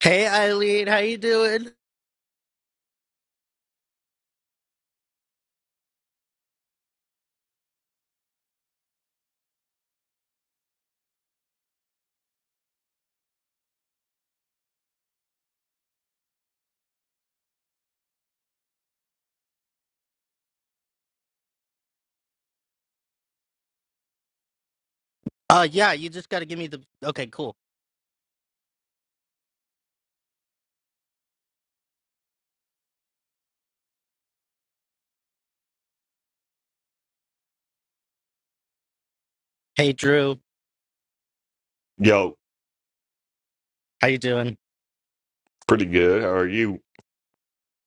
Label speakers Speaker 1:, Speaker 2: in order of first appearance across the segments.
Speaker 1: Hey Eileen, how you doing? Uh yeah, you just gotta give me the okay, cool. Hey Drew,
Speaker 2: Yo,
Speaker 1: how you doing?
Speaker 2: pretty good. How are you?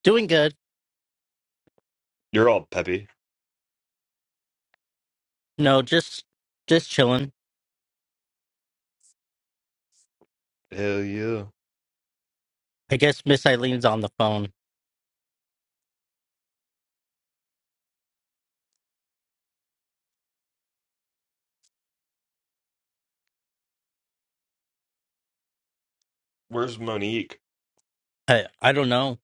Speaker 1: Doing good.
Speaker 2: You're all peppy.
Speaker 1: No, just just chilling.
Speaker 2: Hell yeah.
Speaker 1: I guess Miss Eileen's on the phone.
Speaker 2: Where's Monique?
Speaker 1: I I don't know.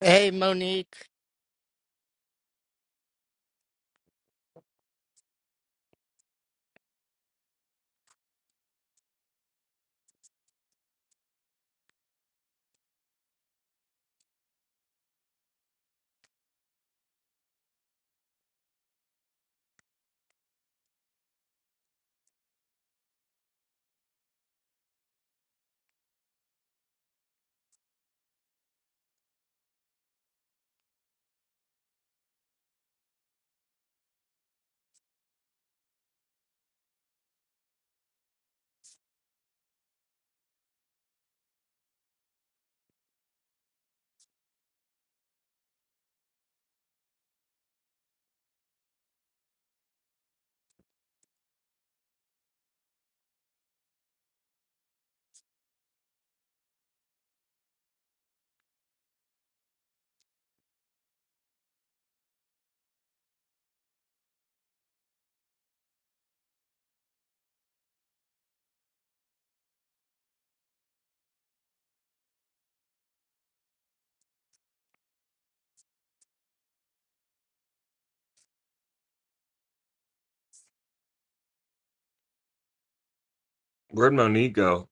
Speaker 1: Hey Monique.
Speaker 2: Where'd Monique go?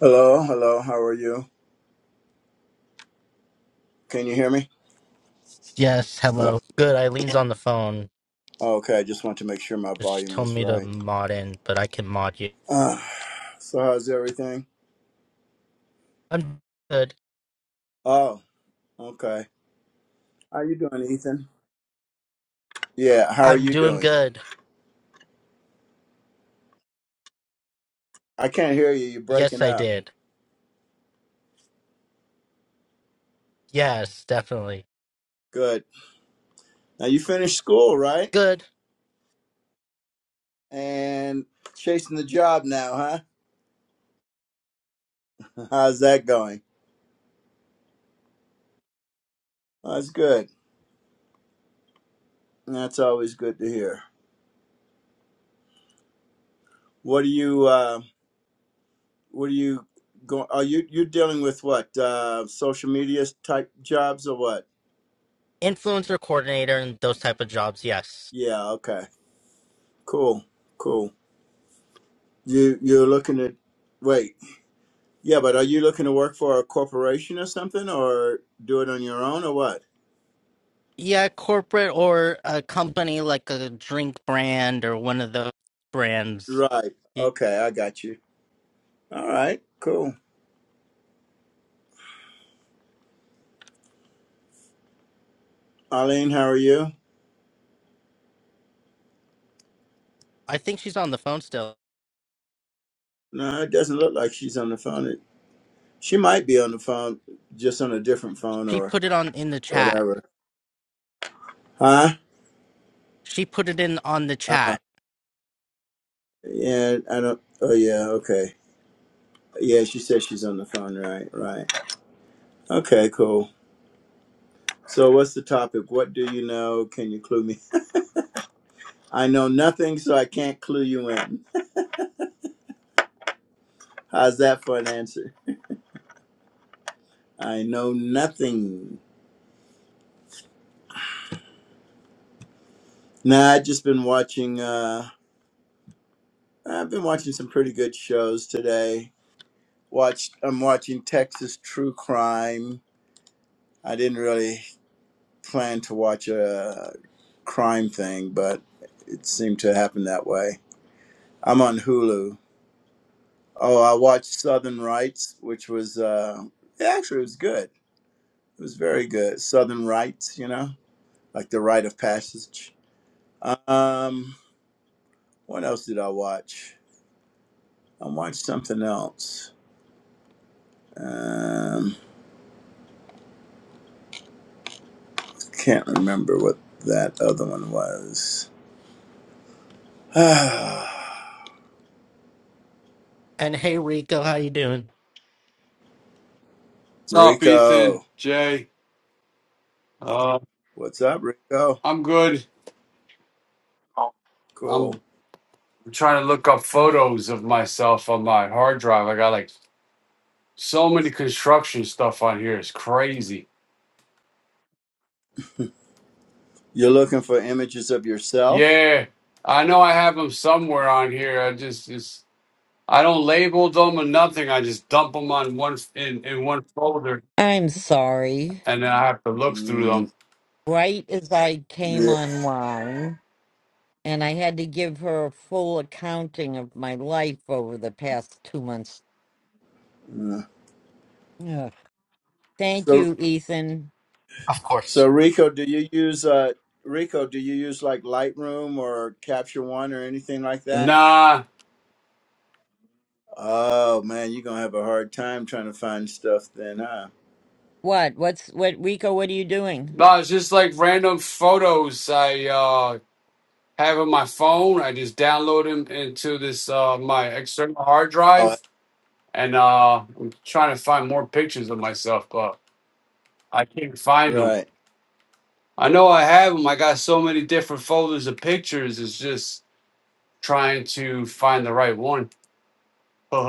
Speaker 3: Hello, hello. How are you? Can you hear me?
Speaker 1: Yes, hello.
Speaker 3: Well,
Speaker 1: Good, Eileen's on the phone.
Speaker 3: okay. I just want to make sure my
Speaker 1: She
Speaker 3: volume
Speaker 1: told
Speaker 3: was
Speaker 1: me to
Speaker 3: right.
Speaker 1: mod in, but I can mod you.
Speaker 3: Uh, so, how's everything?
Speaker 1: I'm good.
Speaker 3: Oh, okay. How you doing, Ethan? Yeah. How are
Speaker 1: I'm
Speaker 3: you
Speaker 1: doing
Speaker 3: doing?
Speaker 1: good.
Speaker 3: I can't hear you. You're
Speaker 1: Yes,
Speaker 3: breaking
Speaker 1: I
Speaker 3: up.
Speaker 1: did. Yes, definitely.
Speaker 3: Good. Now you finished school, right?
Speaker 1: Good.
Speaker 3: And chasing the job now, huh? How's that going? Well, That's good. That's always good to hear. What are you? Uh, what are you going? Are you you're dealing with what? Uh, social media type jobs or what?
Speaker 1: Influencer coordinator and those type of jobs, yes.
Speaker 3: Yeah, okay. Cool. Cool. You you're looking at wait. Yeah, but are you looking to work for a corporation or something or do it on your own or what?
Speaker 1: Yeah, corporate or a company like a drink brand or one of those brands.
Speaker 3: Right.
Speaker 1: Yeah,
Speaker 3: Okay, I got you. All right, cool. Arlene, how are you?
Speaker 1: I think she's on the phone still.
Speaker 3: No, it doesn't look like she's on the phone. It, she might be on the phone, just on a different phone
Speaker 1: She
Speaker 3: or
Speaker 1: put it on in the chat.
Speaker 3: whatever. Huh?
Speaker 1: She put it in on the
Speaker 3: Uh,
Speaker 1: chat.
Speaker 3: yeah, I don't. Oh, yeah, okay. Yeah, she said she's on the phone. Right, right. Okay, cool. So, what's the topic? What do you know? Can you clue me I know nothing, so I can't clue you in. How's that for an answer? I know nothing. Nah, I've just been watching. Uh, I've been watching some pretty good shows today. Watched. I'm watching Texas True Crime. I didn't really plan to watch a crime thing, but it seemed to happen that way. I'm on Hulu. Oh, I watched Southern Rights, which was uh, it actually was good. It was very good. Southern Rights, you know. like the rite of passage. Um, what else did I watch? I watched something else. Um, can't remember what that other one was.
Speaker 1: And hey, Rico, how you doing?
Speaker 4: What's up, Ethan?
Speaker 3: Rico,
Speaker 4: Jay? Uh,
Speaker 3: what's up, Rico?
Speaker 4: I'm good.
Speaker 3: Cool.
Speaker 4: I'm trying to look up photos of myself on my hard drive. I got like so many construction stuff on here. It's crazy.
Speaker 3: You're looking for images of yourself?
Speaker 4: Yeah, I know I have them somewhere on here. I just, just I don't label them or nothing. I just dump them on one in in one folder,
Speaker 5: I'm sorry.
Speaker 4: and then I have to look through them.
Speaker 3: Mm,
Speaker 5: Right as I
Speaker 3: yeah.
Speaker 5: came online, and I had to give her a full accounting of my life over the past two months.
Speaker 3: Mm.
Speaker 5: Ugh. Thank
Speaker 3: So,
Speaker 5: you, Ethan.
Speaker 1: Of
Speaker 3: so
Speaker 1: course.
Speaker 3: Rico, do you use uh, Rico? Do you use like Lightroom or Capture One or anything like that?
Speaker 4: Nah,
Speaker 3: Oh man, you're gonna have a hard time trying to find stuff then, huh?
Speaker 5: What? What's what? Rico, what are you doing?
Speaker 4: no, it's just like random photos. I uh having my phone. I just download them into this uh, my external hard
Speaker 3: Oh,
Speaker 4: drive, and uh, I'm trying to find more pictures of myself, but I can't find them.
Speaker 3: right.
Speaker 4: I know I have them. I got so many different folders of pictures. It's just trying to find the right one.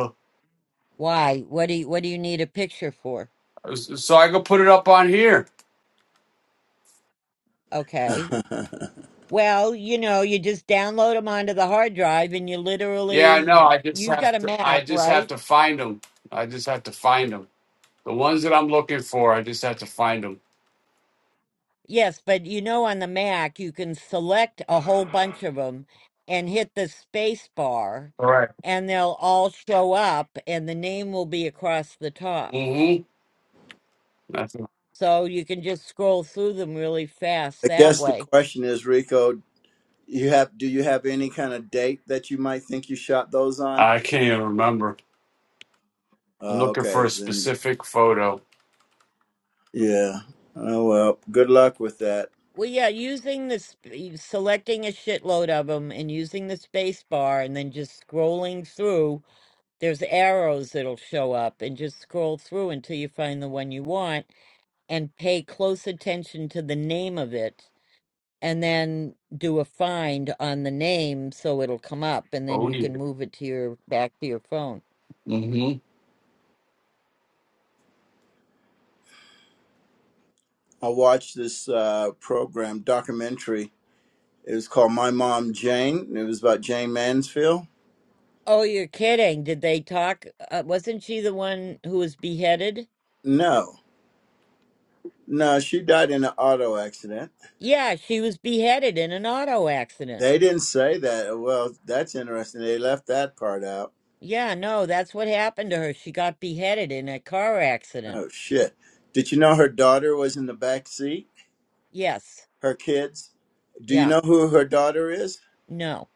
Speaker 5: Why? What do you What do you need a picture for?
Speaker 4: so I could put it up on here.
Speaker 5: Okay.
Speaker 3: I
Speaker 5: Well, you know, you just download them onto the hard drive, and you
Speaker 4: Yeah, I
Speaker 5: literally
Speaker 4: know. I just
Speaker 5: you've got
Speaker 4: have
Speaker 5: a
Speaker 4: to. I
Speaker 5: Mac,
Speaker 4: just have
Speaker 5: right?
Speaker 4: to find them. I just have to find them. The ones that I'm looking for, I just have to find them.
Speaker 5: Yes, but you know, on the Mac, you can select a whole bunch of them and hit the space bar,
Speaker 4: All right.
Speaker 5: and they'll all show up, and the name will be across the top.
Speaker 4: Mm-hmm. That's,
Speaker 5: So you can just scroll through them really fast that
Speaker 3: guess the
Speaker 5: way.
Speaker 3: question is, Rico, you have do you have any kind of date that you might think you shot those on?
Speaker 4: I can't even remember. I'm
Speaker 3: Oh,
Speaker 4: looking for
Speaker 3: okay,
Speaker 4: a
Speaker 3: then
Speaker 4: specific photo.
Speaker 3: yeah. Oh well, good luck with that.
Speaker 5: Well, yeah, using this, selecting a shitload of them and using the space bar, and then just scrolling through, there's arrows that'll show up, and just scroll through until you find the one you want and pay close attention to the name of it and then do a find on the name so it'll come up and then
Speaker 4: Oh
Speaker 5: you
Speaker 4: yeah.
Speaker 5: can move it to your back to your phone.
Speaker 4: hmm
Speaker 3: I watched this uh, program documentary. It was called My Mom Jane. It was about Jane Mansfield.
Speaker 5: Oh, you're kidding. Did they talk? Uh, wasn't she the one who was beheaded?
Speaker 3: No, no, she died in an auto accident.
Speaker 5: Yeah, she was beheaded in an auto accident.
Speaker 3: They didn't say that. Well, that's interesting. They left that part out.
Speaker 5: Yeah, no, that's what happened to her. She got beheaded in a car accident.
Speaker 3: Oh shit. Did you know her daughter was in the back seat?
Speaker 5: Yes.
Speaker 3: Her kids. Do you
Speaker 5: Yeah.
Speaker 3: know who her daughter is?
Speaker 5: No.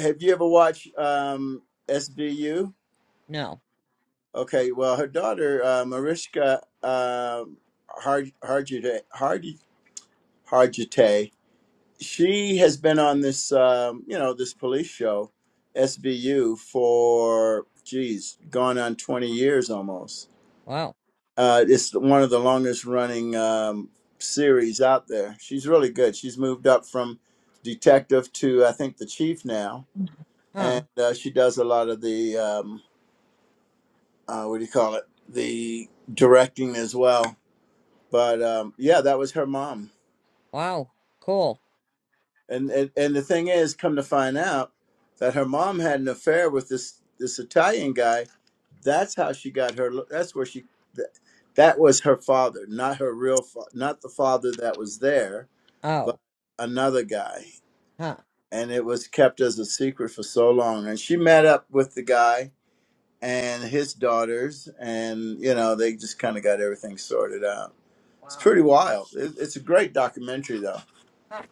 Speaker 3: Have you ever watched um, SVU?
Speaker 5: No.
Speaker 3: Okay, well, her daughter uh, Mariska uh, Har- Hargitay, Hardy Hargitay, she has been on this, um, you know, this police show, SVU, for geez, gone on twenty years almost
Speaker 5: Wow.
Speaker 3: Uh, it's one of the longest running um, series out there. She's really good. She's moved up from detective to I think the chief now,
Speaker 5: Huh.
Speaker 3: and uh, she does a lot of the um, uh, what do you call it? The directing as well. But um, yeah, that was her mom,
Speaker 5: Wow. Cool.
Speaker 3: and, and and the thing is, come to find out that her mom had an affair with this this Italian guy. That's how she got her. That's where she. That, that was her father, not her real, fa- not the father that was there but
Speaker 5: Oh.
Speaker 3: another guy.
Speaker 5: Huh.
Speaker 3: And it was kept as a secret for so long. And she met up with the guy and his daughters, and, you know, they just kind of got everything sorted out. It's
Speaker 5: Wow.
Speaker 3: pretty wild. It, it's a great documentary, though.
Speaker 5: Huh.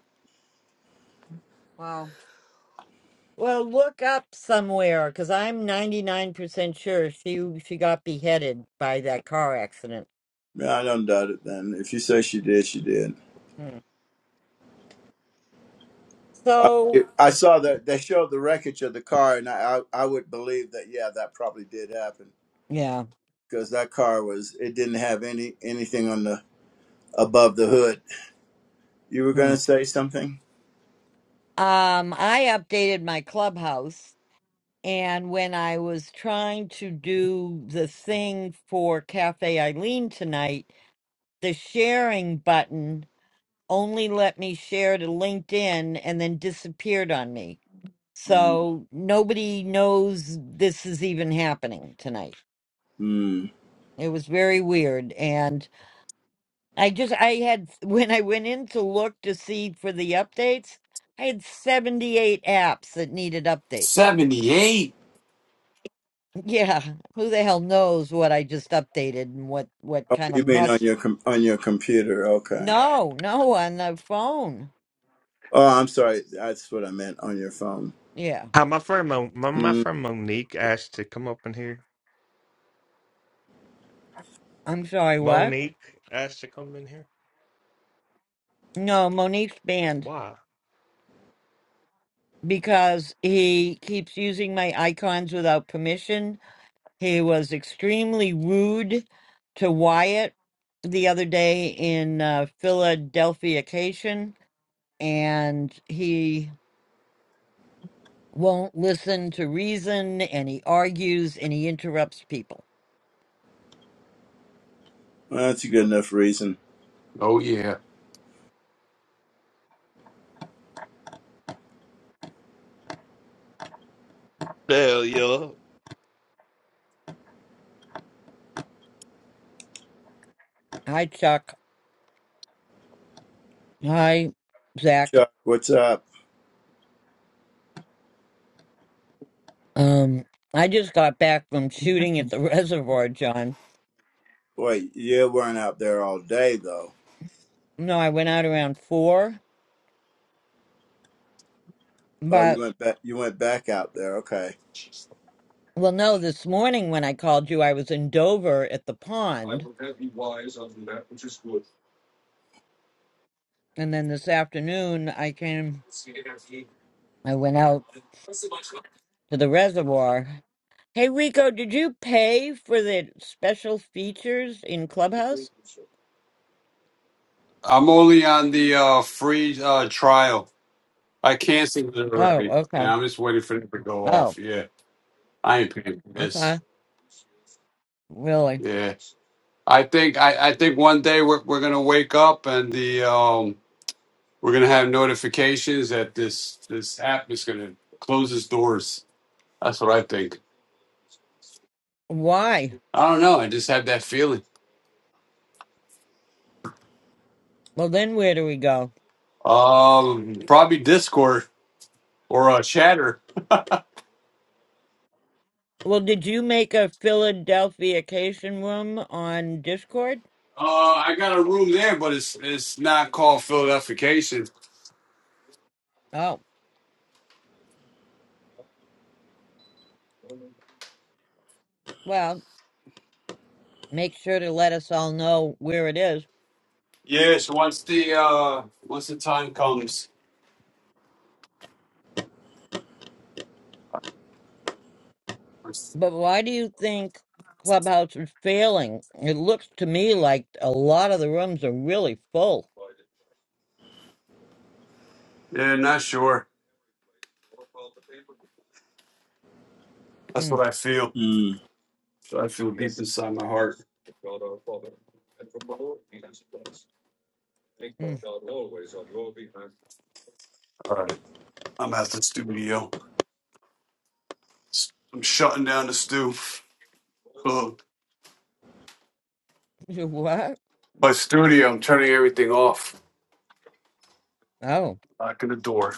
Speaker 5: Wow. Well, look up somewhere because I'm 99% sure she she got beheaded by that car accident.
Speaker 3: No, I don't doubt it, then. If you say she did, she did.
Speaker 5: Hmm.
Speaker 3: I,
Speaker 5: So,
Speaker 3: I saw that they showed the wreckage of the car, and I, I, I would believe that, yeah, that probably did happen
Speaker 5: yeah.
Speaker 3: because that car was, it didn't have any anything on the above the hood. You were going
Speaker 5: Hmm.
Speaker 3: to say something?
Speaker 5: Um, I updated my clubhouse, and when I was trying to do the thing for Cafe Eileen tonight, the sharing button only let me share to LinkedIn and then disappeared on me.
Speaker 3: Mm.
Speaker 5: So nobody knows this is even happening tonight.
Speaker 3: mm.
Speaker 5: It was very weird. And I just, I had, when I went in to look to see for the updates, I had 78 apps that needed updates.
Speaker 4: Seventy-eight.
Speaker 5: Yeah, who the hell knows what I just updated and what what
Speaker 3: Oh,
Speaker 5: kind of
Speaker 3: you mean on
Speaker 5: mess?
Speaker 3: your com- on your computer? Okay.
Speaker 5: No, no, on the phone.
Speaker 3: Oh, I'm sorry. That's what I meant on your phone.
Speaker 5: Yeah,
Speaker 2: Hi, my friend Mo- my, my
Speaker 3: Mm,
Speaker 2: friend Monique asked to come up in here.
Speaker 5: I'm sorry. What?
Speaker 2: Monique asked to come in here.
Speaker 5: No, Monique's banned
Speaker 2: Why?
Speaker 5: because he keeps using my icons without permission He was extremely rude to Wyatt the other day in uh, Philadelphiacation, and he won't listen to reason, and he argues and he interrupts people.
Speaker 3: well, that's a good enough reason.
Speaker 4: Oh yeah.
Speaker 2: Hell yeah.
Speaker 5: Hi, Chuck. Hi, Zach.
Speaker 3: Chuck, what's up?
Speaker 5: Um, I just got back from shooting at the reservoir, John.
Speaker 3: Wait, you weren't out there all day though.
Speaker 5: No, I went out around four,
Speaker 3: Oh, you
Speaker 5: but
Speaker 3: went back. You went back out there. Okay.
Speaker 5: well, no, this morning when I called you, I was in Dover at the pond, and then this afternoon I came. I went out to the reservoir. Hey, Rico, did you pay for the special features in Clubhouse?
Speaker 4: I'm only on the uh, free uh, trial. I canceled it
Speaker 5: Oh,
Speaker 4: already, and
Speaker 5: okay.
Speaker 4: I'm just waiting for it to go
Speaker 5: Oh,
Speaker 4: off. Yeah, I ain't paying for this.
Speaker 5: okay. Really?
Speaker 4: Yeah, I think I, I think one day we're we're gonna wake up and the um we're gonna have notifications that this this app is gonna close its doors. That's what I think.
Speaker 5: Why?
Speaker 4: I don't know. I just have that feeling.
Speaker 5: Well, then where do we go?
Speaker 4: Um, probably Discord or uh, Chatter.
Speaker 5: Well, did you make a Philadelphiacation room on Discord?
Speaker 4: Uh, I got a room there, but it's it's not called Philadelphication.
Speaker 5: Oh, well, make sure to let us all know where it is.
Speaker 4: Yes, once the uh once the time comes.
Speaker 5: But why do you think Clubhouse is failing? It looks to me like a lot of the rooms are really full.
Speaker 4: Yeah, not sure. That's
Speaker 5: Mm,
Speaker 4: what I feel.
Speaker 3: Mm.
Speaker 4: So I feel deep inside my heart.
Speaker 5: mm.
Speaker 4: All right. I'm at the studio. S- I'm shutting down the stew. Ugh.
Speaker 5: What?
Speaker 4: My studio. I'm turning everything off.
Speaker 5: Oh,
Speaker 4: Locking the door.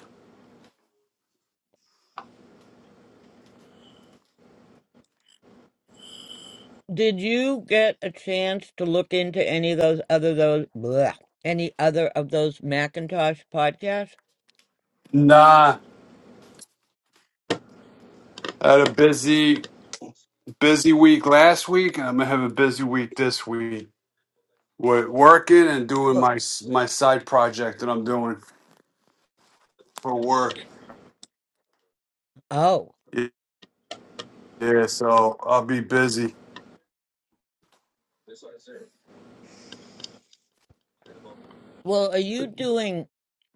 Speaker 5: Did you get a chance to look into any of those other those bleh, any other of those Macintosh podcasts?
Speaker 4: Nah, I had a busy. busy week last week, and I'm gonna have a busy week this week. With working and doing
Speaker 5: Sure.
Speaker 4: my my side project that I'm doing for work.
Speaker 5: Oh,
Speaker 4: Yeah, so I'll be busy.
Speaker 5: well, are you doing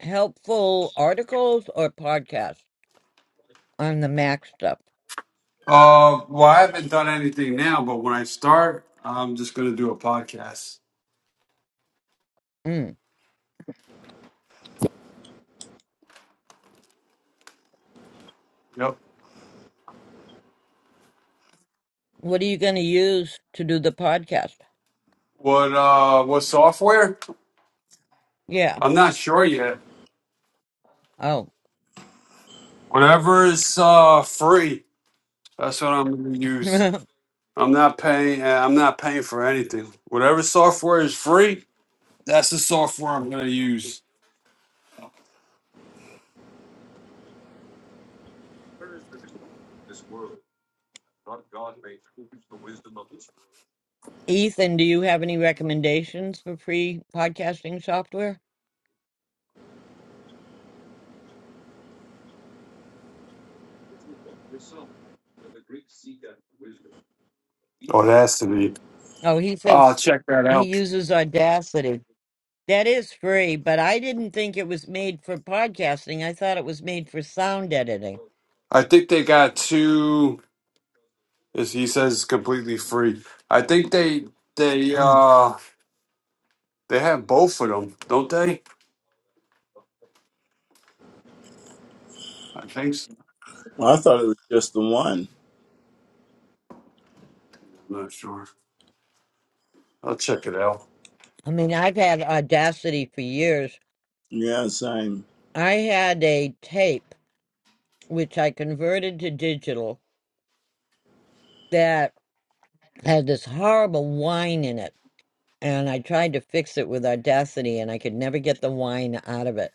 Speaker 5: helpful articles or podcasts on the Mac stuff?
Speaker 4: Uh, well, I haven't done anything now, but when I start, I'm just gonna do a podcast.
Speaker 5: Mm.
Speaker 4: Yep.
Speaker 5: What are you going to use to do the podcast?
Speaker 4: What uh, what software?
Speaker 5: Yeah.
Speaker 4: I'm not sure yet.
Speaker 5: Oh.
Speaker 4: Whatever is uh free, that's what I'm gonna use. I'm not paying. I'm not paying for anything. Whatever software is free, That's the software I'm going to use.
Speaker 5: Ethan, do you have any recommendations for free podcasting software?
Speaker 4: Audacity.
Speaker 5: Oh, he
Speaker 4: I'll
Speaker 5: says
Speaker 4: check that
Speaker 5: he
Speaker 4: out.
Speaker 5: uses Audacity. That is free, but I didn't think it was made for podcasting. I thought it was made for sound editing.
Speaker 4: I think they got two. As he says, completely free. I think they they
Speaker 5: Mm.
Speaker 4: uh they have both of them, don't they? I think. So.
Speaker 3: Well, I thought it was just the one.
Speaker 4: I'm not sure. I'll check it out.
Speaker 5: I mean, I've had Audacity for years.
Speaker 3: Yeah, same.
Speaker 5: I had a tape which I converted to digital that had this horrible whine in it, and I tried to fix it with Audacity, and I could never get the whine out of it.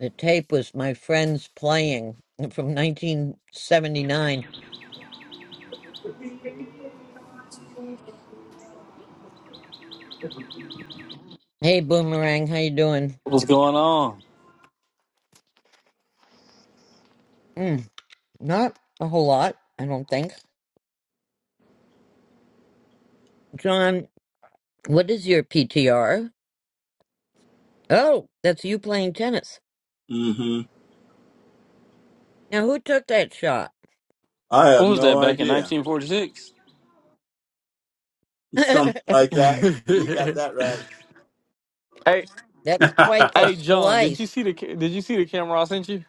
Speaker 5: The tape was my friends playing from 1979. Hey, Boomerang, how you doing?
Speaker 6: What's going on?
Speaker 5: Mm, not a whole lot, I don't think. John, what is your PTR? Oh, that's you playing tennis.
Speaker 3: Mm-hmm.
Speaker 5: Now, who took that shot?
Speaker 3: I have
Speaker 6: What was
Speaker 3: no
Speaker 6: that back in
Speaker 3: idea.
Speaker 6: 1946?
Speaker 3: Something
Speaker 5: that's
Speaker 3: like that. You got that right.
Speaker 6: hey,
Speaker 5: quite the
Speaker 6: hey, John, did you
Speaker 5: slice.
Speaker 6: see the ca- did you see the camera I sent you?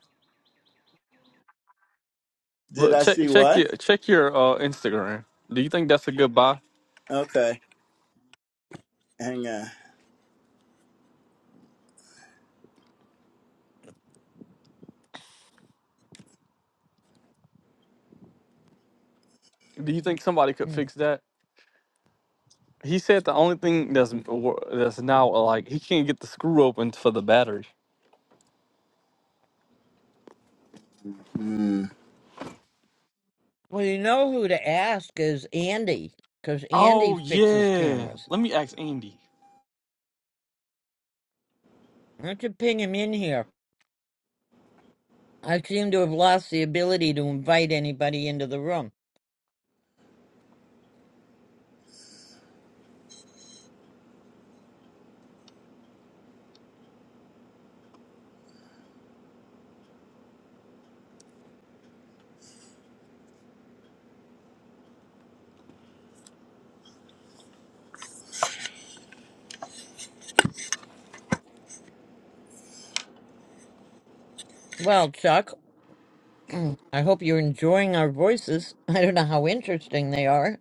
Speaker 3: Did
Speaker 6: Look,
Speaker 3: I
Speaker 6: check
Speaker 3: see
Speaker 6: check
Speaker 3: what?
Speaker 6: your check your uh, Instagram. Do you think that's a good buy?
Speaker 3: Okay. Hang on.
Speaker 6: Do you think somebody could
Speaker 5: Mm.
Speaker 6: fix that? He said the only thing that's that's now like he can't get the screw open for the battery.
Speaker 3: Mm.
Speaker 5: Well, you know who to ask is Andy, because Andy
Speaker 6: Oh
Speaker 5: fixes
Speaker 6: yeah,
Speaker 5: cameras.
Speaker 6: let me ask Andy.
Speaker 5: Why don't you ping him in here? I seem to have lost the ability to invite anybody into the room. Well, Chuck, mm, I hope you're enjoying our voices. I don't know how interesting they are.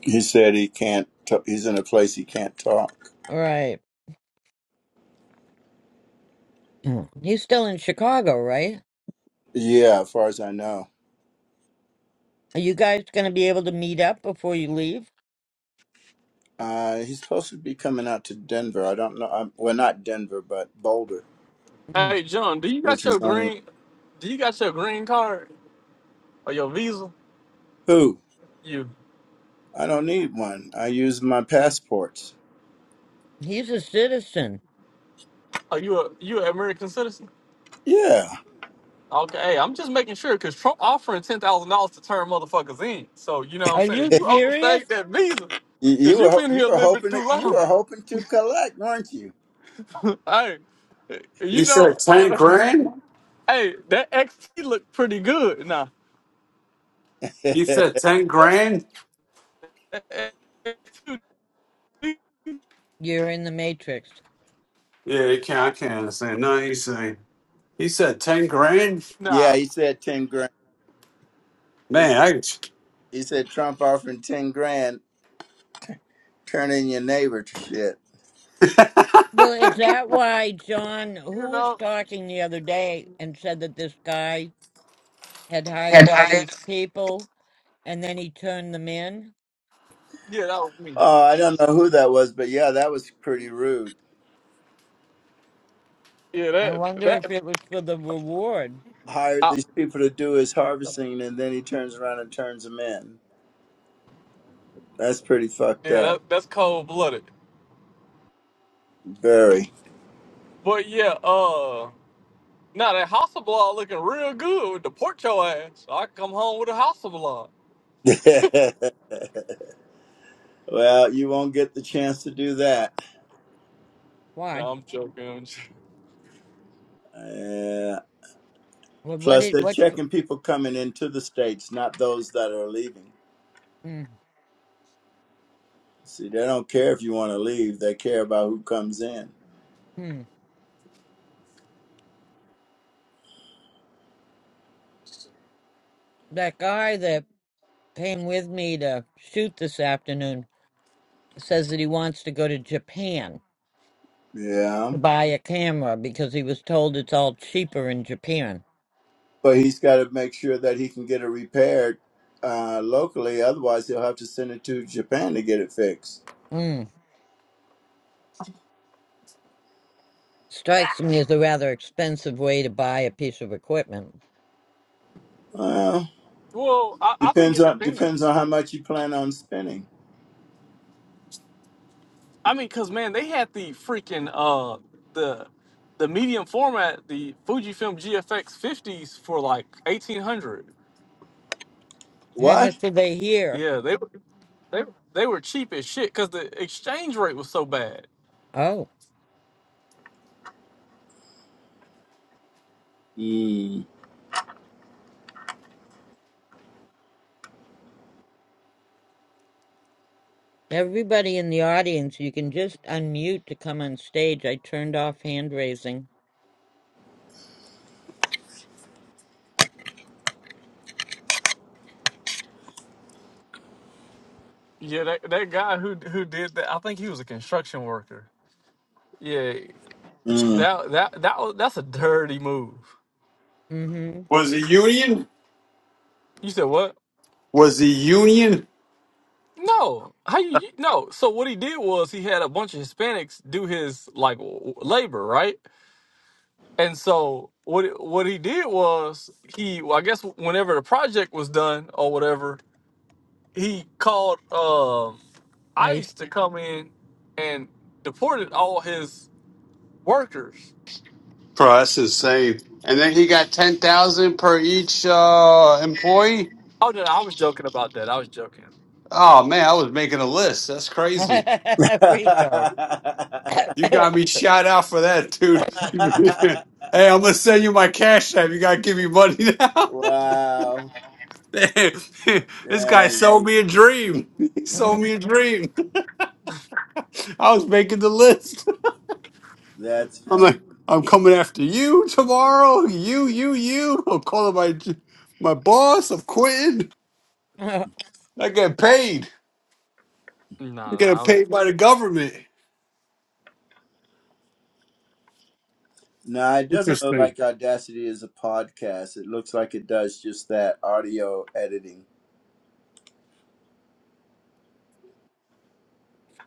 Speaker 3: He said he can't. T- he's in a place he can't talk.
Speaker 5: right. Mm. You're still in Chicago, right?
Speaker 3: Yeah, as far as I know.
Speaker 5: Are you guys going to be able to meet up before you leave?
Speaker 3: Uh, he's supposed to be coming out to Denver. I don't know. I'm, well, not Denver, but Boulder,
Speaker 5: Mm.
Speaker 6: Hey, John, do you
Speaker 3: which
Speaker 6: got
Speaker 3: is
Speaker 6: your
Speaker 3: only
Speaker 6: green? Do you got your green card or your visa?
Speaker 3: who.
Speaker 6: You
Speaker 3: I don't need one. I use my passports.
Speaker 5: He's a citizen.
Speaker 6: are you a you an American citizen?
Speaker 3: Yeah,
Speaker 6: Okay, hey, I'm just making sure because Trump offering ten thousand dollars to turn motherfuckers in. So you know what I'm
Speaker 5: Are
Speaker 6: saying? If
Speaker 5: you
Speaker 3: you,
Speaker 6: you
Speaker 5: serious?
Speaker 6: overstayed that visa, because
Speaker 3: you were
Speaker 6: you've
Speaker 3: ho-
Speaker 6: been
Speaker 3: you
Speaker 6: here a
Speaker 3: were
Speaker 6: little bit
Speaker 3: hoping to,
Speaker 6: too
Speaker 3: you
Speaker 6: long.
Speaker 3: were hoping to collect, weren't you?
Speaker 6: hey, you
Speaker 4: He said
Speaker 6: know,
Speaker 4: ten
Speaker 6: uh,
Speaker 4: grand.
Speaker 6: hey, that XT looked pretty good. Nah,
Speaker 4: He said ten
Speaker 6: that,
Speaker 4: grand.
Speaker 6: that XT,
Speaker 5: You're in the Matrix.
Speaker 4: Yeah, he can't. I can't understand. No, he's saying he said ten grand.
Speaker 6: nah,
Speaker 3: yeah, he said ten grand. He said,
Speaker 4: Man,
Speaker 3: he said Trump offering ten grand, turning your neighbor to shit.
Speaker 4: I
Speaker 5: Well, is that why John,
Speaker 6: you
Speaker 5: who was
Speaker 6: know,
Speaker 5: talking the other day and said that this guy had
Speaker 4: And
Speaker 5: hired all
Speaker 4: I
Speaker 5: these people and then he turned them in?
Speaker 6: yeah, that was me.
Speaker 3: Oh, I don't know who that was, but yeah, that was pretty rude.
Speaker 6: Yeah,
Speaker 5: I
Speaker 6: that
Speaker 5: wonder if
Speaker 6: that,
Speaker 5: it was for the reward.
Speaker 3: hired
Speaker 6: I,
Speaker 3: these people to do his harvesting and then he turns around and turns them in. That's pretty fucked
Speaker 6: yeah,
Speaker 3: up.
Speaker 6: that, that's cold blooded.
Speaker 3: Very.
Speaker 6: But yeah, uh, now that Hasselblad looking real good with the pork your ass. So, I can come home with a Hasselblad.
Speaker 3: well, you won't get the chance to do that.
Speaker 5: Why?
Speaker 6: No, I'm joking. I'm j-
Speaker 3: Uh,
Speaker 5: Well, what
Speaker 3: plus,
Speaker 5: did
Speaker 3: they're
Speaker 5: what
Speaker 3: checking people coming into the States, not those that are leaving.
Speaker 5: hmm
Speaker 3: See, they don't care if you want to leave, they care about who comes in.
Speaker 5: That guy that came with me to shoot this afternoon says that he wants to go to Japan
Speaker 3: Yeah.
Speaker 5: to buy a camera because he was told it's all cheaper in Japan.
Speaker 3: But he's got to make sure that he can get it repaired uh, locally. Otherwise, he'll have to send it to Japan to get it fixed.
Speaker 5: Mm. Strikes me as a rather expensive way to buy a piece of equipment.
Speaker 3: Well,
Speaker 6: Well, I, I think
Speaker 3: Depends
Speaker 6: it
Speaker 3: on depends on
Speaker 6: depends.
Speaker 3: how much you plan on spending.
Speaker 6: I mean, cause man, they had the freaking uh the the medium format, the Fujifilm GFX 50s for like 1800.
Speaker 5: How
Speaker 3: What?
Speaker 5: much are they here?
Speaker 6: Yeah, they were they they were cheap as shit because the exchange rate was so bad.
Speaker 5: Oh,
Speaker 3: Mm.
Speaker 5: everybody in the audience, you can just unmute to come on stage. I turned off hand raising.
Speaker 6: Yeah, that that guy who who did that, I think he was a construction worker. Yeah,
Speaker 3: Mm.
Speaker 6: that that that was- that's a dirty move.
Speaker 5: Mm-hmm.
Speaker 4: was the union.
Speaker 6: You said what?
Speaker 4: Was the union?
Speaker 6: No, how you no? So what he did was he had a bunch of Hispanics do his like w- labor, right? And so what it- what he did was he, well, I guess, whenever the project was done or whatever, he called um
Speaker 5: I
Speaker 6: ICE to come in and deported all his workers.
Speaker 4: Bro, that's insane. And then he got ten thousand per each uh, employee.
Speaker 6: Oh no, no, I was joking about that. I was joking.
Speaker 4: Oh man, I was making a list. That's crazy.
Speaker 5: Rico.
Speaker 4: You got me shot out for that, dude. hey, I'm gonna send you my cash app. You gotta give me money now.
Speaker 3: wow.
Speaker 4: Damn. this guy
Speaker 3: Dang.
Speaker 4: sold me a dream. He sold me a dream. I was making the list.
Speaker 3: That's
Speaker 4: I'm
Speaker 3: funny.
Speaker 4: like, I'm coming after you tomorrow. You, you, you. I'm calling my my boss. I'm quitting. I get paid.
Speaker 6: No, no,
Speaker 4: You're getting
Speaker 6: I was.
Speaker 4: paid by the government.
Speaker 3: No, it doesn't look
Speaker 4: Interesting.
Speaker 3: like Audacity is a podcast. It looks like it does just that audio editing.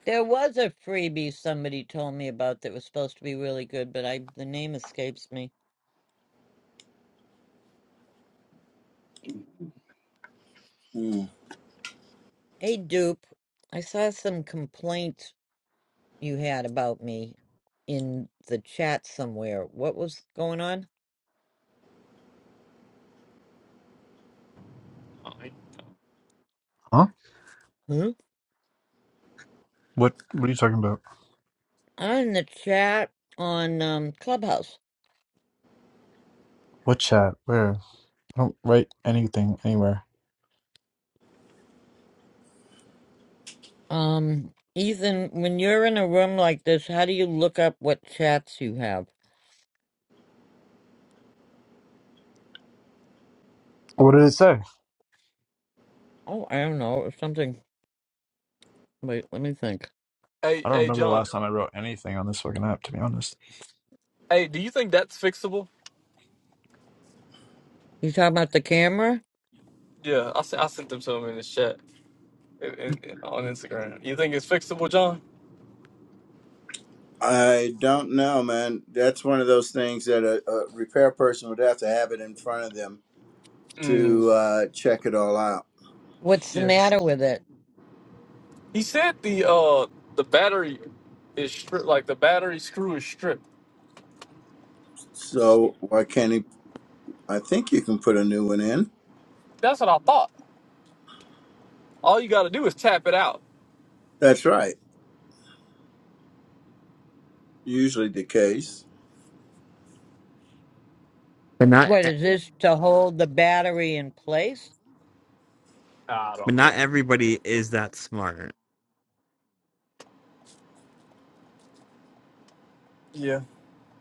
Speaker 5: There was a freebie somebody told me about that was supposed to be really good, but I the name escapes me.
Speaker 3: Hmm.
Speaker 5: Hey Dupe, I saw some complaints you had about me in the chat somewhere. What was going on?
Speaker 7: Huh?
Speaker 5: Huh?
Speaker 7: What What are you talking about?
Speaker 5: I'm in the chat on um Clubhouse.
Speaker 7: What chat? Where? I don't write anything anywhere.
Speaker 5: Um Ethan, when you're in a room like this, how do you look up what chats you have?
Speaker 7: What did it say?
Speaker 5: Oh, I don't know. It was something wait, let me think.
Speaker 6: Hey,
Speaker 7: I don't
Speaker 6: hey,
Speaker 7: remember the
Speaker 6: John.
Speaker 7: last time I wrote anything on this fucking app, to be honest.
Speaker 6: Hey, do you think that's fixable?
Speaker 5: You talking about the camera?
Speaker 6: Yeah, I, se- I sent them to him in the chat. in, in, on Instagram. You think it's fixable, John?
Speaker 3: I don't know, man. That's one of those things that a, a repair person would have to have it in front of them
Speaker 6: Mm,
Speaker 3: to uh, check it all out.
Speaker 5: What's the
Speaker 6: yes.
Speaker 5: matter with it?
Speaker 6: He said the uh the battery is stripped, like the battery screw is stripped.
Speaker 3: So why can't he? I think you can put a new one in.
Speaker 6: That's what I thought. All you got to do is tap it out.
Speaker 3: That's right. Usually the case.
Speaker 8: But not
Speaker 5: What
Speaker 8: e-
Speaker 5: is this to hold the battery in place?
Speaker 6: I
Speaker 8: but
Speaker 6: don't
Speaker 8: not
Speaker 6: know.
Speaker 8: everybody is that smart.
Speaker 6: Yeah,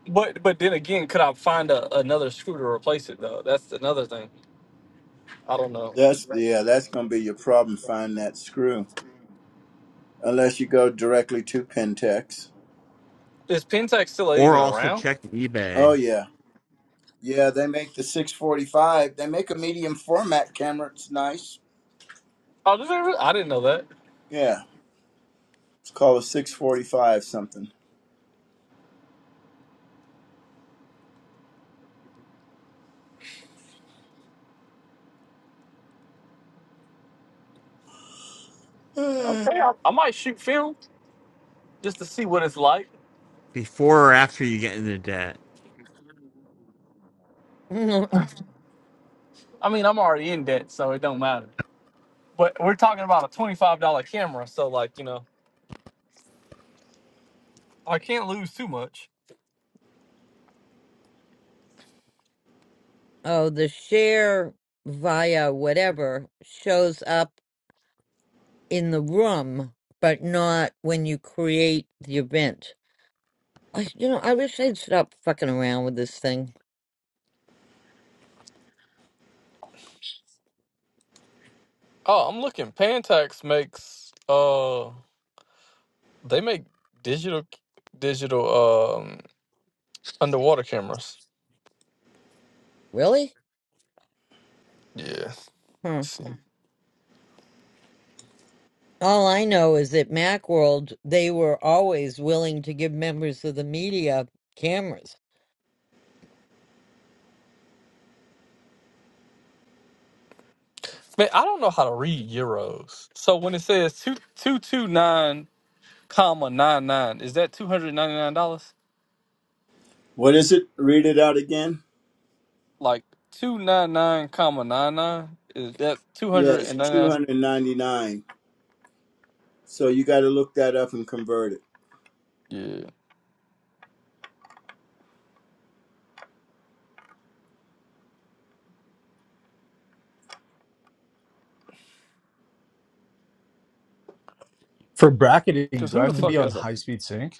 Speaker 6: but but then again, could I find a, another screw to replace it though? That's another thing. I don't know.
Speaker 3: That's yeah, that's gonna be your problem Find that screw. Unless you go directly to Pentax.
Speaker 6: Is Pentax still
Speaker 8: Or
Speaker 6: even
Speaker 8: also
Speaker 6: around?
Speaker 8: check
Speaker 3: Oh
Speaker 8: eBay
Speaker 3: yeah. Yeah, they make the six forty five. They make a medium format camera, it's nice.
Speaker 6: Oh, did they re- I didn't know that.
Speaker 3: Yeah. It's called a six forty five something. Mm.
Speaker 6: I might shoot film just to see what it's like.
Speaker 8: before or after you get into debt.
Speaker 5: oh,
Speaker 6: I mean, I'm already in debt, so it don't matter. But we're talking about a twenty-five dollar camera, so like you know, I can't lose too much.
Speaker 5: the share via whatever shows up in the room, but not when you create the event. I, you know, I wish they'd stop fucking around with this thing.
Speaker 6: Oh, I'm looking. Pentax makes uh, they make digital digital um underwater cameras.
Speaker 5: Really?
Speaker 6: Yeah. let's
Speaker 5: Huh.
Speaker 6: see, man,
Speaker 5: All I know is that Macworld, they were always willing to give members of the media cameras.
Speaker 6: I don't know how to read euros. So when it says two two two nine comma nine nine, is that two hundred ninety nine dollars?
Speaker 3: What is it? Read it out again.
Speaker 6: Like two nine nine comma nine nine is that two
Speaker 3: Yeah,
Speaker 6: hundred
Speaker 3: it's
Speaker 6: and
Speaker 3: two
Speaker 6: ninety nine?
Speaker 3: hundred ninety nine. So you gotta look that up and convert it.
Speaker 6: Yeah.
Speaker 7: For bracketing,
Speaker 6: Cause
Speaker 7: do I
Speaker 6: who the
Speaker 7: have to
Speaker 5: Mm.
Speaker 7: be
Speaker 6: fuck
Speaker 7: on
Speaker 6: has a
Speaker 7: high speed sync,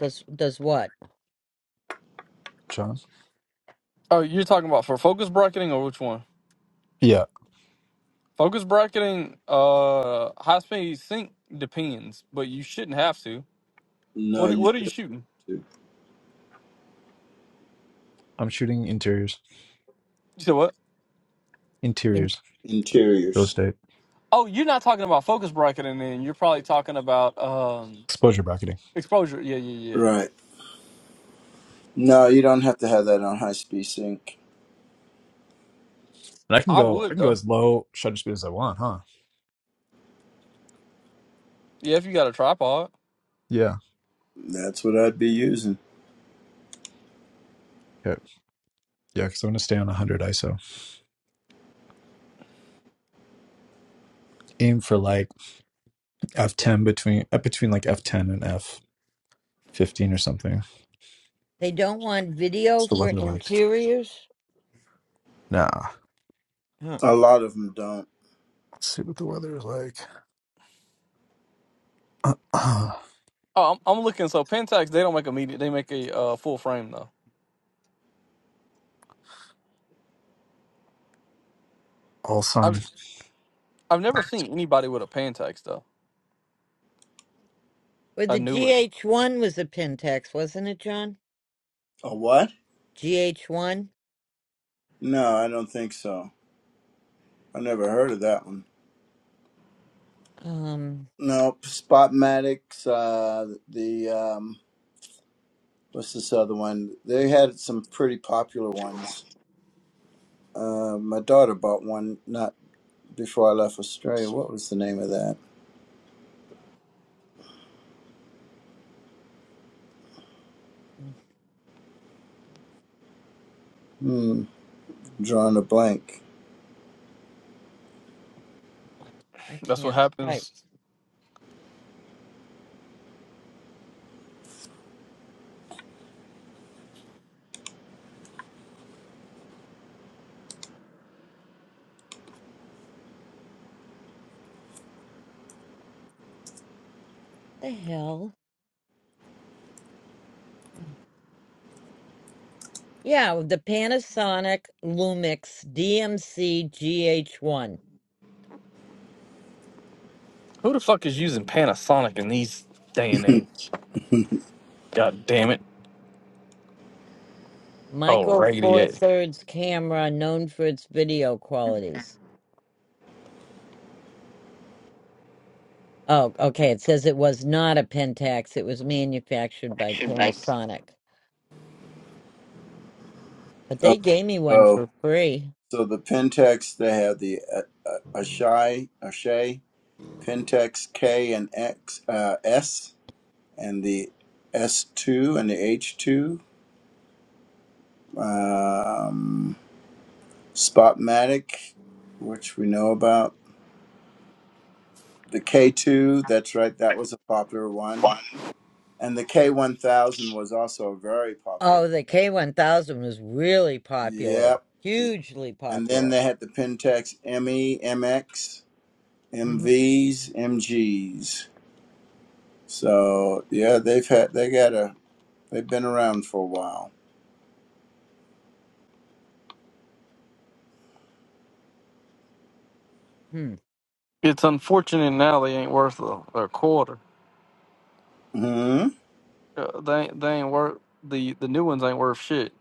Speaker 5: does does what?
Speaker 7: John?
Speaker 6: Oh, you're talking about for focus bracketing or which one?
Speaker 7: Yeah,
Speaker 6: Focus bracketing, uh, high speed sync depends, but you shouldn't have to.
Speaker 3: No,
Speaker 6: What are-
Speaker 3: you
Speaker 6: What are
Speaker 3: should
Speaker 6: you shooting?
Speaker 3: do.
Speaker 7: I'm shooting interiors,
Speaker 6: You said what?
Speaker 5: And
Speaker 7: interiors, real
Speaker 3: Interiors.
Speaker 7: estate,
Speaker 6: Oh, you're not talking about focus bracketing, then you're probably talking about um
Speaker 7: exposure bracketing,
Speaker 6: exposure. Yeah, yeah, yeah.
Speaker 3: Right. No, you don't have to have that on high speed sync.
Speaker 7: and I can
Speaker 6: I
Speaker 7: go. I
Speaker 6: would
Speaker 7: can go
Speaker 6: though.
Speaker 7: as low shutter speed as I want, huh?
Speaker 6: Yeah, if you got a tripod.
Speaker 7: Yeah.
Speaker 3: That's what I'd be using.
Speaker 7: Okay. Yeah, because I'm gonna stay on 100 ISO. Aim for like f10 between uh, between like f10 and f15 or something.
Speaker 5: they don't want video
Speaker 7: Still
Speaker 5: for
Speaker 7: looking to like.
Speaker 5: interiors?
Speaker 7: Nah.
Speaker 5: Huh.
Speaker 3: A lot of them don't.
Speaker 7: Let's see what the weather is like.
Speaker 6: Oh, I'm, I'm looking. So Pentax, they don't make a media. They make a uh, full frame though.
Speaker 7: all sun.
Speaker 6: I've I've never seen anybody with a Pentax though.
Speaker 5: Well,
Speaker 6: I
Speaker 5: the
Speaker 6: knew it.
Speaker 5: GH1 was a Pentax, wasn't it, John?
Speaker 3: A what?
Speaker 5: GH1?
Speaker 3: No, I don't think so. I never heard of that one.
Speaker 5: Um,
Speaker 3: No, Spotmatics. Uh, the um, what's this other one? They had some pretty popular ones. Uh, my daughter bought one not before I left Australia. What was the name of that?
Speaker 5: mm,
Speaker 3: Hmm, drawing a blank.
Speaker 5: I
Speaker 6: That's what
Speaker 5: can't type.
Speaker 6: happens.
Speaker 5: The hell? Yeah, the Panasonic Lumix DMC GH1.
Speaker 6: Who the fuck is using Panasonic in these day and
Speaker 3: okay,
Speaker 6: age? God damn it. Oh,
Speaker 5: Micro
Speaker 6: raggedy
Speaker 5: Four Thirds camera known for its video qualities. Oh, okay. It says it was not a Pentax. It was manufactured by Panasonic. But they gave me one
Speaker 3: so
Speaker 5: for free.
Speaker 3: so the Pentex they have the uh, uh, Ashai Ashay Pentex K and X uh, S. and the S2 and the H2, um, Spotmatic, which we know about. The K2, that's right, that was a popular one. And the K1000 was also a very popular one.
Speaker 5: Oh, the K1000 was really popular,
Speaker 3: Yep.
Speaker 5: hugely
Speaker 3: And then
Speaker 5: popular.
Speaker 3: they had the Pentax ME, MX,
Speaker 5: Mm-hmm,
Speaker 3: MVs, MGs. So yeah, they've had they got a they've been around for a while.
Speaker 5: hmm
Speaker 6: It's unfortunate now they ain't worth a, a quarter.
Speaker 3: Mm-hmm.
Speaker 6: Uh, They ain't- they ain't worth the the new ones ain't worth shit.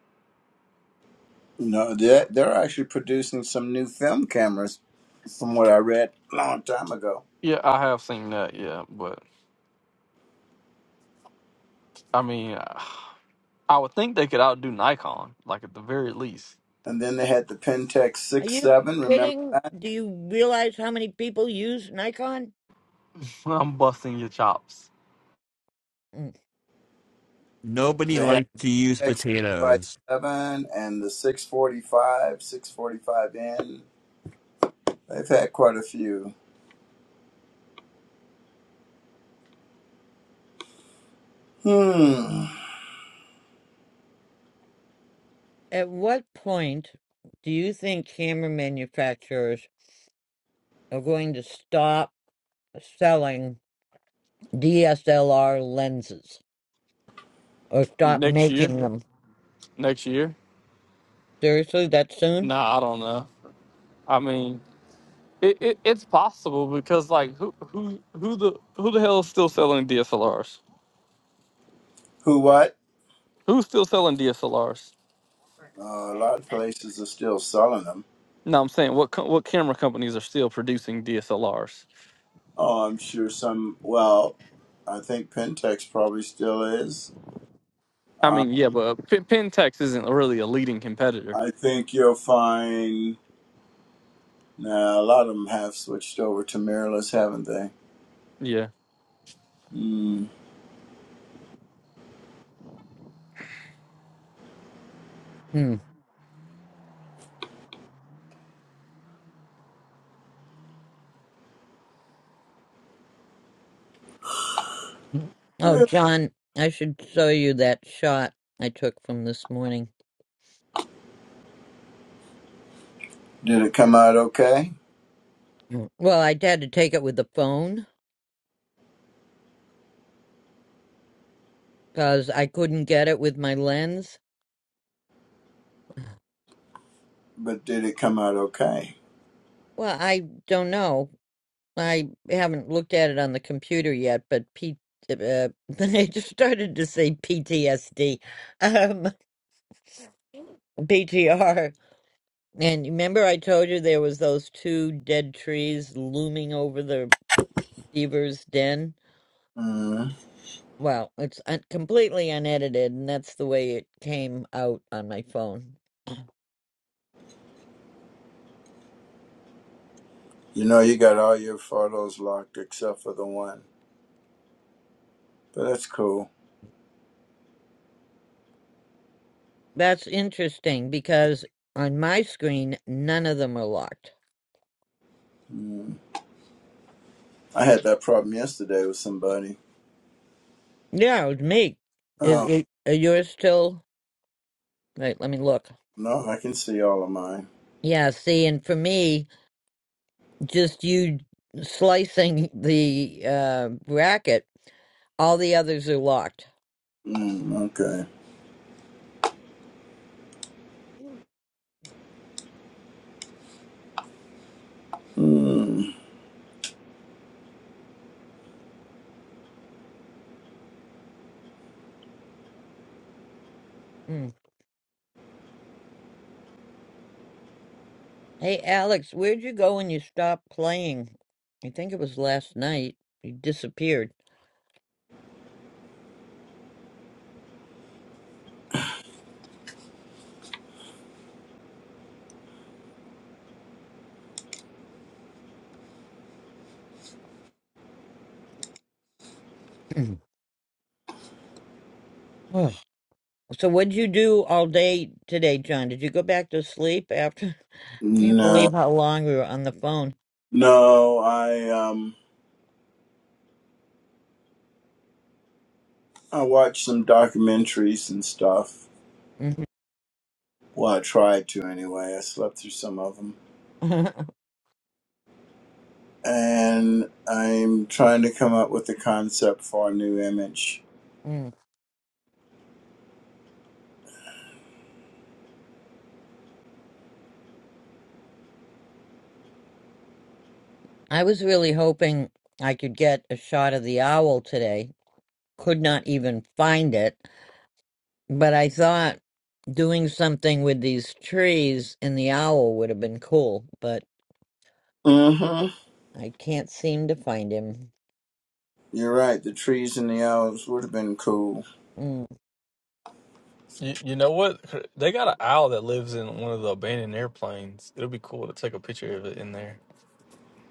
Speaker 3: No, they're, they're actually producing some new film cameras, from what I read a long time ago.
Speaker 6: Yeah, I have seen that. Yeah, but I mean, I would think they could outdo Nikon, like at the very least.
Speaker 3: And then they had the Pentax
Speaker 5: Are
Speaker 3: Six
Speaker 5: you
Speaker 3: Seven. Remember,
Speaker 5: kidding? Do you realize how many people use Nikon?
Speaker 6: I'm busting your chops.
Speaker 5: Mm.
Speaker 8: Nobody
Speaker 3: they had
Speaker 8: likes to use
Speaker 3: x Five
Speaker 8: potatoes.
Speaker 3: Seven and the 645, 645N. They've had quite a few. Hmm.
Speaker 5: At what point do you think camera manufacturers are going to stop selling DSLR lenses or stop
Speaker 6: Next year,
Speaker 5: making them?
Speaker 6: next year.
Speaker 5: Seriously, that soon?
Speaker 6: Nah, I don't know. I mean, it, it it's possible because like who who who the who the hell is still selling DSLRs?
Speaker 3: Who what?
Speaker 6: Who's still selling DSLRs?
Speaker 3: Uh, a lot of places are still selling them.
Speaker 6: No, I'm saying what co- what camera companies are still producing DSLRs?
Speaker 3: Oh, I'm sure some. Well, I think Pentax probably still is.
Speaker 6: I
Speaker 3: Uh,
Speaker 6: mean, yeah, but P- Pentax isn't really a leading competitor.
Speaker 3: I think you'll find. Now, a lot of them have switched over to mirrorless, haven't they?
Speaker 6: Yeah,
Speaker 3: Mm.
Speaker 5: Hmm. Oh, John, I should show you that shot I took from this morning.
Speaker 3: Did it come out okay?
Speaker 5: Mm. Well, I had to take it with the phone because I couldn't get it with my lens.
Speaker 3: But did it come out okay?
Speaker 5: Well, I don't know. I haven't looked at it on the computer yet, but P- uh, I just started to say PTSD, um, PTR. And remember, I told you there was those two dead trees looming over the beaver's den.
Speaker 3: Mm.
Speaker 5: Well, it's un- completely unedited, and that's the way it came out on my phone.
Speaker 3: You know, you got all your photos locked except for the one. But that's cool.
Speaker 5: That's interesting because on my screen, none of them are locked.
Speaker 3: Mm. I had that problem yesterday with somebody.
Speaker 5: Yeah, it me. Is,
Speaker 3: Oh,
Speaker 5: is, are yours still? Wait, let me look.
Speaker 3: no, I can see all of mine.
Speaker 5: Yeah, see, and for me, just you slicing the uh, bracket, all the others are locked.
Speaker 3: Mm, okay. Mm.
Speaker 5: Mm. Hey, Alex, where'd you go when you stopped playing? I think it was last night. You disappeared. Ugh. so, what'd you do all day today, John? Did you go back to sleep after? Can't believe
Speaker 3: No.
Speaker 5: how long we were on the phone.
Speaker 3: No, I, um, I watched some documentaries and stuff.
Speaker 5: Mhm.
Speaker 3: Well, I tried to anyway. I slept through some of them. and I'm trying to come up with a concept for a new image.
Speaker 5: Mm. I was really hoping I could get a shot of the owl today. Could not even find it, but I thought doing something with these trees and the owl would have been cool, but
Speaker 3: Mm-hmm.
Speaker 5: I can't seem to find him.
Speaker 3: You're right. The trees and the elves would have been cool.
Speaker 5: Mm.
Speaker 6: You, you know what? They got an owl that lives in one of the abandoned airplanes. It'll be cool to take a picture of it in there.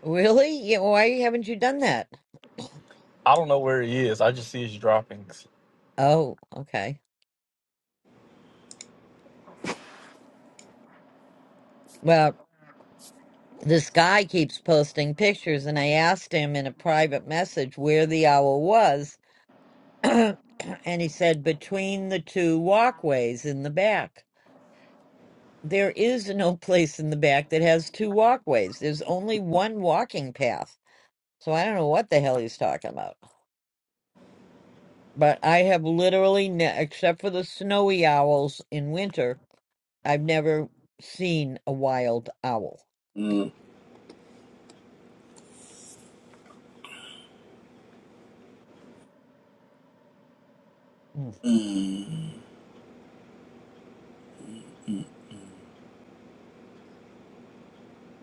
Speaker 5: Really? Yeah, why haven't you done that?
Speaker 6: I don't know where he is. I just see his droppings.
Speaker 5: Oh, okay. Well, this guy keeps posting pictures, and I asked him in a private message where the owl was and he said, between the two walkways in the back. There is no place in the back that has two walkways. There's only one walking path. So I don't know what the hell he's talking about. But I have literally, ne- except for the snowy owls in winter, I've never seen a wild owl.
Speaker 3: Mm.
Speaker 5: Mm.
Speaker 3: Mm.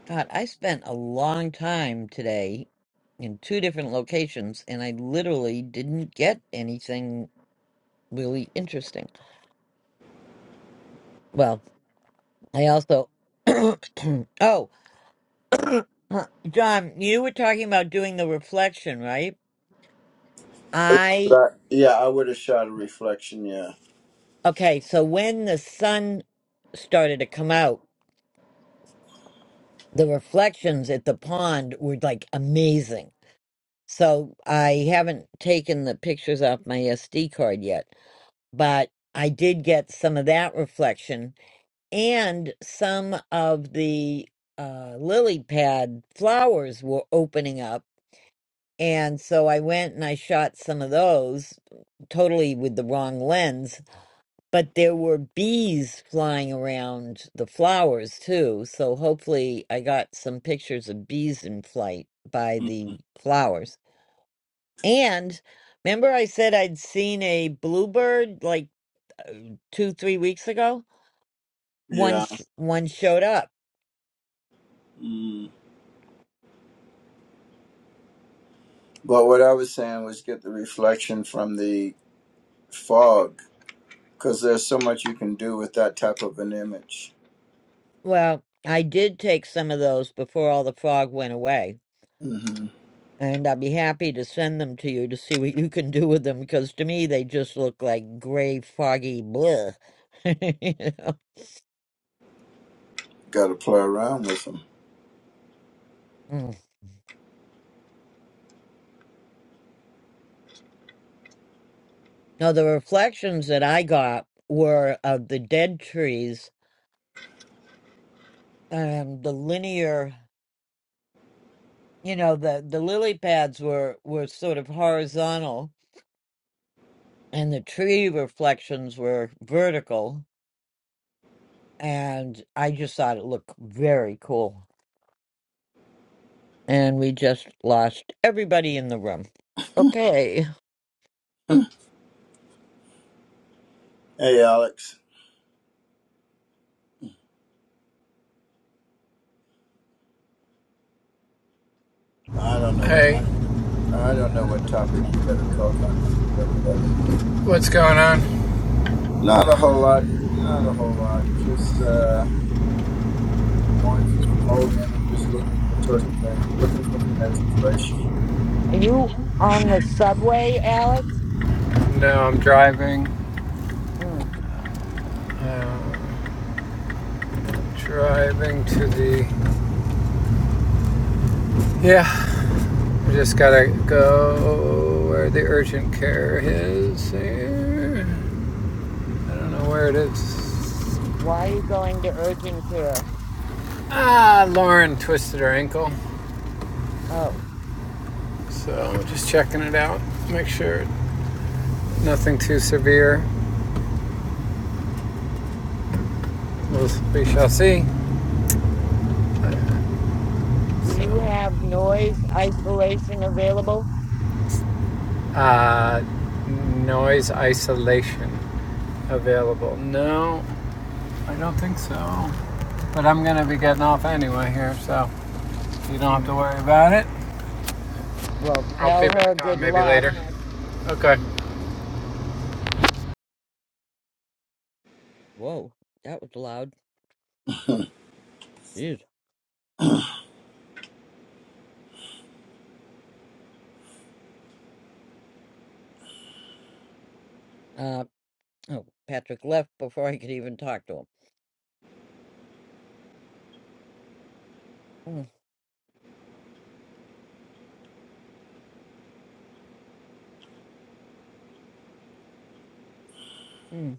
Speaker 5: God, I spent a long time today in two different locations and I literally didn't get anything really interesting. Well, I also, oh, John, you were talking about doing the reflection, right?
Speaker 3: That's
Speaker 5: I,
Speaker 3: what I, yeah, I would have shot a reflection. Yeah.
Speaker 5: okay, so when the sun started to come out, the reflections at the pond were like amazing. So I haven't taken the pictures off my SD card yet, but I did get some of that reflection and some of the uh, lily pad flowers were opening up And so I went and I shot some of those totally with the wrong lens, but there were bees flying around the flowers too. So hopefully I got some pictures of bees in flight by
Speaker 3: Mm.
Speaker 5: the flowers. And remember I said I'd seen a bluebird like uh, 2 3 weeks ago? One
Speaker 3: Yeah.
Speaker 5: sh- one showed up.
Speaker 3: Mm. But what I was saying was get the reflection from the fog because there's so much you can do with that type of an image.
Speaker 5: Well, I did take some of those before all the fog went away
Speaker 3: Mm-hmm.
Speaker 5: And I'd be happy to send them to you to see what you can do with them because to me they just look like gray, foggy bleh. You know?
Speaker 3: Got to play around with them.
Speaker 5: Mm. Now, the reflections that I got were of the dead trees, um, the linear, you know, the, the lily pads were, were sort of horizontal and the tree reflections were vertical. And I just thought it looked very cool. And we just lost everybody in the room. Okay.
Speaker 3: Hey, Alex. I don't know what.
Speaker 9: Hey,
Speaker 3: I don't know what topic you got to talk on. to keep Everybody, in.
Speaker 9: what's going on?
Speaker 3: not No. a whole lot, not a whole lot. Just uh, going through some old images, looking for certain things, looking for some inspiration.
Speaker 5: Are you on the subway, Alex?
Speaker 9: No, I'm driving.
Speaker 5: Mm.
Speaker 9: Uh, driving to the. Yeah, I just gotta go where the urgent care is. Here. I don't know where it is.
Speaker 5: Why are you going to urgent care?
Speaker 9: Ah, Lauren twisted her ankle.
Speaker 5: Oh,
Speaker 9: So just checking it out. Make sure nothing too severe. We'll, we shall see. Uh,
Speaker 5: do
Speaker 9: So,
Speaker 5: you have noise isolation available?
Speaker 9: uh, noise isolation available. No, I don't think so. But I'm gonna be getting off anyway here, so you don't have to
Speaker 5: Mm.
Speaker 9: worry about it.
Speaker 5: Well,
Speaker 9: I'll be
Speaker 5: tell
Speaker 9: back
Speaker 5: her
Speaker 9: on
Speaker 5: good
Speaker 9: maybe
Speaker 5: luck.
Speaker 9: later. Okay.
Speaker 5: Whoa, that was loud. Jeez. Uh, oh, Patrick left before I could even talk to him. Mm, mm.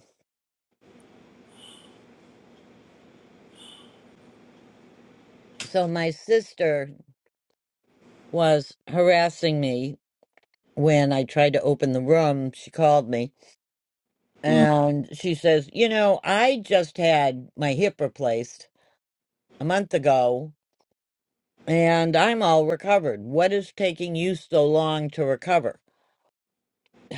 Speaker 5: So my sister was harassing me when I tried to open the room. She called me
Speaker 3: Mm-hmm.
Speaker 5: and she says, You know, I just had my hip replaced a month ago and I'm all recovered. What is taking you so long to recover?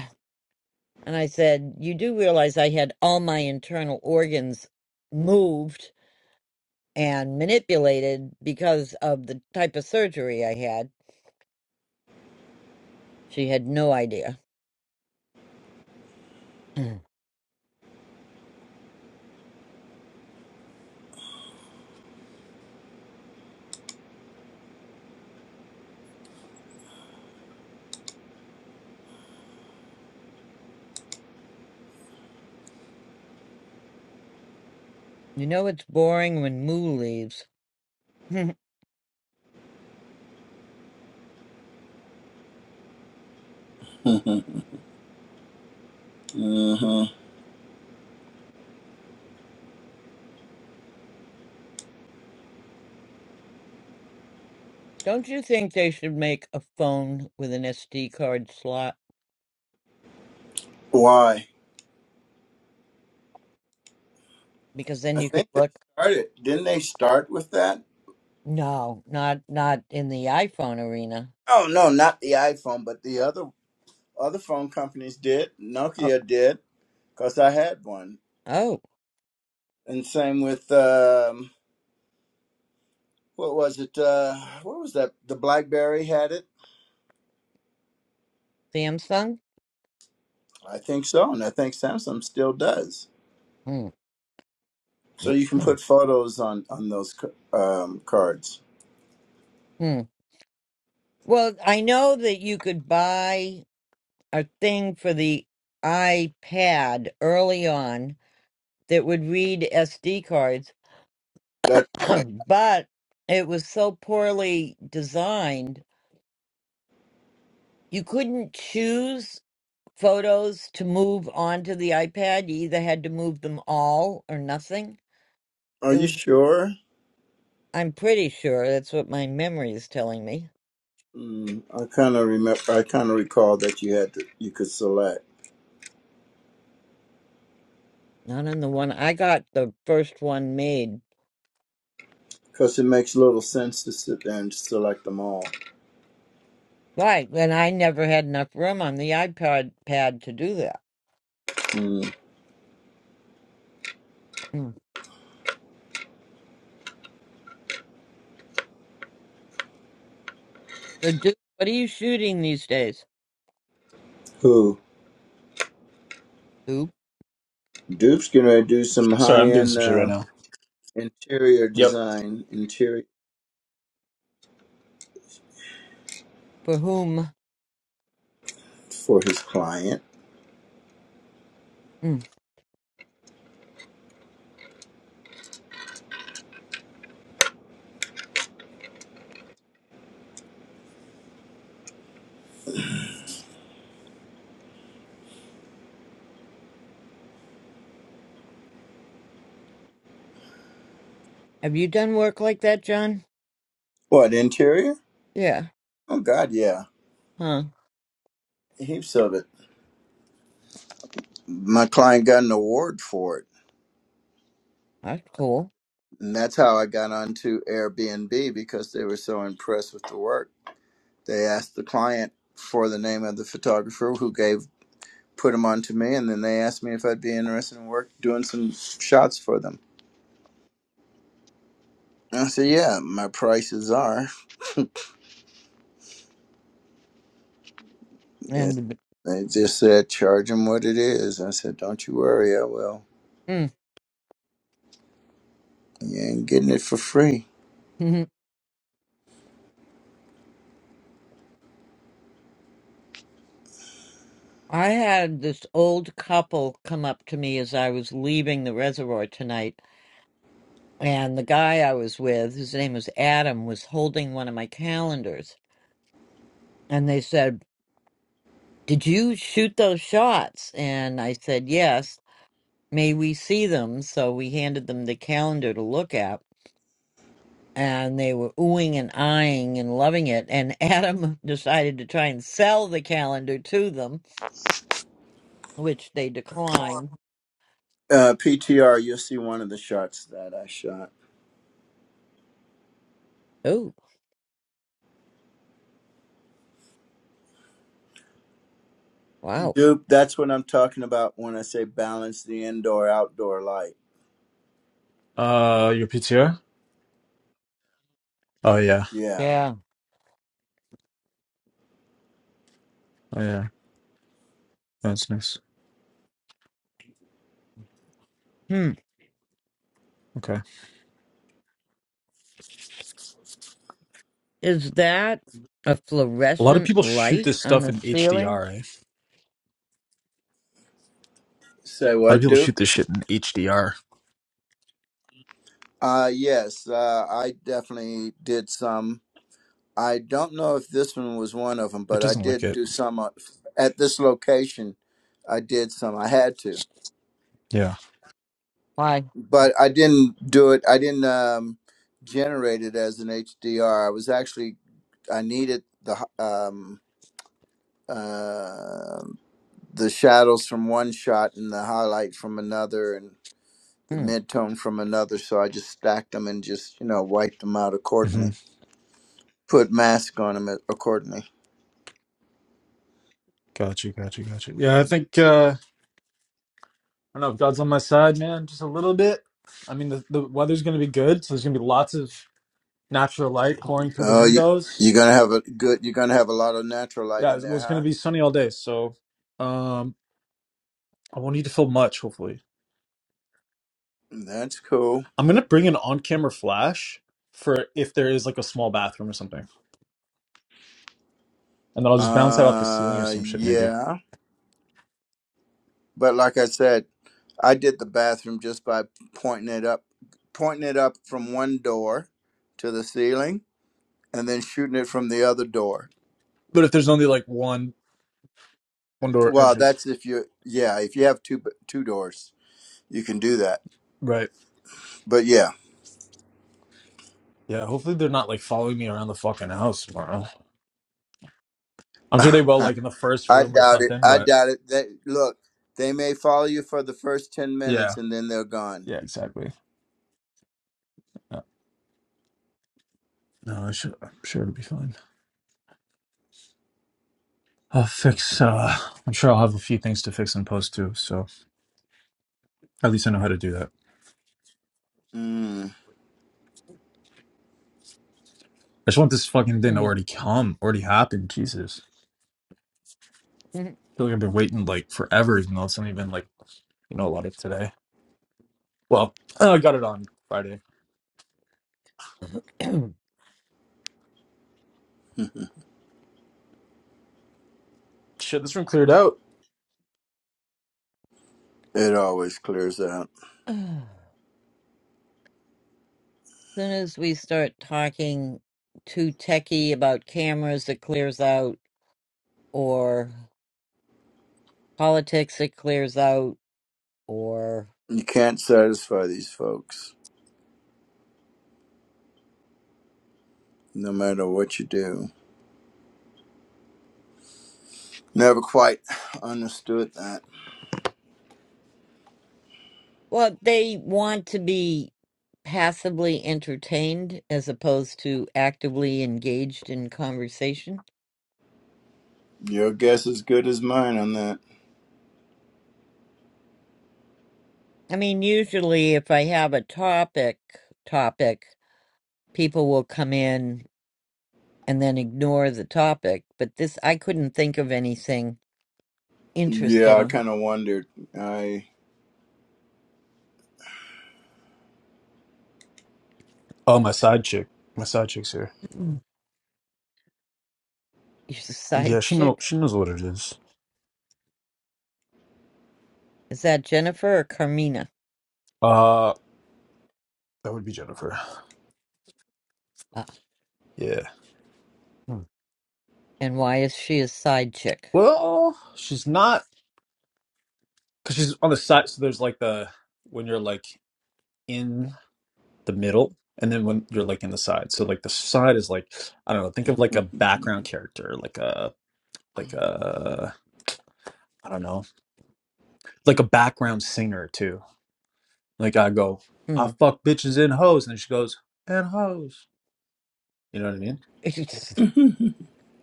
Speaker 5: And I said, You do realize I had all my internal organs moved and manipulated because of the type of surgery I had. She had no idea. you know, it's boring when Moo leaves.
Speaker 3: Mm-hmm.
Speaker 5: Don't you think they should make a phone with an SD card slot?
Speaker 3: Why?
Speaker 5: Because then
Speaker 3: I
Speaker 5: you could
Speaker 3: think they
Speaker 5: look.
Speaker 3: started. Didn't they start with that?
Speaker 5: No, not not in the iPhone arena.
Speaker 3: Oh no, not the iPhone, but the other other phone companies did.
Speaker 5: Oh.
Speaker 3: Nokia did, cause I had one.
Speaker 5: oh.
Speaker 3: And same with um, what was it? Uh, what was that? The BlackBerry had it.
Speaker 5: Samsung?
Speaker 3: I think so, and I think Samsung still does.
Speaker 5: Mm,
Speaker 3: So you can put photos on on those c- um, cards.
Speaker 5: mm. Well, I know that you could buy a thing for the iPad early on that would read SD cards,
Speaker 3: That's right.
Speaker 5: but it was so poorly designed, you couldn't choose photos to move onto the iPad. You either had to move them all or nothing.
Speaker 3: Are
Speaker 5: It
Speaker 3: you
Speaker 5: was,
Speaker 3: sure?
Speaker 5: I'm pretty sure that's what my memory is telling me.
Speaker 3: Mm, I kind of remember. I kind of recall that you had to. You could select
Speaker 5: Not on the one I got the first one made
Speaker 3: because it makes little sense to sit there and select them all.
Speaker 5: Right, and I never had enough room on the iPod pad to do that.
Speaker 3: Mm.
Speaker 5: Mm. So, do, what are you shooting these days?
Speaker 3: Who?
Speaker 5: Who?
Speaker 3: Dupe's gonna do some
Speaker 7: Sorry,
Speaker 3: high
Speaker 7: I'm doing
Speaker 3: end
Speaker 7: some shit right
Speaker 3: uh,
Speaker 7: now.
Speaker 3: interior
Speaker 7: Yep.
Speaker 3: design interior
Speaker 5: For whom?
Speaker 3: for his client.
Speaker 5: Mm. Have you done work like that, John?
Speaker 3: What interior?
Speaker 5: Yeah.
Speaker 3: Oh God, yeah.
Speaker 5: Huh.
Speaker 3: Heaps of it. My client got an award for it
Speaker 5: That's cool.
Speaker 3: And that's how I got onto Airbnb because they were so impressed with the work. They asked the client for the name of the photographer who gave put him onto me, and then they asked me if I'd be interested in work doing some shots for them. And I said, "Yeah, my prices are." They
Speaker 5: And
Speaker 3: they just said, "Charge them what it is." I said, "Don't you worry, I will.
Speaker 5: mm.
Speaker 3: You ain't getting it for free."
Speaker 5: I had this old couple come up to me as I was leaving the reservoir tonight, and the guy I was with, his name was Adam, was holding one of my calendars, and they said, "Did you shoot those shots?" And I said, "Yes." may we see them? So we handed them the calendar to look at, and they were oohing and eyeing and loving it. And Adam decided to try and sell the calendar to them, which they declined.
Speaker 3: Uh, PTR, you'll see one of the shots that I shot.
Speaker 5: Oh, wow.
Speaker 3: Dupe, that's what I'm talking about when I say balance the indoor outdoor light.
Speaker 7: Uh, your PTR? Oh yeah,
Speaker 3: Yeah.
Speaker 5: Yeah.
Speaker 7: oh yeah, that's nice.
Speaker 5: Hmm.
Speaker 7: Okay.
Speaker 5: Is that a
Speaker 7: A lot of
Speaker 5: fluorescent
Speaker 7: people shoot
Speaker 5: light
Speaker 7: this
Speaker 5: on
Speaker 7: stuff
Speaker 5: the
Speaker 7: in
Speaker 5: ceiling?
Speaker 7: HDR. Eh?
Speaker 3: Say
Speaker 7: A lot of
Speaker 3: what,
Speaker 7: people shoot
Speaker 3: Duke?
Speaker 7: this shit in HDR.
Speaker 3: Uh, yes, uh, I definitely did some. I don't know if this one was one of them,
Speaker 7: It
Speaker 3: but I
Speaker 7: doesn't look
Speaker 3: did
Speaker 7: it.
Speaker 3: do some uh, at this location. I did some. I had to,
Speaker 7: Yeah.
Speaker 5: Why?
Speaker 3: but I didn't do it. I didn't um, generate it as an HDR. I was actually I needed the h- um, uh, the shadows from one shot and the highlight from another and the
Speaker 5: Hmm.
Speaker 3: mid tone from another. So I just stacked them and just you know wiped them out accordingly.
Speaker 7: Mm-hmm.
Speaker 3: put mask on them accordingly.
Speaker 7: Got you. Got you. Got you. Yeah, I think uh, I don't know if God's on my side, man. Just a little bit. I mean, the, the weather's gonna be good, so there's gonna be lots of natural light pouring through the
Speaker 3: Oh, you,
Speaker 7: windows.
Speaker 3: you're gonna have a good. You're gonna have a lot of natural light
Speaker 7: Yeah,
Speaker 3: in
Speaker 7: it
Speaker 3: there,
Speaker 7: was gonna
Speaker 3: huh?
Speaker 7: be sunny all day, so. um. I won't need to film much, hopefully.
Speaker 3: That's cool.
Speaker 7: I'm gonna bring an on-camera flash for if there is like a small bathroom or something, and then I'll just bounce that off the ceiling or
Speaker 3: Uh,
Speaker 7: some shit maybe.
Speaker 3: yeah. But like I said, I did the bathroom just by pointing it up, pointing it up from one door to the ceiling, and then shooting it from the other door.
Speaker 7: But if there's only like one one door
Speaker 3: Well,
Speaker 7: entrance,
Speaker 3: that's if you, yeah, if you have two two doors, you can do that.
Speaker 7: right?
Speaker 3: But yeah.
Speaker 7: Yeah, hopefully they're not like following me around the fucking house tomorrow. I'm sure they will, like in the first
Speaker 3: I
Speaker 7: room or
Speaker 3: doubt it.
Speaker 7: something.
Speaker 3: I
Speaker 7: But
Speaker 3: doubt it. They, look, they may follow you for the first 10
Speaker 7: yeah,
Speaker 3: minutes and then they're gone.
Speaker 7: yeah, exactly. Yeah. No, I should, I'm sure it'll be fine. I'll fix. uh I'm sure I'll have a few things to fix in post too. So at least I know how to do that.
Speaker 3: Mm.
Speaker 7: I just want this fucking thing to
Speaker 5: Hmm.
Speaker 7: already come, already happen. Jesus.
Speaker 5: hmm.
Speaker 7: I feel like I've been waiting like forever, even though it's not even like you know a lot of today. Well, uh, I got it on Friday.
Speaker 3: it
Speaker 7: Shit, this room cleared out.
Speaker 3: always clears out.
Speaker 5: as soon as we start talking too techy about cameras, it clears out, or. politics it clears out or
Speaker 3: You can't satisfy these folks, no matter what you do. Never quite understood that.
Speaker 5: well they want to be passively entertained as opposed to actively engaged in conversation
Speaker 3: Your guess is good as mine on that.
Speaker 5: i mean usually if i have a topic topic people will come in and then ignore the topic but this i couldn't think of anything
Speaker 3: Yeah, I
Speaker 5: interesting
Speaker 3: kind of wondered. I.
Speaker 7: Oh, my side chick, my side chick's here.
Speaker 5: Mm. you're a side
Speaker 7: Yeah, she know
Speaker 5: chick
Speaker 7: she knows what it is.
Speaker 5: is that jennifer or carmina
Speaker 7: Uh, that would be Jennifer.
Speaker 5: ah.
Speaker 7: Yeah.
Speaker 5: hmm. and why is she a side chick
Speaker 7: Well, she's not because she's on the side. So there's like the when you're like in the middle, and then when you're like in the side. So like the side is like I don't know. Think of like a background character, like a like a I don't know, like a background singer too Like I go, I
Speaker 5: hmm
Speaker 7: fuck bitches and hoes, and she goes and hoes. You know what I mean?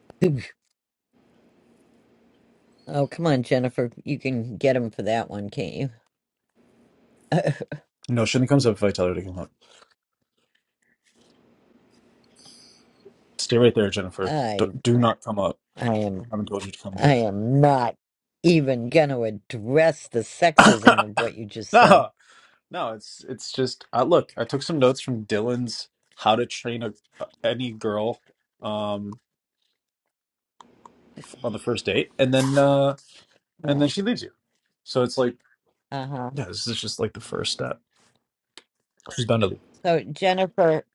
Speaker 5: Oh, come on, Jennifer. You can get him for that one, can't you?
Speaker 7: No, shouldn't comes up if I tell her to come up. Stay right there, Jennifer. Do,
Speaker 5: I
Speaker 7: do not come up.
Speaker 5: I
Speaker 7: I
Speaker 5: am
Speaker 7: haven't told you to come
Speaker 5: I am not even going to address the
Speaker 7: yet.
Speaker 5: sexism of what you just said.
Speaker 7: no, no, it's it's just. I, look, I took some notes from Dylan's "How to Train a, Any Girl" um on the first date, and then uh and then
Speaker 5: Yeah.
Speaker 7: she leaves you. So it's like,
Speaker 5: Uh-huh.
Speaker 7: yeah, this is just like the first step. She's bound to leave.
Speaker 5: So, Jennifer,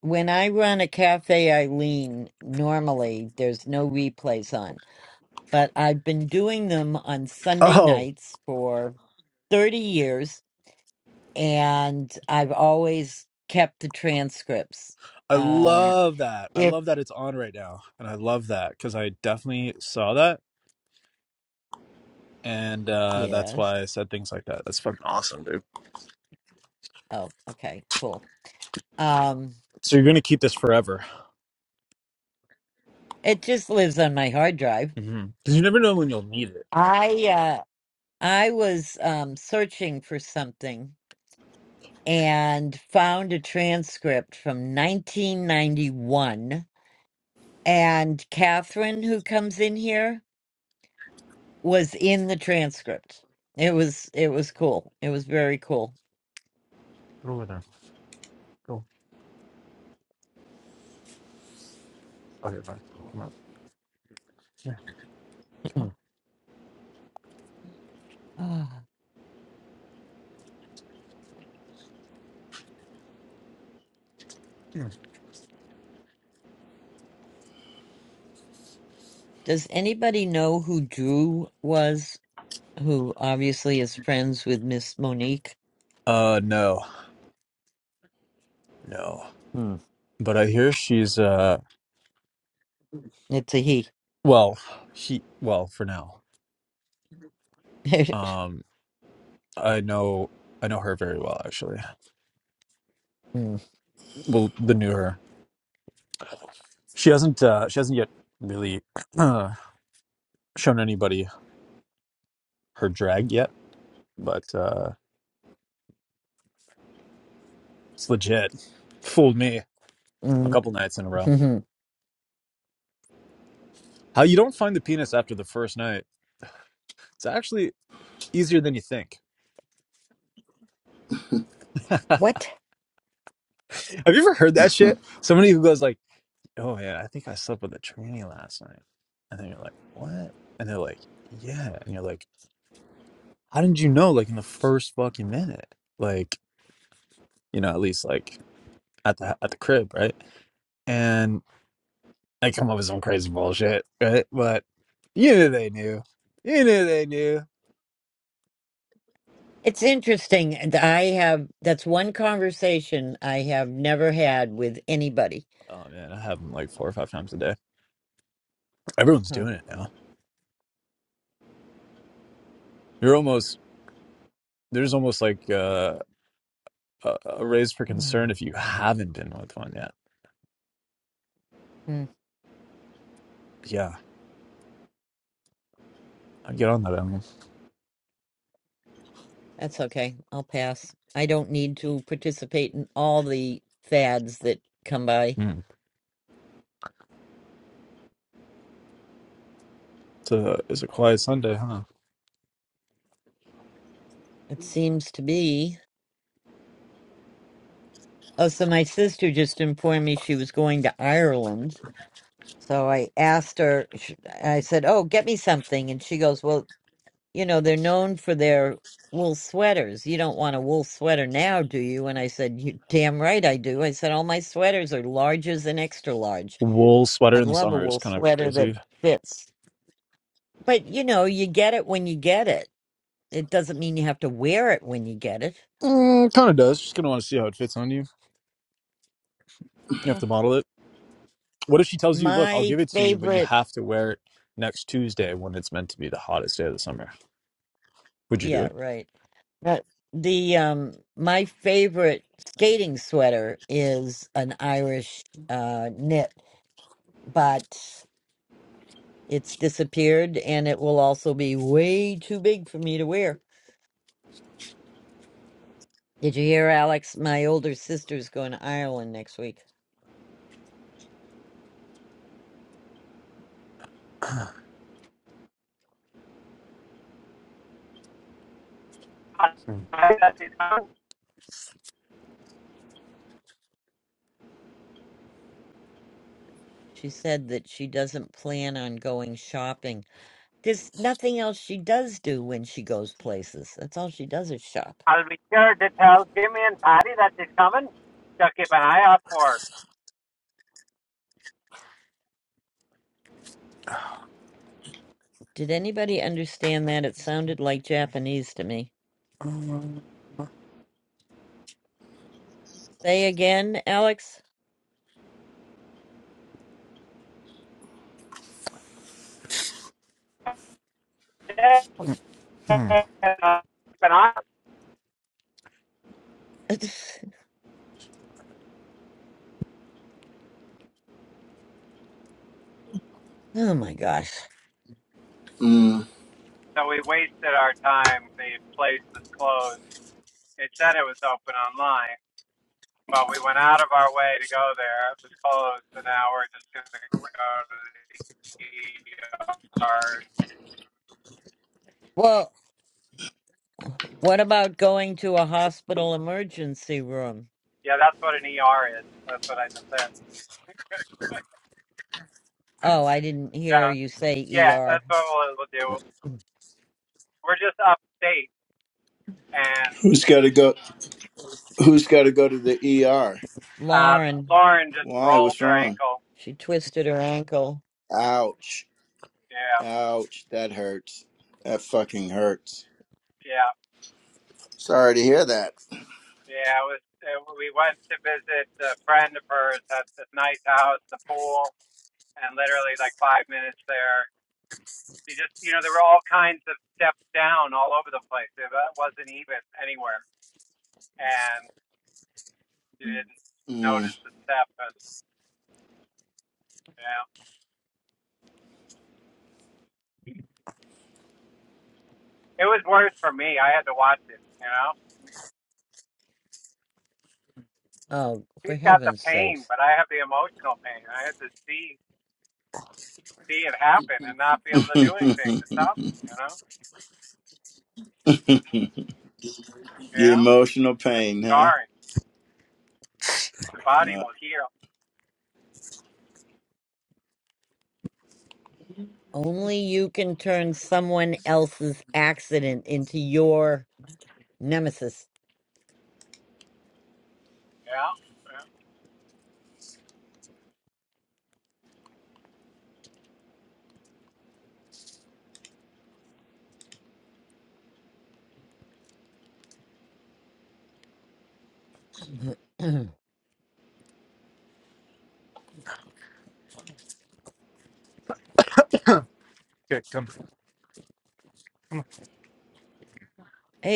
Speaker 5: when I run a cafe, Eileen, normally there's no replays on. but I've been doing them on Sunday
Speaker 7: Oh.
Speaker 5: nights for 30 years, and I've always kept the transcripts.
Speaker 7: I
Speaker 5: Um,
Speaker 7: love that. I
Speaker 5: if
Speaker 7: love that it's on right now. And I love that because I definitely saw that. And uh, that's
Speaker 5: yes,
Speaker 7: why I said things like that. That's fucking awesome, dude.
Speaker 5: oh, okay, cool. Um,
Speaker 7: So you're going to keep this forever.
Speaker 5: it just lives on my hard drive.
Speaker 7: Because you never know when you'll need it.
Speaker 5: I uh, I was um, searching for something and found a transcript from 1991. And Catherine, who comes in here, was in the transcript. It was it was cool. It was very cool.
Speaker 7: Go over there. Go. Okay, fine. Come on. Yeah, come on.
Speaker 5: Ah.
Speaker 7: Come
Speaker 5: Does anybody know who Drew was? Who obviously is friends with Miss Monique.
Speaker 7: on. Uh, no. No.
Speaker 5: Hmm.
Speaker 7: But I hear she's, uh,
Speaker 5: It's a he.
Speaker 7: well, he, well, for now. Um, I know, I know her very well, actually.
Speaker 5: Hmm.
Speaker 7: Well, the new her. She hasn't, uh, she hasn't yet really, shown anybody her drag yet, but uh, it's legit. Fooled me a couple nights in a row.
Speaker 5: Hmm.
Speaker 7: How you don't find the penis after the first night? It's actually easier than you think.
Speaker 5: what?
Speaker 7: Have you ever heard that shit? Somebody who goes like, "Oh yeah, I think I slept with a tranny last night," and then you're like, "What?" And they're like, "Yeah," and you're like, "How did you know?" Like in the first fucking minute, like you know, at least like at the at the crib, right? And they come up with some crazy bullshit, right? But you knew they knew. You knew they knew.
Speaker 5: It's interesting. and I have that's one conversation I have never had with anybody.
Speaker 7: Oh man, I have them like four or five times a day. Everyone's
Speaker 5: Huh.
Speaker 7: doing it now. You're almost there's almost like uh, a, a raise for
Speaker 5: Hmm.
Speaker 7: concern if you haven't been with one yet.
Speaker 5: Hmm.
Speaker 7: Yeah, I get on that. I mean,
Speaker 5: That's okay. I'll pass. I don't need to participate in all the fads that come by.
Speaker 7: mm. it's a it's a quiet Sunday, huh?
Speaker 5: It seems to be. Oh, so my sister just informed me she was going to Ireland. So I asked her, sh- I said, Oh, get me something. And she goes, Well, you know, they're known for their wool sweaters. You don't want a wool sweater now, do you? And I said, You damn right I do. I said, All my sweaters are larges and extra large.
Speaker 7: Wool sweater
Speaker 5: I'd
Speaker 7: in the
Speaker 5: love a
Speaker 7: summer is
Speaker 5: wool
Speaker 7: kind of
Speaker 5: sweater that
Speaker 7: crazy.
Speaker 5: fits. But, you know, you get it when you get it. It doesn't mean you have to wear it when you get it.
Speaker 7: Mm, kind of does. Just gonna want to see how it fits on you. You have
Speaker 5: Yeah.
Speaker 7: to model it. What if she tells you, "Look, I'll
Speaker 5: My
Speaker 7: give it to you, but you
Speaker 5: favorite.
Speaker 7: have to wear it next Tuesday when it's meant to be the hottest day of the summer"? Would you do
Speaker 5: Yeah,
Speaker 7: it?
Speaker 5: right. But the um my favorite skating sweater is an Irish uh knit, but it's disappeared and it will also be way too big for me to wear. Did you hear Alex? My older sister's going to Ireland next week. She said that she doesn't plan on going shopping. There's nothing else she does do when she goes places. That's all she does is shop.
Speaker 9: I'll be sure to tell Jimmy and Patty that it's coming. So keep an eye out for
Speaker 5: Did anybody understand that? It sounded like Japanese to me. Say again, Alex?
Speaker 9: it. Keep
Speaker 7: Mm.
Speaker 9: an eye.
Speaker 5: oh my gosh.
Speaker 3: Mm.
Speaker 9: So we wasted our time. The place was closed. It said it was open online, but we went out of our way to go there. It was closed, so now we're just going to go to the ER
Speaker 5: Well, what about going to a hospital emergency room?
Speaker 9: Yeah, that's what an ER is. That's what I just said.
Speaker 5: Oh, I didn't hear
Speaker 9: yeah,
Speaker 5: you say
Speaker 9: yeah,
Speaker 5: ER.
Speaker 9: that's what we'll, we'll do. We're just upstate, and
Speaker 3: Who's got to go? Who's got to go to the ER?
Speaker 9: uh,
Speaker 5: Lauren,
Speaker 9: Lauren just
Speaker 3: Why?
Speaker 9: rolled
Speaker 3: What's
Speaker 9: her
Speaker 3: wrong?
Speaker 9: ankle.
Speaker 5: she twisted her ankle.
Speaker 3: Ouch!
Speaker 9: Yeah,
Speaker 3: Ouch! That hurts. That fucking hurts.
Speaker 9: yeah,
Speaker 3: Sorry to hear that.
Speaker 9: yeah. It was. It, we went to visit a friend of hers at this nice house, the pool, and literally like five minutes there. She just, you know, there were all kinds of steps down all over the place. It wasn't even anywhere, and she didn't notice
Speaker 3: Mm.
Speaker 9: the step, and yeah. It was worse for me. I had to watch it. You know,
Speaker 5: Oh, for
Speaker 9: he's got the
Speaker 5: heaven's
Speaker 9: pain,
Speaker 5: sakes.
Speaker 9: but I have the emotional pain. I had to see see it happen and not be able to do anything to stop it.
Speaker 3: the
Speaker 9: You know, yeah,
Speaker 3: emotional
Speaker 9: that's
Speaker 3: pain, huh?
Speaker 9: scarring. The body
Speaker 3: Uh,
Speaker 9: will heal.
Speaker 5: Only you can turn someone else's accident into your nemesis.
Speaker 9: Yeah. yeah.
Speaker 5: hey,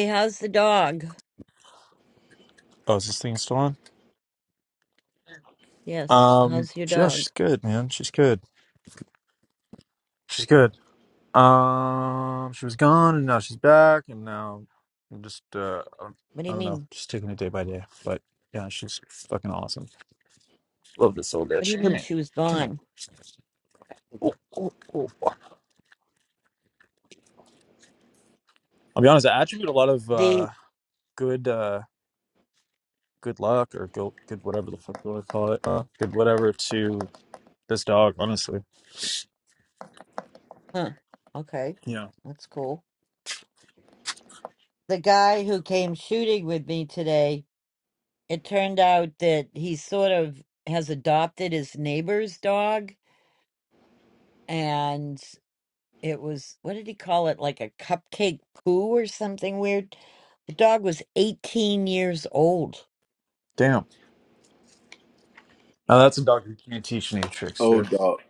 Speaker 5: how's the dog?
Speaker 7: Oh, is this thing still on?
Speaker 5: Yes,
Speaker 7: Um,
Speaker 5: how's your
Speaker 7: yeah,
Speaker 5: dog?
Speaker 7: she's good, man. She's good. She's good. Um, she was gone, and now she's back, and now I'm just uh,
Speaker 5: What do
Speaker 7: I
Speaker 5: you
Speaker 7: don't know,
Speaker 5: mean?
Speaker 7: just taking it day by day. But yeah, she's fucking awesome. Love this old
Speaker 5: What do you
Speaker 7: bitch. Come
Speaker 5: mean
Speaker 7: here,
Speaker 5: she was
Speaker 7: come here.
Speaker 5: gone?
Speaker 7: Oh, oh, oh. I'll be honest. I attribute a lot of uh, good uh, good luck or good, good whatever the fuck you want to call it, uh, good whatever to this dog. Honestly,
Speaker 5: Huh. Okay.
Speaker 7: yeah.
Speaker 5: That's cool. The guy who came shooting with me today, it turned out that he sort of has adopted his neighbor's dog and it was what did he call it? Like a cupcake poo or something weird. The dog was 18 years old.
Speaker 7: Damn. Now that's a dog who can't teach any tricks, dude.
Speaker 3: old dog.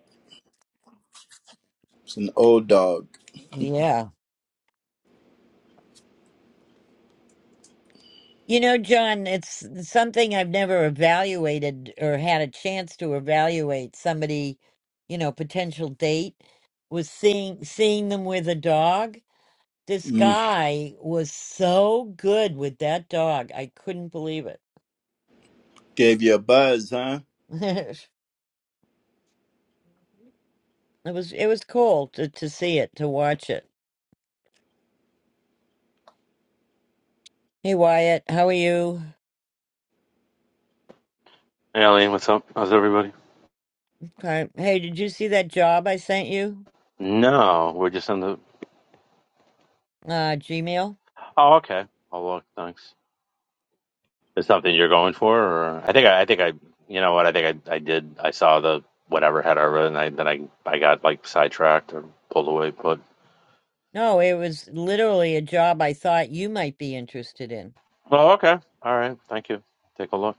Speaker 3: It's an old dog.
Speaker 5: Yeah. You know, John, it's something I've never evaluated or had a chance to evaluate somebody, you know, potential date was seeing seeing them with a dog. This
Speaker 3: Mm.
Speaker 5: guy was so good with that dog. I couldn't believe it.
Speaker 3: Gave you a buzz, huh?
Speaker 5: It was it was cool to to see it, to watch it. Hey Wyatt, how are you?
Speaker 10: Hey, Eileen, what's up? How's everybody?
Speaker 5: Okay. Hey, did you see that job I sent you?
Speaker 10: No, we're just in the.
Speaker 5: Uh, Gmail?
Speaker 10: Oh, okay. Oh, look, thanks. Is something you're going for? Or I think I, I think I, you know what? I think I, I did. I saw the whatever head over, and I, then I, I got like sidetracked or pulled away. But
Speaker 5: No, it was literally a job I thought you might be interested in.
Speaker 10: oh, okay. All right. Thank you. Take a look.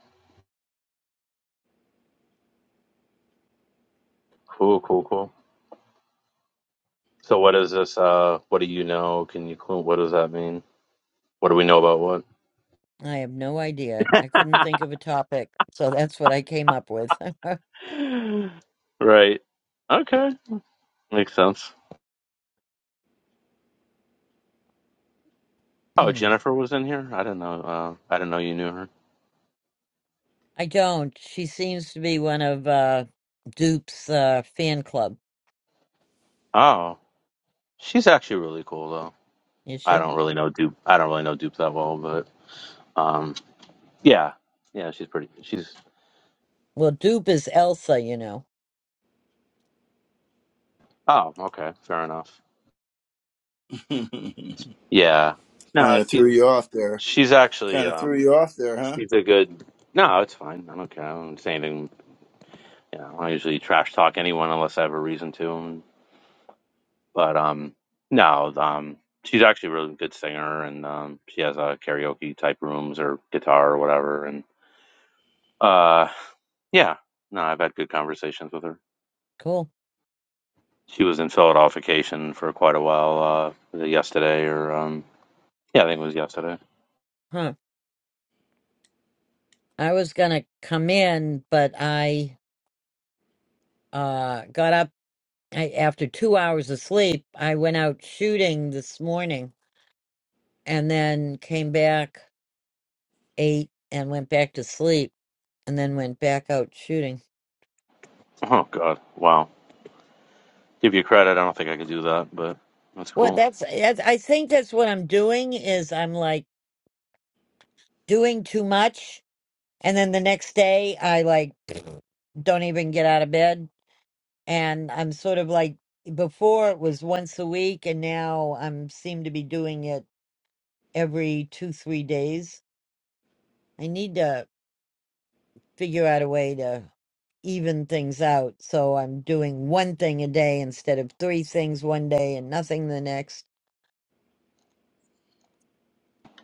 Speaker 10: Cool, cool, cool. So, what is this? Uh, what do you know? Can you clue? What does that mean? What do we know about
Speaker 5: I have no idea. I couldn't think of a topic, so that's what I came up with.
Speaker 10: what? right. Okay. Makes sense. Oh,
Speaker 5: Mm.
Speaker 10: Jennifer was in here. I didn't know. Uh, I didn't know you knew her.
Speaker 5: I don't. She seems to be one of uh Dupe's uh fan club,
Speaker 10: Oh, She's actually really cool though.
Speaker 5: is
Speaker 10: I
Speaker 5: she?
Speaker 10: don't really know Dupe. I don't really know Dupe that well, but um, yeah, yeah, she's pretty. She's
Speaker 5: Well, Dupe is Elsa, you know.
Speaker 10: oh, okay, fair enough.
Speaker 3: kind
Speaker 10: Yeah, no,
Speaker 3: of
Speaker 10: she
Speaker 3: threw you off there.
Speaker 10: she's actually
Speaker 3: Kind of threw
Speaker 10: um,
Speaker 3: you off there, huh?
Speaker 10: she's a good. No, it's fine. I don't care. I don't say anything. You know, I usually trash talk anyone unless I have a reason to. But um, no, um, she's actually a really good singer, and um, she has uh, karaoke type rooms or guitar or whatever, and uh, yeah, no, I've had good conversations with her.
Speaker 5: Cool.
Speaker 10: She was in Philadelphication for quite a while. Uh, was it yesterday or um, yeah, I think it was yesterday.
Speaker 5: Huh. I was gonna come in, but I uh got up I, after two hours of sleep. I went out shooting this morning and then came back, ate, and went back to sleep, and then went back out shooting.
Speaker 10: Oh God, wow. Give you credit. I don't think I could do that, but that's
Speaker 5: Well,
Speaker 10: cool.
Speaker 5: that's, that's I think that's what I'm doing is I'm like doing too much, and then the next day I like don't even get out of bed, and I'm sort of like before it was once a week, and now I'm seem to be doing it every two three days. I need to figure out a way to even things out, so I'm doing one thing a day instead of three things one day and nothing the next.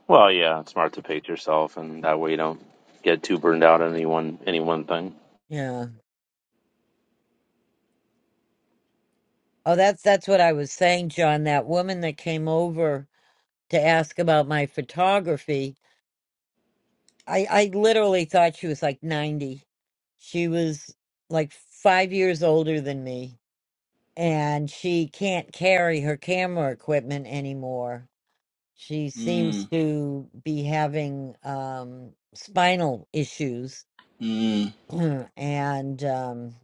Speaker 10: Well, yeah, it's smart to pace yourself, and that way you don't get too burned out on any one any one thing.
Speaker 5: Yeah. Oh, that's that's what I was saying, John. That woman that came over to ask about my photography, I I literally thought she was like 90. She was like 5 years older than me, and she can't carry her camera equipment anymore. She seems
Speaker 3: Mm.
Speaker 5: to be having um spinal issues
Speaker 3: Mm.
Speaker 5: and um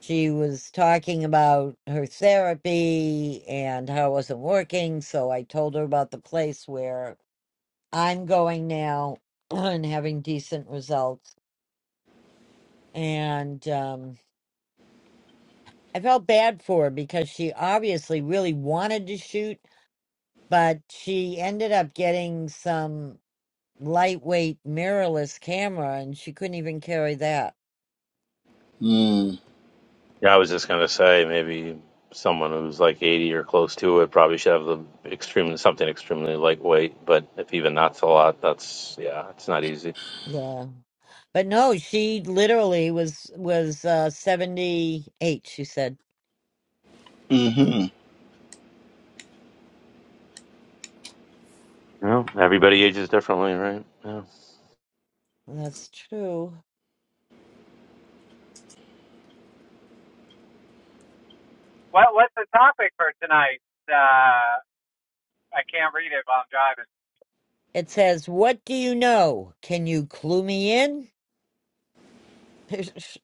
Speaker 5: she was talking about her therapy and how it wasn't working. So I told her about the place where I'm going now and having decent results. And um, I felt bad for her because she obviously really wanted to shoot, but she ended up getting some lightweight mirrorless camera and she couldn't even carry that.
Speaker 3: Mm.
Speaker 10: Yeah, I was just gonna say maybe someone who's like 80 or close to it probably should have the extremely something extremely lightweight, but if even that's a lot, that's yeah, it's not easy.
Speaker 5: Yeah. But no, she literally was was uh 78, she said.
Speaker 3: Mm-hmm.
Speaker 10: Well, everybody ages differently, right? Yeah.
Speaker 5: That's true.
Speaker 9: What What's the topic for tonight? Uh, I can't read it while I'm driving.
Speaker 5: It says, What do you know? Can you clue me in?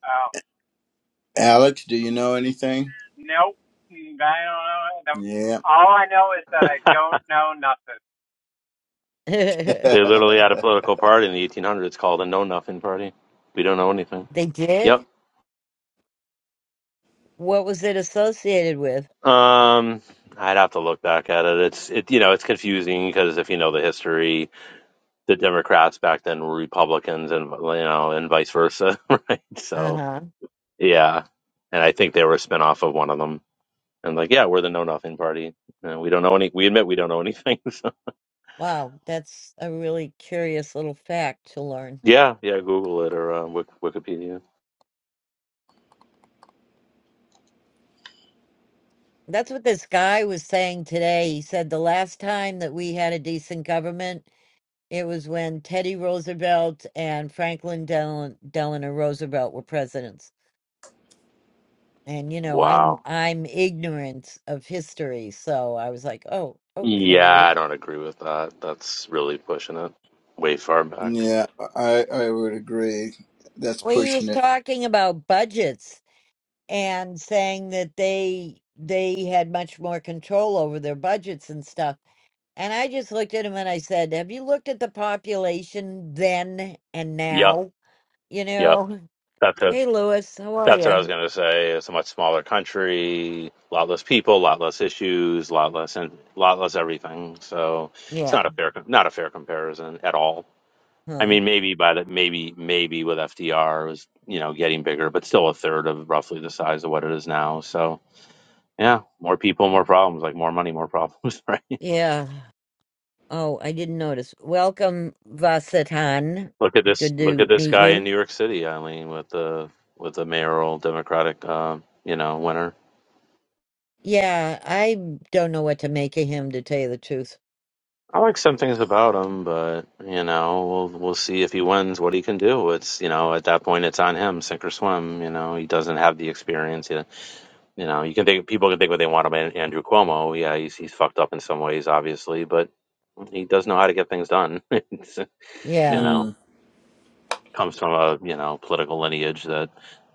Speaker 9: Oh,
Speaker 3: Alex, do you know anything?
Speaker 9: nope. Mm, I don't know.
Speaker 3: Yeah.
Speaker 9: All I know is that I don't know nothing.
Speaker 5: they
Speaker 10: They literally had a political party in the 1800s called a Know Nothing Party. We don't know anything. Yep.
Speaker 5: did? What was it associated with?
Speaker 10: Um, I'd have to look back at it. It's it you know it's confusing because if you know the history, the Democrats back then were Republicans and you know and vice versa, right?
Speaker 5: Uh
Speaker 10: So
Speaker 5: huh.
Speaker 10: yeah, and I think they were a spinoff of one of them. And like yeah, we're the Know Nothing Party. Uh, we don't know any. We admit we don't know anything. So.
Speaker 5: Wow, that's a really curious little fact to learn.
Speaker 10: Yeah, yeah. Google it or uh, Wik- Wikipedia.
Speaker 5: That's what this guy was saying today. He said the last time that we had a decent government, it was when Teddy Roosevelt and Franklin Del- Delano Roosevelt were presidents. And you know, I'm
Speaker 10: Wow.
Speaker 5: I'm ignorant of history, so I was like, "Oh,
Speaker 10: Yeah, I
Speaker 5: okay."
Speaker 10: don't agree with that. That's really pushing it way far back.
Speaker 3: yeah, I, I would agree. That's
Speaker 5: Well, he was
Speaker 3: pushing it.
Speaker 5: talking about budgets and saying that they they had much more control over their budgets and stuff. And I just looked at him and I said, "Have you looked at the population then and
Speaker 10: Yep,
Speaker 5: now?" You
Speaker 10: yep.
Speaker 5: know,
Speaker 10: That's it.
Speaker 5: "Hey, Lewis, how are
Speaker 10: That's what I was
Speaker 5: you?"
Speaker 10: going to say. It's a much smaller country, a lot less people, a lot less issues, a lot less and lot less everything. So it's not
Speaker 5: Yeah.
Speaker 10: a fair, not a fair comparison at all. I
Speaker 5: Huh.
Speaker 10: mean, maybe by the maybe maybe with FDR it was you know getting bigger, but still a third of roughly the size of what it is now. So yeah, more people, more problems, like more money, more problems, right?
Speaker 5: Yeah. Oh, I didn't notice. Welcome, Vasatan.
Speaker 10: Look at this!
Speaker 5: Good
Speaker 10: Look
Speaker 5: to
Speaker 10: at this
Speaker 5: meet
Speaker 10: guy in
Speaker 5: you.
Speaker 10: New York City, Eileen, with the with the mayoral Democratic, uh, you know, winner.
Speaker 5: Yeah, I don't know what to make of him, to tell you the truth.
Speaker 10: I like some things about him, but you know, we'll we'll see if he wins what he can do. It's you know, at that point, it's on him, sink or swim. You know, he doesn't have the experience. You you know, you can think people can think what they want about Andrew Cuomo. Yeah, he's he's fucked up in some ways, obviously, but he does know how to get things done. It's, you
Speaker 5: Yeah,
Speaker 10: know,
Speaker 3: Mm.
Speaker 10: comes from a you know political lineage that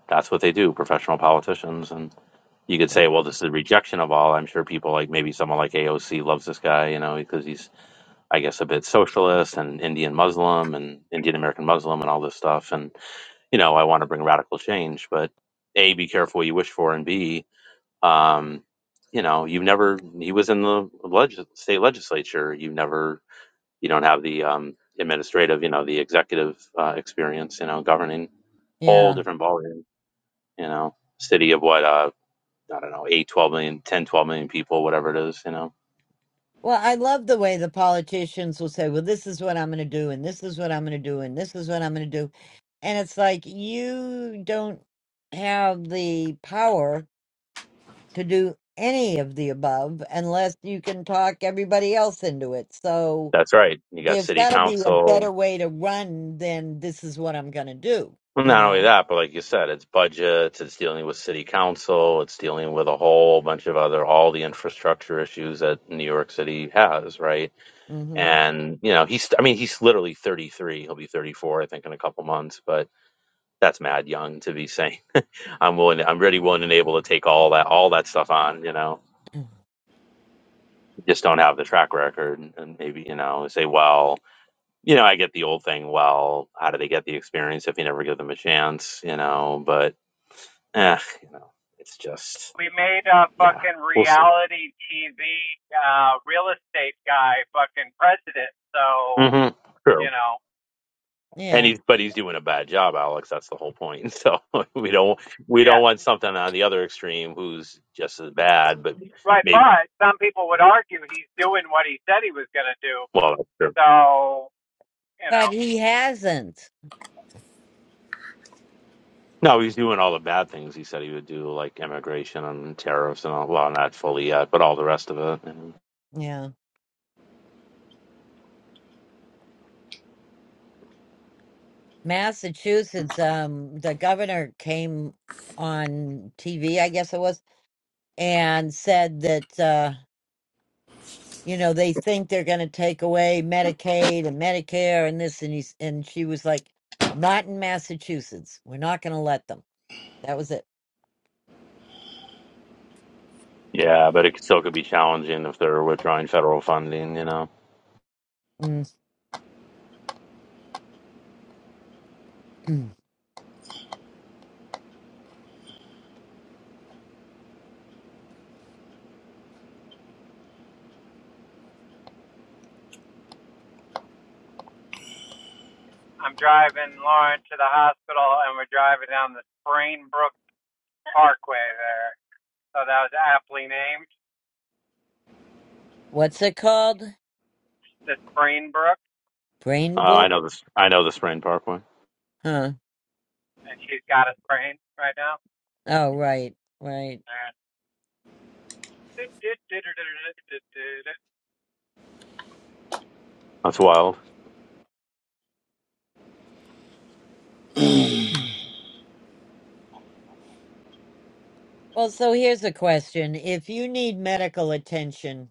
Speaker 10: that's what they do, professional politicians, and. you could say, well, this is a rejection of all. I'm sure people like maybe someone like AOC loves this guy, you know, because he's, I guess, a bit socialist and Indian Muslim and Indian American Muslim and all this stuff. And, you know, I want to bring radical change, but A, be careful what you wish for, and B, um, you know, you've never, he was in the leg- state legislature. You've never, you don't have the um, administrative, you know, the executive uh, experience, you know, governing whole
Speaker 5: yeah.
Speaker 10: different ballgame, you know, city of what, uh, I don't know, eight, twelve million, ten, twelve million people, whatever it is, you know.
Speaker 5: Well, I love the way the politicians will say, well, this is what I'm going to do, and this is what I'm going to do, and this is what I'm going to do. And it's like, you don't have the power to do any of the above unless you can talk everybody else into it. So
Speaker 10: That's right. You got
Speaker 5: there's
Speaker 10: city
Speaker 5: got to be a
Speaker 10: council.
Speaker 5: better way to run than this is what I'm going to do,
Speaker 10: Well,
Speaker 5: you
Speaker 10: Not only
Speaker 5: know?
Speaker 10: that, but like you said, it's budgets, it's dealing with city council, it's dealing with a whole bunch of other, all the infrastructure issues that New York City has, right?
Speaker 5: hmm
Speaker 10: And, you know, he's, I mean, he's literally 33. He'll be 34, I think, in a couple months, but that's mad young to be saying, I'm willing, to, I'm really willing and able to take all that, all that stuff on, you know? Just don't have the track record. And maybe, you know, say, well, you know, I get the old thing. Well, how do they get the experience if you never give them a chance? You know, but eh, you know, it's just
Speaker 9: we made a
Speaker 10: yeah,
Speaker 9: fucking
Speaker 10: we'll see.
Speaker 9: reality TV uh, real estate guy fucking president. So
Speaker 10: hmm
Speaker 9: you
Speaker 10: True.
Speaker 9: know,
Speaker 10: And
Speaker 5: Yeah.
Speaker 10: he's but he's doing a bad job, Alex. That's the whole point. So we don't we don't
Speaker 9: yeah,
Speaker 10: want something on the other extreme who's just as bad, but
Speaker 9: right.
Speaker 10: maybe
Speaker 9: But some people would argue he's doing what he said he was gonna do.
Speaker 10: well, that's true.
Speaker 9: So you
Speaker 5: But
Speaker 9: know,
Speaker 5: he hasn't.
Speaker 10: No, he's doing all the bad things he said he would do, like immigration and tariffs and all. Well, not fully yet, but all the rest of it. And,
Speaker 5: Yeah. Massachusetts, um, the governor came on TV, I guess it was, and said that, uh, you know, they think they're going to take away Medicaid and Medicare and this. And, he's, and she was like, not in Massachusetts. We're not going to let them. That was it.
Speaker 10: yeah, but it still could be challenging if they're withdrawing federal funding. You know.
Speaker 5: Mm.
Speaker 9: I'm driving Lauren to the hospital, and we're driving down the Sprainbrook Parkway there. So that was aptly named
Speaker 5: What's it called?
Speaker 9: the Sprainbrook,
Speaker 10: Uh,
Speaker 5: Brain
Speaker 10: I
Speaker 5: Book?
Speaker 10: know this. I know the Sprain Park one.
Speaker 5: Huh.
Speaker 9: and she's got a sprain right now.
Speaker 5: Oh, right. Right.
Speaker 9: And
Speaker 10: That's wild.
Speaker 5: Mm. Well, so here's a question. If you need medical attention,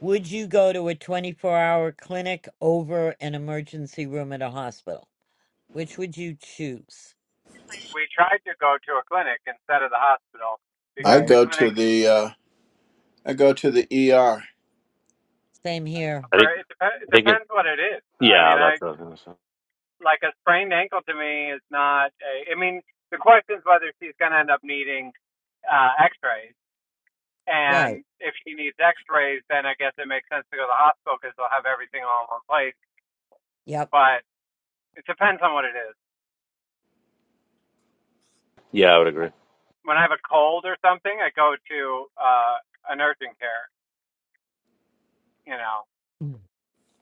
Speaker 5: Would you go to a 24 hour clinic over an emergency room at a hospital? Which would you choose?
Speaker 9: we tried to go to a clinic instead of the hospital
Speaker 3: I
Speaker 9: because
Speaker 5: Right.
Speaker 9: the
Speaker 3: go
Speaker 9: clinic
Speaker 3: to the uh, I go to the ER.
Speaker 5: Same here.
Speaker 10: I think.
Speaker 9: it, dep- it
Speaker 10: I think it.
Speaker 9: depends what it is. I
Speaker 10: Yeah,
Speaker 9: mean, I
Speaker 10: that's. What I was gonna say.
Speaker 9: like a sprained ankle to me is not. A, I mean, the question is whether she's going to end up needing uh, X-rays,
Speaker 5: Right.
Speaker 9: and if she needs X-rays, then I guess it makes sense to go to the hospital because they'll have everything all in one place.
Speaker 5: Yep.
Speaker 9: But it depends on what it is.
Speaker 10: Yeah, I would agree.
Speaker 9: When I have a cold or something, I go to uh, an urgent care. You know,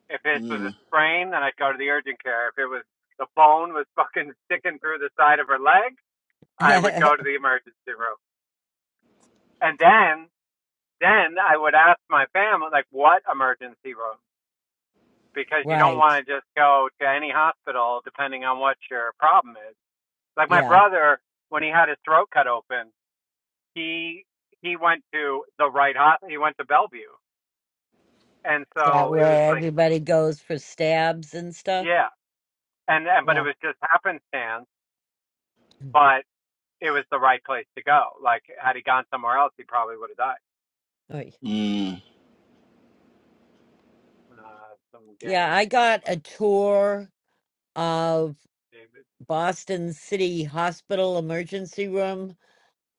Speaker 9: If it was a sprain, then I'd go to the urgent care. If it was the bone was fucking sticking through the side of her leg, I would go to the emergency room. And then, then I would ask my family, like, what emergency room? Because you don't
Speaker 5: right.
Speaker 9: want to just go to any hospital depending on what your problem is. Like my
Speaker 5: Yeah.
Speaker 9: brother, when he had his throat cut open, he he went to the right hospital. He went to Bellevue, and
Speaker 5: Is that
Speaker 9: so it was
Speaker 5: where
Speaker 9: like,
Speaker 5: everybody goes for stabs and stuff?
Speaker 9: yeah, and, and but it
Speaker 5: Yeah.
Speaker 9: was just happenstance.
Speaker 5: Mm.
Speaker 9: But it was the right place to go. Like had he gone somewhere else, he probably would have died.
Speaker 5: Oy.
Speaker 3: Mm.
Speaker 9: Uh, some
Speaker 5: Yeah.
Speaker 9: gang
Speaker 5: I got a
Speaker 9: members,
Speaker 5: tour of
Speaker 9: David.
Speaker 5: Boston City Hospital emergency room.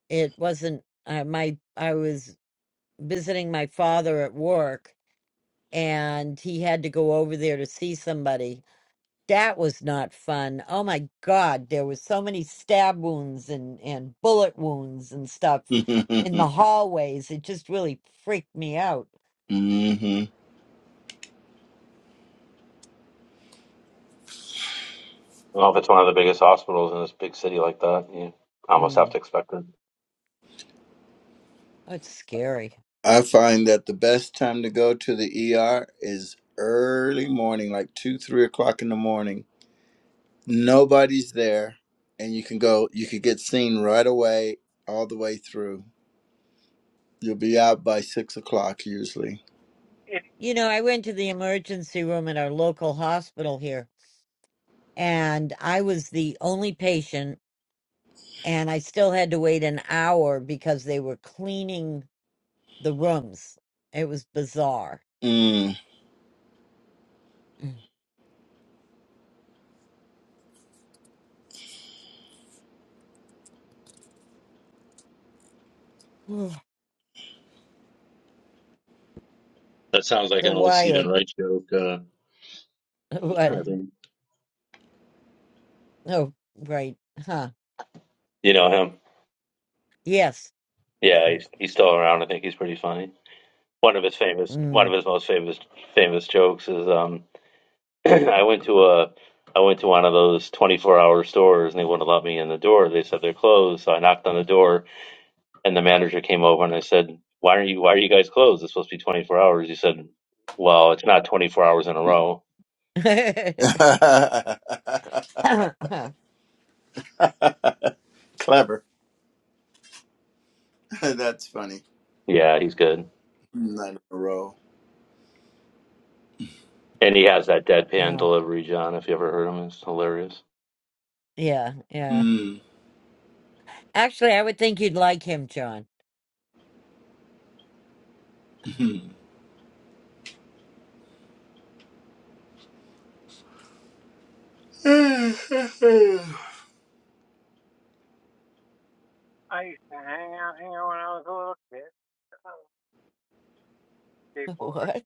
Speaker 5: It wasn't, I, my, I was visiting my father at work and he had to go over there to see somebody. That was not fun. Oh my God, there was so many stab wounds and, and bullet wounds and stuff in the hallways. It just really freaked me out.
Speaker 3: hmm
Speaker 10: Well, if it's one of the biggest hospitals in this big city like that, you almost have
Speaker 5: Mm,
Speaker 10: to expect it.
Speaker 5: that's scary.
Speaker 3: I find that the best time to go to the ER is early morning, like two, three o'clock in the morning. Nobody's there, and you can go. You could get seen right away, all the way through. You'll be out by six o'clock usually.
Speaker 9: It,
Speaker 5: You know, I went to the emergency room at our local hospital here, and I was the only patient, and I still had to wait an hour because they were cleaning the rooms. It was bizarre.
Speaker 3: Mm.
Speaker 5: Mm.
Speaker 10: That sounds like an
Speaker 5: So,
Speaker 10: old Stephen
Speaker 5: Wyatt,
Speaker 10: Wright joke. Uh,
Speaker 5: What?
Speaker 10: I think
Speaker 5: Oh, right. Huh.
Speaker 10: you know him.
Speaker 5: Yes.
Speaker 10: Yeah, he's he's still around. I think he's pretty funny. One of his famous, one
Speaker 5: Mm.
Speaker 10: of his most famous famous jokes is, um, I went to a. I went to one of those 24 hour stores and they wouldn't let me in the door. They said they're closed. So I knocked on the door and the manager came over and I said, "Why are you Why are you guys closed? It's supposed to be 24 hours." He said, "Well, it's not 24 hours in a row."
Speaker 3: Clever. That's funny.
Speaker 10: Yeah, he's good,
Speaker 3: Not in a row.
Speaker 10: and he has that deadpan
Speaker 5: Uh,
Speaker 10: delivery, John. If you ever heard him, it's hilarious.
Speaker 5: yeah, yeah.
Speaker 3: Mm.
Speaker 5: Actually, I would think you'd like him, John.
Speaker 3: the
Speaker 9: I used to hang out here when I was a little kid. on Skateboard.
Speaker 5: What?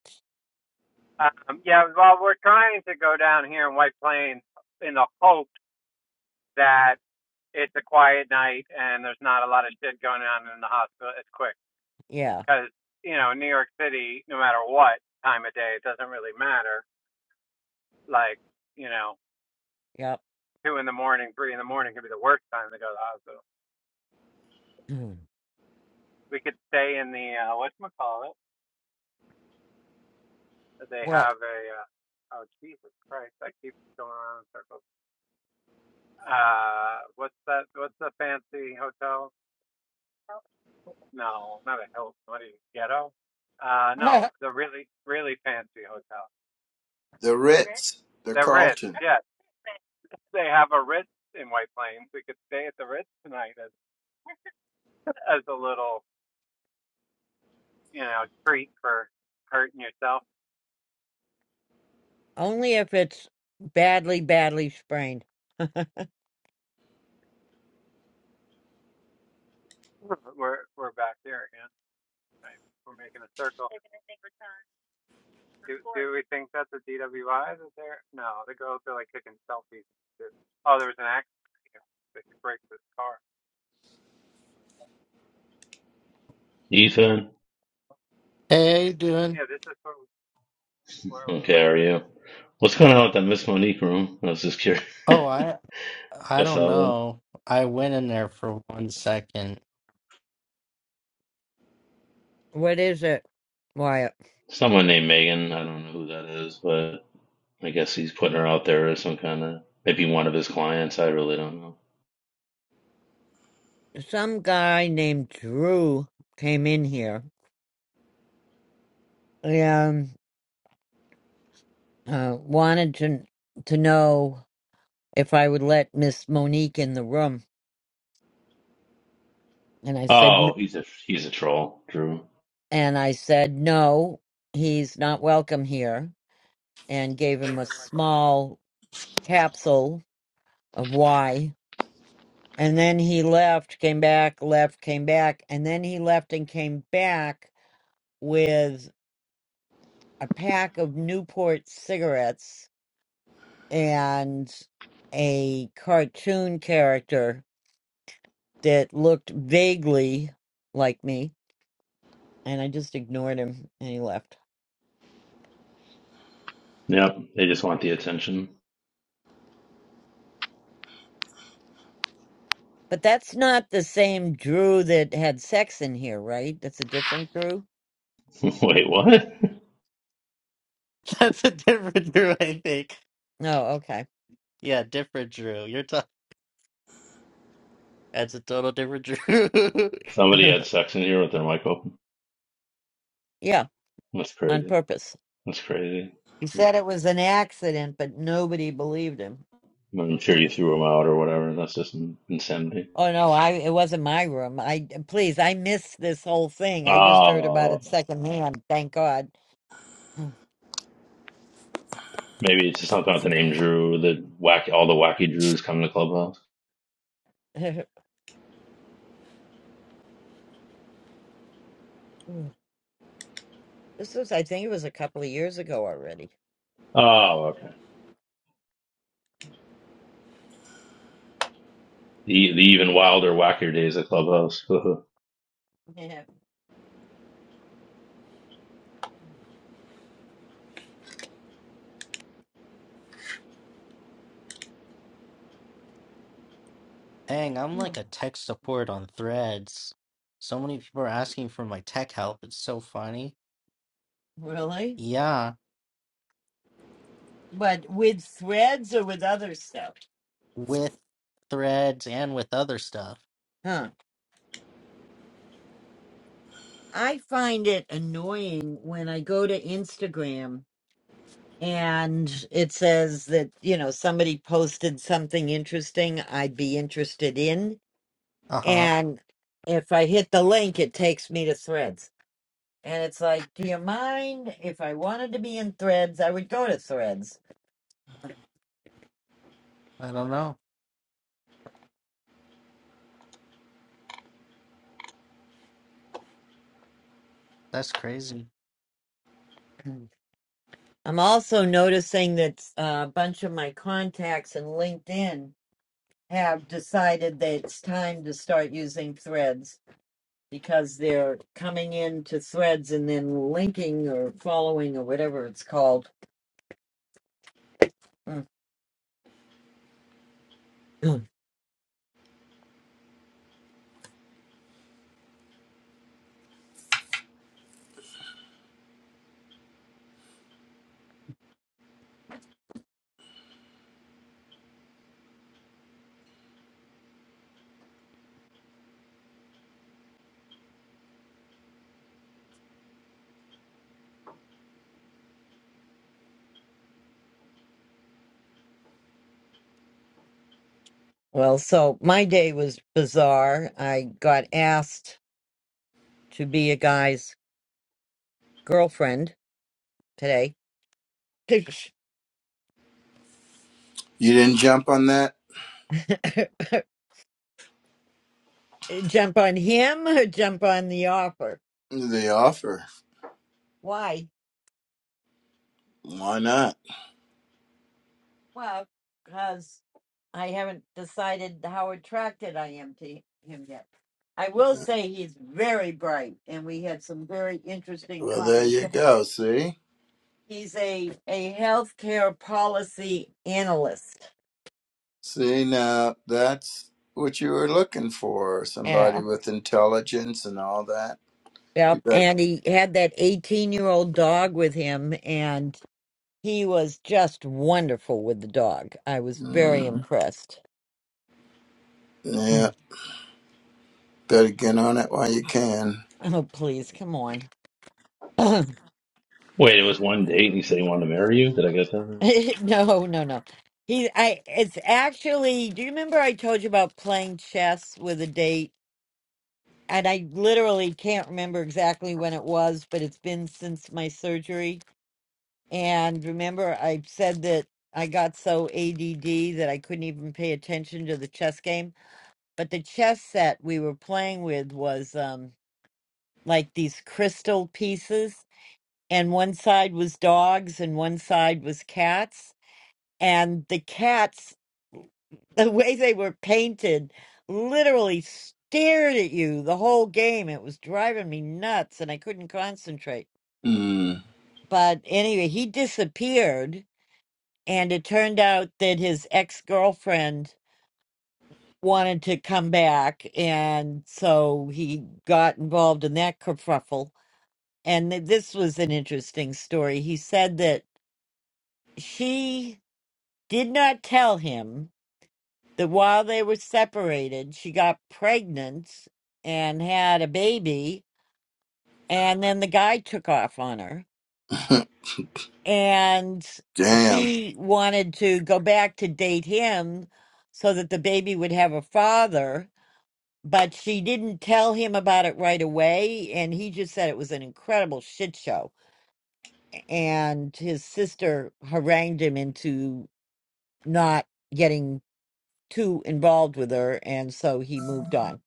Speaker 9: Um, yeah, well, we're trying to go down here in White Plains in the hope that it's a quiet night and there's not a lot of shit going on in the hospital It's quick.
Speaker 5: Yeah,
Speaker 9: Because you know, New York City, no matter what time of day, it doesn't really matter. Like you know,
Speaker 5: yep.
Speaker 9: two in the morning, three in the morning could be the worst time to go to the hospital.
Speaker 5: Mm.
Speaker 9: We could stay in the uh, whatchamacallit. They
Speaker 5: What?
Speaker 9: have a uh, oh Jesus Christ! I keep going around in circles. Uh, what's that? What's the fancy hotel? Hilton. No, not a Hilton. What are ghetto? Uh, no, the really really fancy hotel. Ritz.
Speaker 3: Ritz, the
Speaker 9: The Ritz.
Speaker 3: Carlton.
Speaker 9: Yes, Ritz. they have a Ritz in White Plains. We could stay at the Ritz tonight as as a little you know treat for hurting yourself.
Speaker 5: Only if it's badly, badly sprained.
Speaker 9: We're we're back there again. Right? We're making a circle. Do, do we think that's a DWI? Is there? No, the girls are like taking selfies. Oh, there was an accident. here. They break this car.
Speaker 10: Ethan,
Speaker 1: Hey, how you doing?
Speaker 9: Yeah, this is where we
Speaker 10: okay,
Speaker 9: went
Speaker 10: how are you? What's going on with that Miss Monique room? I was just curious.
Speaker 1: Oh, I
Speaker 10: I
Speaker 1: I don't
Speaker 10: saw that.
Speaker 1: know. I went in there for one second.
Speaker 5: What is it? Why,
Speaker 10: Someone named Megan. I don't know who that is, but I guess he's putting her out there as some kind of maybe one of his clients. I really don't know.
Speaker 5: some guy named Drew came in here and uh, wanted to to know if I would let Miss Monique in the room, and I said no.
Speaker 10: Oh, he's a he's a troll, Drew.
Speaker 5: And I said, no, he's not welcome here, and gave him a small capsule of why. And then he left, came back, left, came back, and then he left and came back with a pack of Newport cigarettes and a cartoon character that looked vaguely like me. And I just ignored him and he left.
Speaker 10: Yep, they just want the attention.
Speaker 5: But that's not the same Drew that had sex in here, right? That's a different Drew?
Speaker 10: Wait, what?
Speaker 1: That's a different Drew, I think.
Speaker 5: No, okay.
Speaker 1: Yeah, different Drew. You're talking. That's a total different Drew.
Speaker 10: Somebody had sex in here with their mic open.
Speaker 5: yeah,
Speaker 10: That's
Speaker 5: on
Speaker 10: crazy.
Speaker 5: purpose.
Speaker 10: That's crazy.
Speaker 5: He said it was an accident, but nobody believed him.
Speaker 10: I'm sure you threw them out or whatever. That's just insanity.
Speaker 5: Oh no, I it wasn't my room. I please, I missed this whole thing. I just heard about
Speaker 10: Uh,
Speaker 5: it secondhand. Thank God.
Speaker 10: maybe it's just something with the name Drew. The wacky, all the wacky Drews come to Clubhouse.
Speaker 5: this was, I think, it was a couple of years ago already.
Speaker 10: Oh, okay. The the even wilder, wackier days at Clubhouse.
Speaker 5: Yeah.
Speaker 1: Dang, I'm
Speaker 5: Hmm.
Speaker 1: like a tech support on threads. So many people are asking for my tech help. It's so funny.
Speaker 5: Really?
Speaker 1: Yeah,
Speaker 5: But with threads or with other stuff?
Speaker 1: with threads and with other stuff.
Speaker 5: I find it annoying when I go to Instagram and it says that, you know, somebody posted something interesting I'd be interested in.
Speaker 1: Uh huh.
Speaker 5: And if I hit the link, it takes me to threads. And it's like, do you mind if I wanted to be in threads? I would go to threads.
Speaker 1: I don't know. That's crazy.
Speaker 5: Mm. I'm also noticing that uh, a bunch of my contacts in LinkedIn have decided that it's time to start using threads because they're coming into threads and then linking or following or whatever it's called. Mm. Well, so my day was bizarre. I got asked to be a guy's girlfriend today.
Speaker 3: You didn't jump on that.
Speaker 5: jump on him or jump on the offer?
Speaker 3: They offer.
Speaker 5: Why?
Speaker 3: Why not?
Speaker 5: Well, because I haven't decided how attracted I am to him yet. I will say he's very bright, and we had some very interesting
Speaker 3: Well, there
Speaker 5: conversations
Speaker 3: you go. See?
Speaker 5: He's a a healthcare policy analyst.
Speaker 3: See, now that's what you were looking for somebody
Speaker 5: Yeah.
Speaker 3: with intelligence and all that. You
Speaker 5: Yep,
Speaker 3: bet.
Speaker 5: and he had that 18 year old dog with him, and he was just wonderful with the dog. I was very
Speaker 3: Mm,
Speaker 5: impressed.
Speaker 3: yeah,
Speaker 5: Mm.
Speaker 3: better get on it while you can.
Speaker 5: Oh, please, come on. no,
Speaker 10: Wait, it was one date and he said he wanted to marry you. Did I get that?
Speaker 5: no, no. He, I, it's actually, do you remember I told you about playing chess with a date? And I literally can't remember exactly when it was, but it's been since my surgery. And remember, I said that I got so ADD that I couldn't even pay attention to the chess game. But the chess set we were playing with was um, like these crystal pieces, and one side was dogs and one side was cats. And the cats, the way they were painted, literally stared at you the whole game. It was driving me nuts, and I couldn't concentrate.
Speaker 3: Mm,
Speaker 5: But anyway, he disappeared And it turned out that his ex girlfriend wanted to come back. And so he got involved in that kerfuffle. And th- this was an interesting story. He said that she did not tell him that while they were separated, she got pregnant and had a baby. And then the guy took off on her. And
Speaker 3: damn.
Speaker 5: she wanted to go back to date him so that the baby would have a father but she didn't tell him about it right away and he just said it was an incredible shit show and his sister harangued him into not getting too involved with her and so he moved on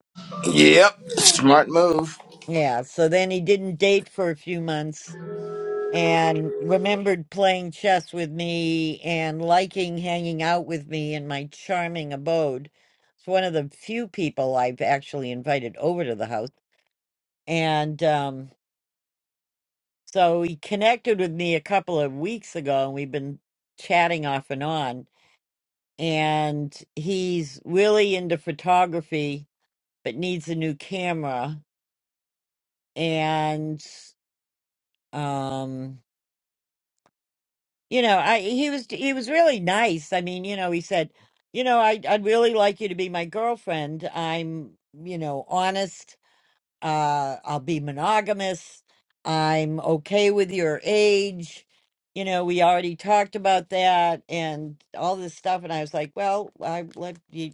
Speaker 3: Yep, smart move.
Speaker 5: yeah so then he didn't date for a few months and remembered playing chess with me and liking hanging out with me in my charming abode it's one of the few people i've actually invited over to the house and um So he connected with me a couple of weeks ago, and we've been chatting off and on. And he's really into photography, but needs a new camera. And um, you know, I he was he was really nice. I mean, you know, he said, you know, I I'd really like you to be my girlfriend. I'm, you know, honest uh, I'll be monogamous. I'm okay with your age. You know, we already talked about that and all this stuff. And I was like, well, I let you,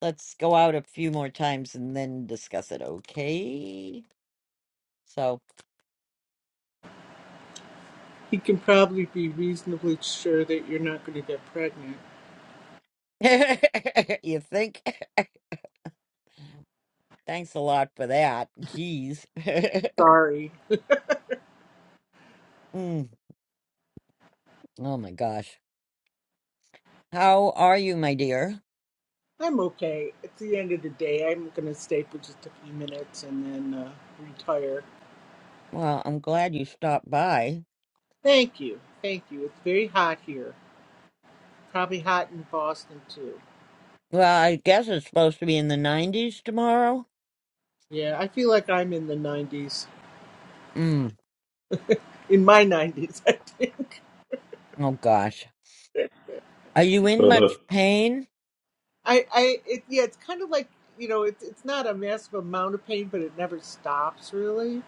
Speaker 5: let's go out a few more times and then discuss it. Okay. So
Speaker 11: He can probably be reasonably sure that you're not going to get pregnant.
Speaker 5: you think? Thanks a lot for that. Jeez.
Speaker 11: Sorry.
Speaker 5: Mm. Oh my gosh. How are you, my dear?
Speaker 11: I'm okay. At the end of the day, I'm going to stay for just a few minutes and then uh, retire.
Speaker 5: Well, I'm glad you stopped by.
Speaker 11: Thank you. Thank you. It's very hot here. Probably hot in Boston, too.
Speaker 5: Well, I guess it's supposed to be in the 90s tomorrow.
Speaker 11: Yeah, I feel like I'm in the 90s.
Speaker 5: Mm.
Speaker 11: In my 90s.
Speaker 5: Oh, gosh. Are you in much
Speaker 10: Is
Speaker 5: pain?
Speaker 11: I, I, it, yeah, it's kind of like you know, it's it's not a massive amount of pain, but it never stops really.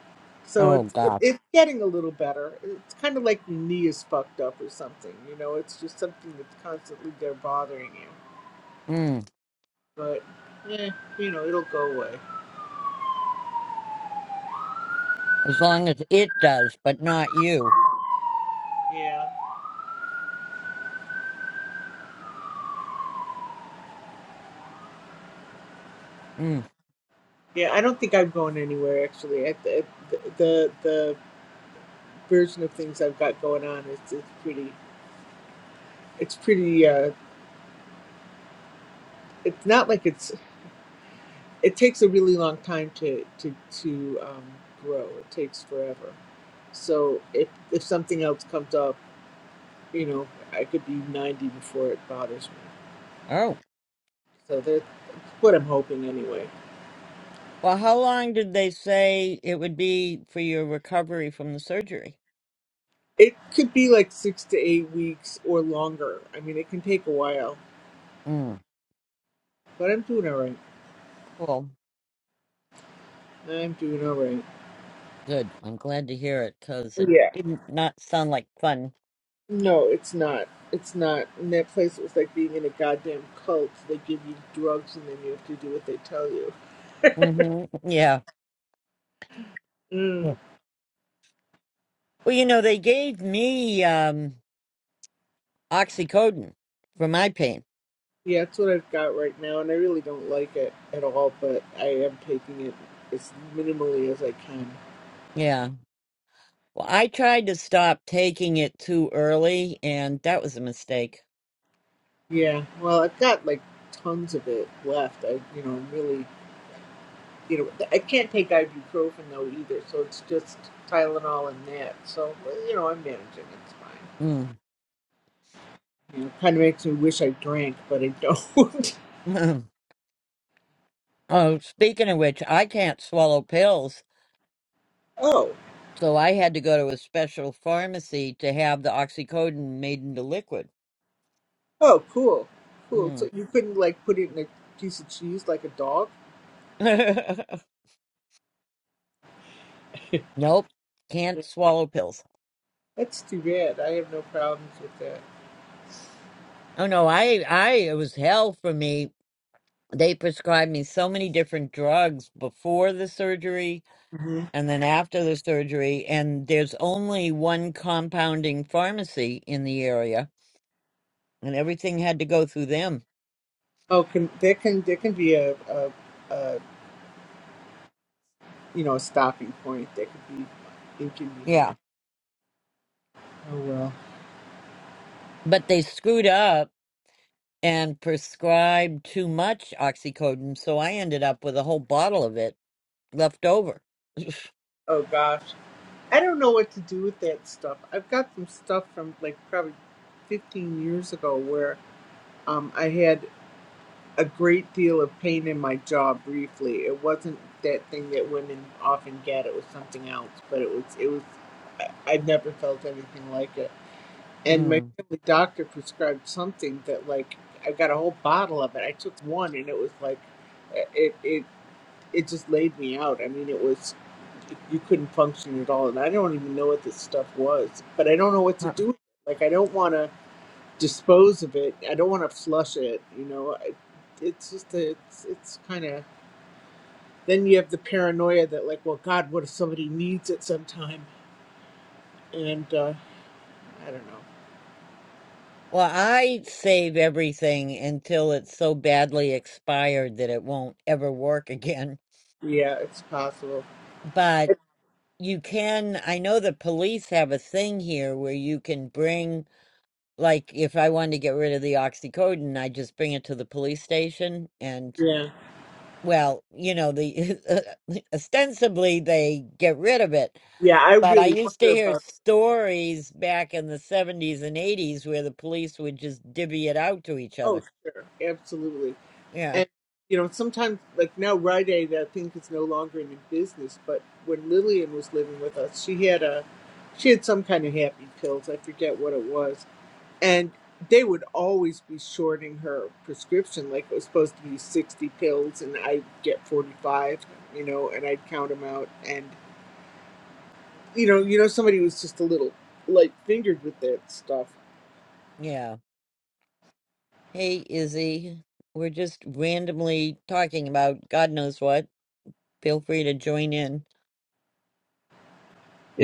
Speaker 11: So
Speaker 5: Oh,
Speaker 11: it's
Speaker 5: God.
Speaker 11: it's getting a little better. It's kind of like your knee is fucked up or something. You know, it's just something that's constantly there bothering you.
Speaker 5: Mm.
Speaker 11: But yeah, you know, it'll go away.
Speaker 5: As long as it does, but not you.
Speaker 11: Yeah,
Speaker 5: Mm.
Speaker 11: yeah. I don't think I'm going anywhere actually. At the at the the version of things I've got going on, it's it's pretty it's pretty. uh It's not like it's it takes a really long time to to to um, grow. It takes forever. So if if something else comes up, you know, I could be ninety before it bothers me.
Speaker 5: Oh.
Speaker 11: So that's what I'm hoping anyway.
Speaker 5: Well, how long did they say it would be for your recovery from the surgery?
Speaker 11: It could be like six to eight weeks or longer. I mean, it can take a while,
Speaker 5: Mm.
Speaker 11: but I'm doing all right.
Speaker 5: Cool.
Speaker 11: I'm doing all right.
Speaker 5: Good. I'm glad to hear it because it
Speaker 11: Yeah.
Speaker 5: didn't not sound like fun.
Speaker 11: No, it's not. It's not. In that place, it was like being in a goddamn cult. They give you drugs and then you have to do what they tell you.
Speaker 5: Mm-hmm. Yeah.
Speaker 11: Mm.
Speaker 5: yeah. Well, you know, they gave me um, oxycodone for my pain.
Speaker 11: Yeah, that's what I've got right now, and I really don't like it at all, but I am taking it as minimally as I can.
Speaker 5: Yeah. Well, I tried to stop taking it too early, and that was a mistake.
Speaker 11: Yeah, well, I've got like tons of it left. I, you know, I'm really, you know, I can't take ibuprofen though either, so it's just Tylenol and that. So, well, you know, I'm managing, it's fine.
Speaker 5: Mm.
Speaker 11: You know, kind of makes me wish I drank, but I don't.
Speaker 5: oh, speaking of which, I can't swallow pills,
Speaker 11: oh,
Speaker 5: so I had to go to a special pharmacy to have the oxycodone made into liquid.
Speaker 11: oh, cool, cool.
Speaker 5: Mm.
Speaker 11: So you couldn't like put it in a piece of cheese like a dog?
Speaker 5: nope, can't swallow pills.
Speaker 11: That's too bad. I have no problems with that.
Speaker 5: Oh no, I I it was hell for me. They prescribed me so many different drugs before the surgery
Speaker 11: Mhm.
Speaker 5: and then after the surgery and there's only one compounding pharmacy in the area and everything had to go through them
Speaker 11: Oh, can there can there can be a, a, a you know a stopping point that could be
Speaker 5: yeah
Speaker 11: inconvenient. Oh well.
Speaker 5: but they screwed up and prescribed too much oxycodone so i ended up with a whole bottle of it left over
Speaker 11: Oh gosh, I don't know what to do with that stuff. I've got some stuff from like probably fifteen years ago where um I had a great deal of pain in my jaw briefly. It wasn't that thing that women often get. It was something else, but it was it was. I, I've never felt anything like it and my
Speaker 5: mm.
Speaker 11: family doctor prescribed something that like I got a whole bottle of it. I took one and it was like it it it just laid me out. I mean, it was you couldn't function at all, and I don't even know what this stuff was, but I don't know what to
Speaker 5: Huh.
Speaker 11: do. With it. Like I don't want to dispose of it. I don't want to flush it. You know, I, it's just a, it's it's kind of then you have the paranoia that like, well, God, what if somebody needs it sometime? And uh, I don't know.
Speaker 5: well i save everything until it's so badly expired that it won't ever work again
Speaker 11: Yeah, it's possible.
Speaker 5: but you can i know the police have a thing here where you can bring Like if I wanted to get rid of the oxycodone, I just bring it to the police station and
Speaker 11: Yeah.
Speaker 5: well, you know, the ostensibly they get rid of it.
Speaker 11: Yeah, I
Speaker 5: But I
Speaker 11: really
Speaker 5: used to
Speaker 11: wonder
Speaker 5: hear
Speaker 11: about that.
Speaker 5: stories back in the 70s and 80s where the police would just divvy it out to each
Speaker 11: Oh,
Speaker 5: other.
Speaker 11: sure. Absolutely.
Speaker 5: Yeah.
Speaker 11: And, you know, sometimes, like now Rite Aid, I think, is no longer in business, but when Lillian was living with us, she had a, she had some kind of happy pills. I forget what it was. And they would always be shorting her prescription. Like it was supposed to be 60 pills and I'd get 45, you know, and I'd count them out. And, you know, you know, somebody was just a little light fingered with that stuff.
Speaker 5: Yeah. Hey, Izzy, we're just randomly talking about God knows what. Feel free to join in.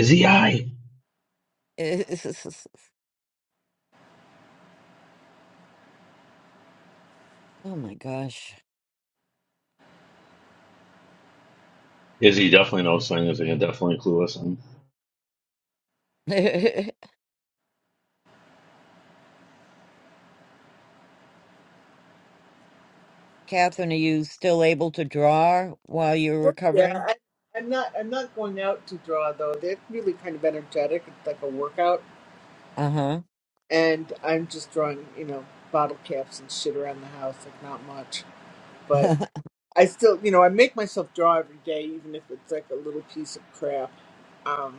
Speaker 10: he I?
Speaker 5: Oh my gosh.
Speaker 10: Is he definitely knows things? He can definitely clue us in.
Speaker 5: Catherine, are you still able to draw while you're
Speaker 11: Oh, Yeah,
Speaker 5: recovering?
Speaker 11: I, I'm not. I'm not going out to draw though. They're really kind of energetic. It's like a workout,
Speaker 5: Uh
Speaker 11: and I'm just drawing, you know, bottle caps and shit around the house. Like not much, but
Speaker 5: huh.
Speaker 11: I still, you know, I make myself draw every day, even if it's like a little piece of crap. Um,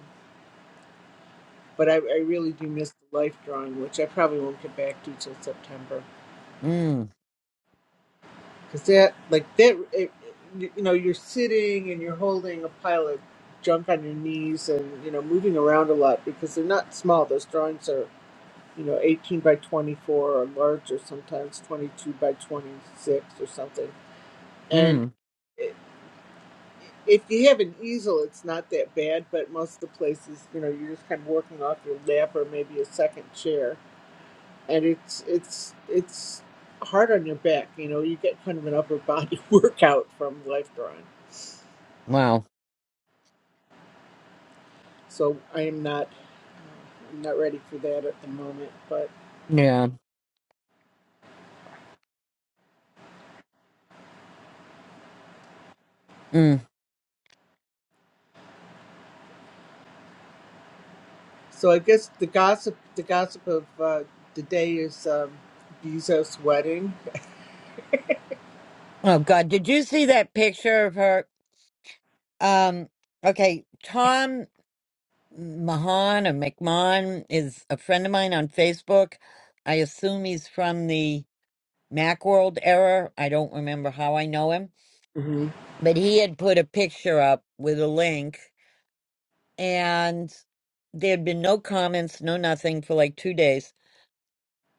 Speaker 11: but I, I really do miss the life drawing, which I probably won't get back to till September.
Speaker 5: mm.
Speaker 11: because that like that it, you know you're sitting and you're holding a pile of junk on your knees and you know moving around a lot because they're not small those drawings are you know 18 by 24 or larger sometimes 22 by 26 or something and
Speaker 5: Mm.
Speaker 11: i- if you have an easel it's not that bad but most of the places you know you're just kind of working off your lap or maybe a second chair and it's it's it's hard on your back you know you get kind of an upper body workout from life drawing
Speaker 5: Wow.
Speaker 11: So I am not uh, I'm not ready for that at the moment. But
Speaker 5: Yeah. Mm.
Speaker 11: so I guess the gossip the gossip of uh, the day is um, Bezos' wedding.
Speaker 5: Oh God, did you see that picture of her? Um. Okay, Tom Mahan or McMahon is a friend of mine on Facebook. I assume he's from the Macworld era. I don't remember how I know him,
Speaker 11: hmm
Speaker 5: but he had put a picture up with a link, and there had been no comments, no nothing for like two days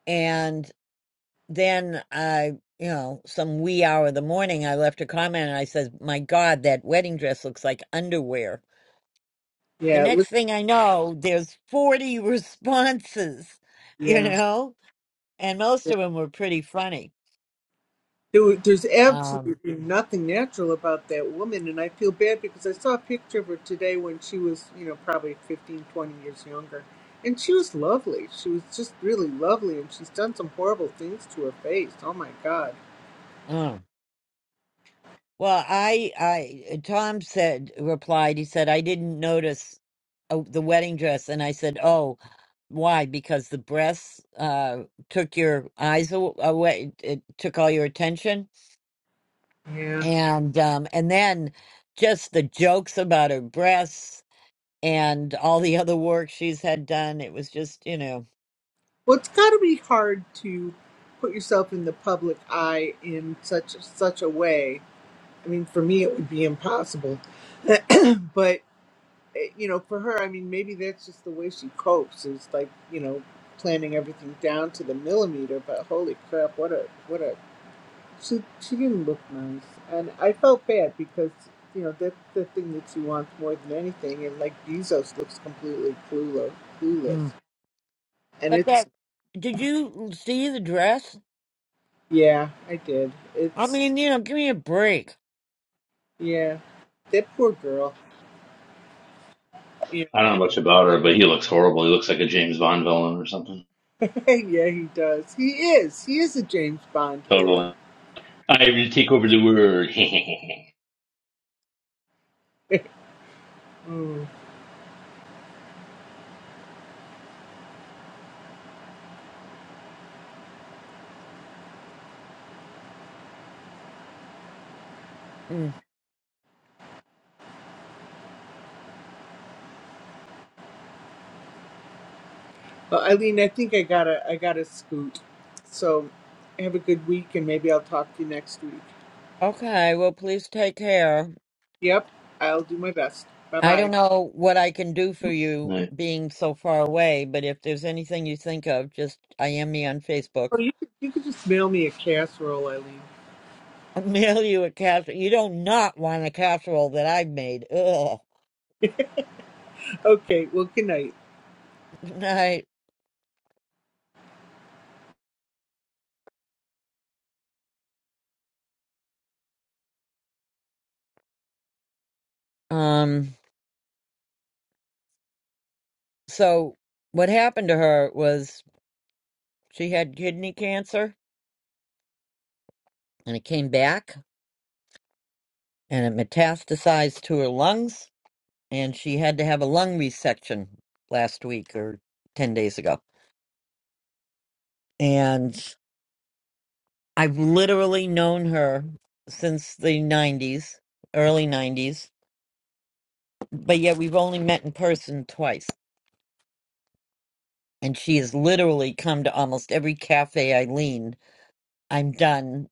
Speaker 5: And then I, you know, some wee hour of the morning, I left a comment and I said, My God, that wedding dress looks like underwear. The
Speaker 11: Yeah, it
Speaker 5: next
Speaker 11: looks,
Speaker 5: thing I know, there's 40 responses, you
Speaker 11: Yeah.
Speaker 5: know, and most of them were pretty funny.
Speaker 11: there, there's
Speaker 5: Um,
Speaker 11: absolutely nothing natural about that woman, and I feel bad because I saw a picture of her today when she was you know probably 15, 20 years younger. And she was lovely. She was just really lovely, and she's done some horrible things to her face. Oh my God.
Speaker 5: mm. Well, I, I, Tom said, replied, he said, I didn't notice uh, the wedding dress. And I said, Oh, why? Because the breasts uh, took your eyes aw- away. It took all your attention.
Speaker 11: Yeah.
Speaker 5: And, um, and then just the jokes about her breasts and all the other work she's had done. It was just, you know,
Speaker 11: Well, it's got to be hard to put yourself in the public eye in such such a way. I mean, for me, it would be impossible. but eh, you know, for her, I mean, maybe that's just the way she copes. Is like you know, planning everything down to the millimeter. But holy crap, what a what a she she didn't look nice, and I felt bad because you know that's the thing that she wants more than anything. And like Bezos looks completely clueless, clueless,
Speaker 5: mm.
Speaker 11: and
Speaker 5: but
Speaker 11: it's
Speaker 5: that, did you see the dress?
Speaker 11: yeah, I did.
Speaker 5: I
Speaker 11: It's
Speaker 5: mean, you know, give me a break.
Speaker 11: Yeah, that poor girl. Yeah,
Speaker 10: I don't know much about her, but he looks horrible. He looks like a James Bond villain or something.
Speaker 11: yeah, he does. He is. He is a James Bond villain.
Speaker 10: Totally. I will take over the world.
Speaker 11: Mm.
Speaker 5: Mm.
Speaker 11: Well, Eileen, I think I gotta, I gotta scoot. So, have a good week, and maybe I'll talk to you next week.
Speaker 5: Okay. Well, please take care.
Speaker 11: Yep, I'll do my best. Bye
Speaker 5: I don't
Speaker 11: bye.
Speaker 5: know what I can do for you
Speaker 10: right.
Speaker 5: being so far away, but if there's anything you think of, just I am me on Facebook.
Speaker 11: Or you, could, you could just mail me a casserole, Eileen.
Speaker 5: I'll mail you a casserole. You don't not want a casserole that I've made. Ugh.
Speaker 11: Okay. Well, good night.
Speaker 5: Good night. Um, so what happened to her was she had kidney cancer and it came back and it metastasized to her lungs and she had to have a lung resection last week or 10 days ago. And I've literally known her since the 90s, early 90s, but yet we've only met in person twice. And she has literally come to almost every cafe I lean. I'm done.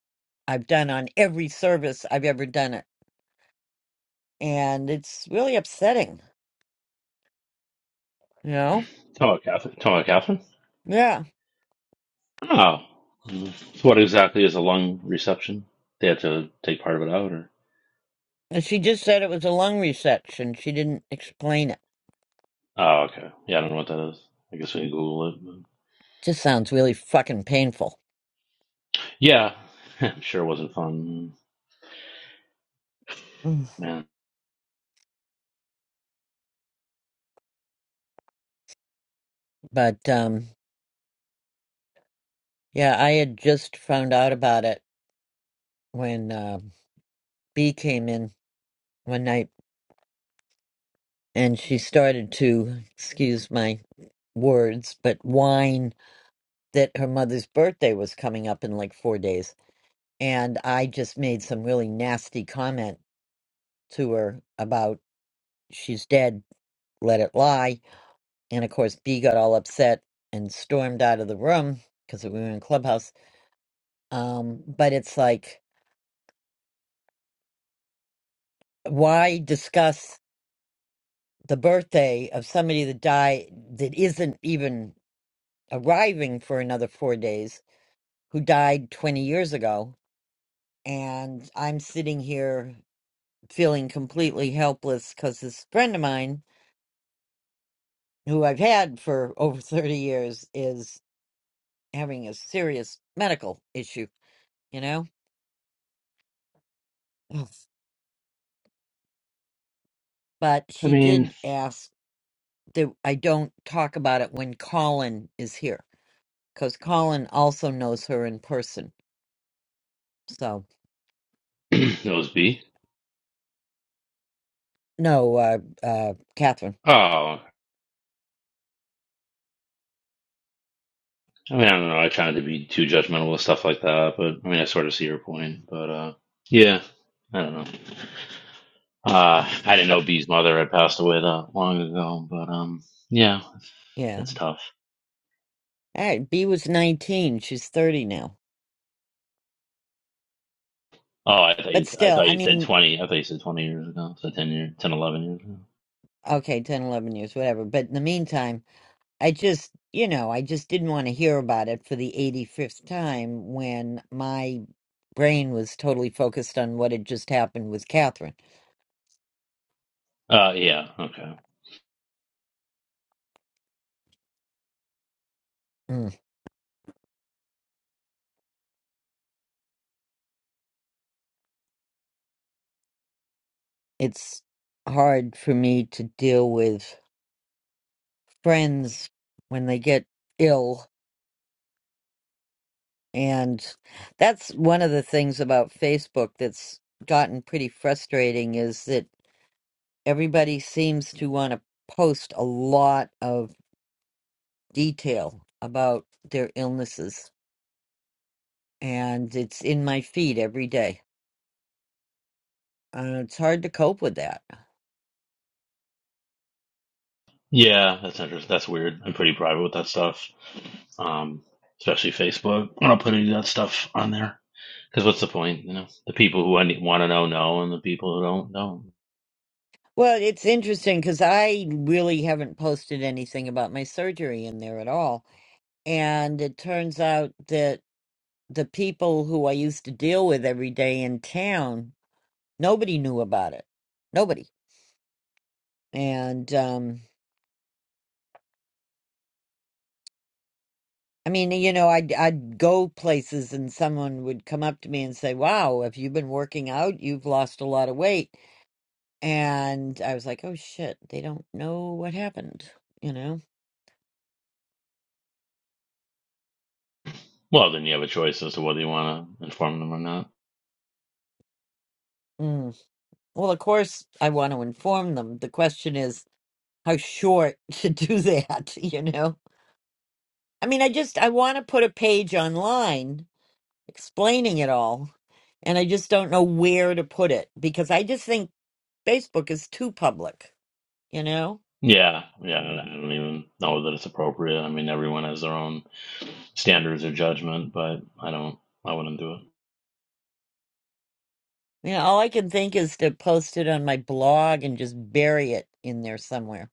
Speaker 5: I've done on every service I've ever done it. And it's really upsetting, you know?
Speaker 10: Hello, Catherine. Hello, Catherine.
Speaker 5: Yeah.
Speaker 10: Oh. Mm. So what exactly is a lung reception? They had to take part of it out, or?
Speaker 5: And she just said it was a lung resection. She didn't explain it.
Speaker 10: Oh, okay. Yeah, I don't know what that is. I guess we can Google it. but-
Speaker 5: Just sounds really fucking painful.
Speaker 10: Yeah. I'm sure it wasn't fun.
Speaker 5: Mm.
Speaker 10: Man.
Speaker 5: But um yeah, I had just found out about it when uh B came in one night and she started to, excuse my words, but whine that her mother's birthday was coming up in like four days. And I just made some really nasty comment to her about she's dead, let it lie. And of course, B got all upset and stormed out of the room because we were in Clubhouse. Um, but it's like, why discuss the birthday of somebody that died that isn't even arriving for another four days who died 20 years ago. And I'm sitting here feeling completely helpless because this friend of mine, who I've had for over 30 years, is having a serious medical issue, you know? Ugh. But
Speaker 10: I
Speaker 5: she
Speaker 10: mean,
Speaker 5: did ask that I don't talk about it when Colin is here because Colin also knows her in person. So,
Speaker 10: it was B.
Speaker 5: no, uh, uh, Catherine.
Speaker 10: Oh. I mean, I don't know. I try not to be too judgmental with stuff like that, but I mean, I sort of see your point. But uh, yeah, I don't know. Uh, I didn't
Speaker 5: Right.
Speaker 10: know B's mother had passed away that long ago, but um, yeah, it's tough.
Speaker 5: All right, B was 19. She's 30 now.
Speaker 10: Oh, I thought
Speaker 5: But
Speaker 10: you, I
Speaker 5: still,
Speaker 10: thought
Speaker 5: I
Speaker 10: you said
Speaker 5: mean,
Speaker 10: 20. I thought you said 20 years ago. So 10 years, 10, eleven years ago.
Speaker 5: okay, 10, 11 years, whatever. But in the meantime, I just, you know, I just didn't want to hear about it for the 85th time when my brain was totally focused on what had just happened with Catherine.
Speaker 10: Uh, yeah, okay.
Speaker 5: Mm. It's hard for me to deal with friends when they get ill. And that's one of the things about Facebook that's gotten pretty frustrating is that everybody seems to want to post a lot of detail about their illnesses and it's in my feed every day uh, it's hard to cope with that
Speaker 10: Yeah, that's interesting. That's weird. I'm pretty private with that stuff. Um, especially Facebook. I don't put any of that stuff on there. Because what's the point? You know, the people who want to know know, and the people who don't don't.
Speaker 5: well it's interesting because i really haven't posted anything about my surgery in there at all and it turns out that the people who i used to deal with every day in town nobody knew about it nobody and um, I mean, you know, I'd I'd go places and someone would come up to me and say, "Wow, if you've been working out, you've lost a lot of weight." And I was like, "Oh shit, they don't know what happened," you know?
Speaker 10: Well, then you have a choice as to whether you want to inform them or not.
Speaker 5: Mm. Well, of course, I want to inform them. The question is how short to do that, you know? I mean, I just I want to put a page online explaining it all, and I just don't know where to put it because I just think Facebook is too public, you know?
Speaker 10: Yeah, yeah. I don't even know that it's appropriate. I mean, everyone has their own standards or judgment, but I don't. I wouldn't do it.
Speaker 5: You know, all I can think is to post it on my blog and just bury it in there somewhere.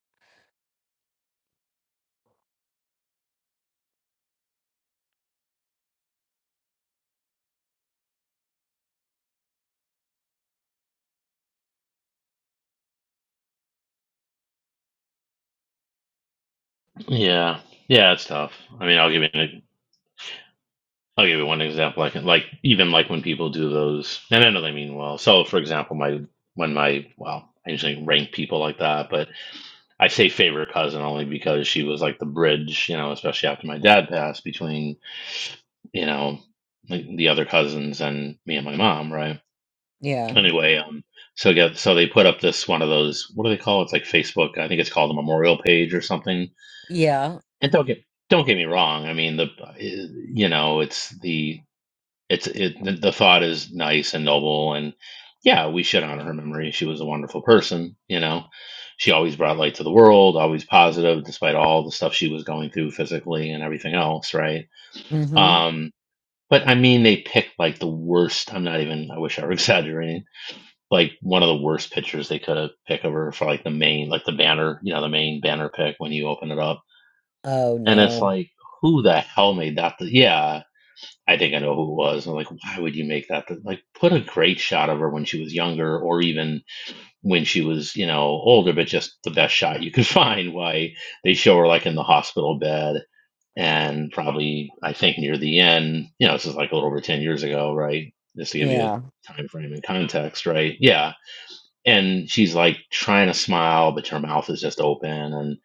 Speaker 10: Yeah, yeah. It's tough. I mean, I'll give you an, I'll give you one example. I can like even like when people do those, and I know they mean well. So, for example, my when my well, I usually rank people like that, but I say favorite cousin only because she was like the bridge, you know, especially after my dad passed between, you know, like, the, other cousins and me and my mom, right?
Speaker 5: Yeah.
Speaker 10: Anyway, um, so yeah, so they put up this one of those, what do they call it? It's like Facebook. I think it's called a memorial page or something.
Speaker 5: Yeah.
Speaker 10: And don't get don't get me wrong. I mean, the uh, you know, it's the it's it the, the thought is nice and noble, and yeah, we should honor her memory. She was a wonderful person, you know. She always brought light to the world, always positive, despite all the stuff she was going through physically and everything else, right?
Speaker 5: Mm-hmm.
Speaker 10: Um, but I mean, they picked like the worst. I'm not even. I wish I were exaggerating. Like one of the worst pictures they could have picked of her for like the main, like the banner, you know, the main banner pick when you open it up,
Speaker 5: Oh
Speaker 10: and it's
Speaker 5: no.
Speaker 10: like, who the hell made that? The, yeah, I think I know who it was. I'm like, why would you make that? Like, put a great shot of her when she was younger, or even when she was, you know, older, but just the best shot you could find. Why they show her like in the hospital bed, and probably I think near the end, you know, this is like a little over ten years ago, right? Just to give you
Speaker 5: Yeah.
Speaker 10: a time frame and context, right? Yeah, and she's like trying to smile, but her mouth is just open, and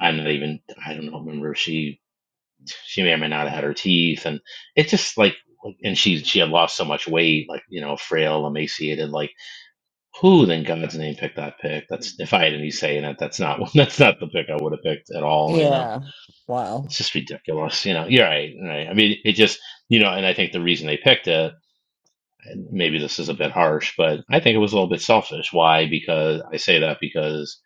Speaker 10: I'm not even. I don't know, remember if she she may or may not have had her teeth and it's just like and she she had lost so much weight like you know frail emaciated like who then god's name picked that pick that's if i had any say in it that's not that's not the pick i would have picked at all you know
Speaker 5: Yeah.
Speaker 10: it's
Speaker 5: Wow.
Speaker 10: just ridiculous you know you're right you're right i mean it just you know and i think the reason they picked it and maybe this is a bit harsh but i think it was a little bit selfish why because i say that because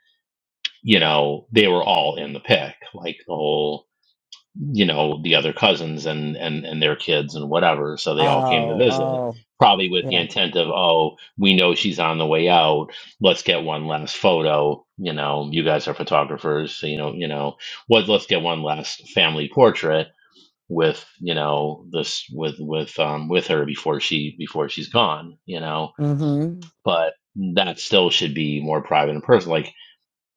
Speaker 10: you know they were all in the pick like the whole you know the other cousins and and and their kids and whatever so they all came to
Speaker 5: Oh,
Speaker 10: visit
Speaker 5: oh.
Speaker 10: probably with the
Speaker 5: Yeah.
Speaker 10: intent of oh we know she's on the way out let's get one last photo you know you guys are photographers so you know you know what let's get one last family portrait with you know this with with um with her before she before she's gone you know
Speaker 5: Mm-hmm.
Speaker 10: but that still should be more private and personal like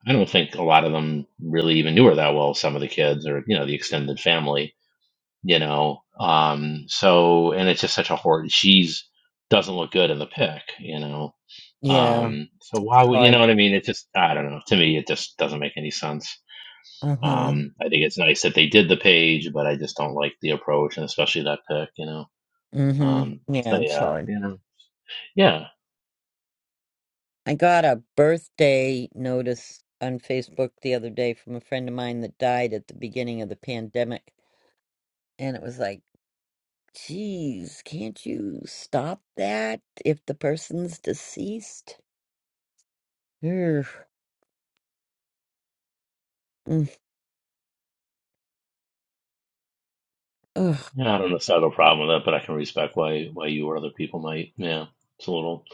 Speaker 10: i don't think a lot of them really even knew her that well some of the kids or you know the extended family you know. Um, so and it's just such a horror. She's doesn't look good in the pic, you know.
Speaker 5: Yeah.
Speaker 10: Um, so why
Speaker 5: It's
Speaker 10: would you know
Speaker 5: hard.
Speaker 10: what I mean? It just I don't know. To me, it just doesn't make any sense.
Speaker 5: Uh-huh.
Speaker 10: Um, I think it's nice that they did the page, but I just don't like the approach and especially that pic, you know.
Speaker 5: Mm-hmm.
Speaker 10: Um, so
Speaker 5: Yeah, it's
Speaker 10: yeah,
Speaker 5: hard.
Speaker 10: you know, yeah,
Speaker 5: I got a birthday notice on Facebook the other day from a friend of mine that died at the beginning of the pandemic. And it was like Geez, can't you stop that if the person's deceased? Ugh. Mm. Ugh.
Speaker 10: yeah. I don't necessarily have a problem with that, but I can respect why why you or other people might. Yeah, it's a little.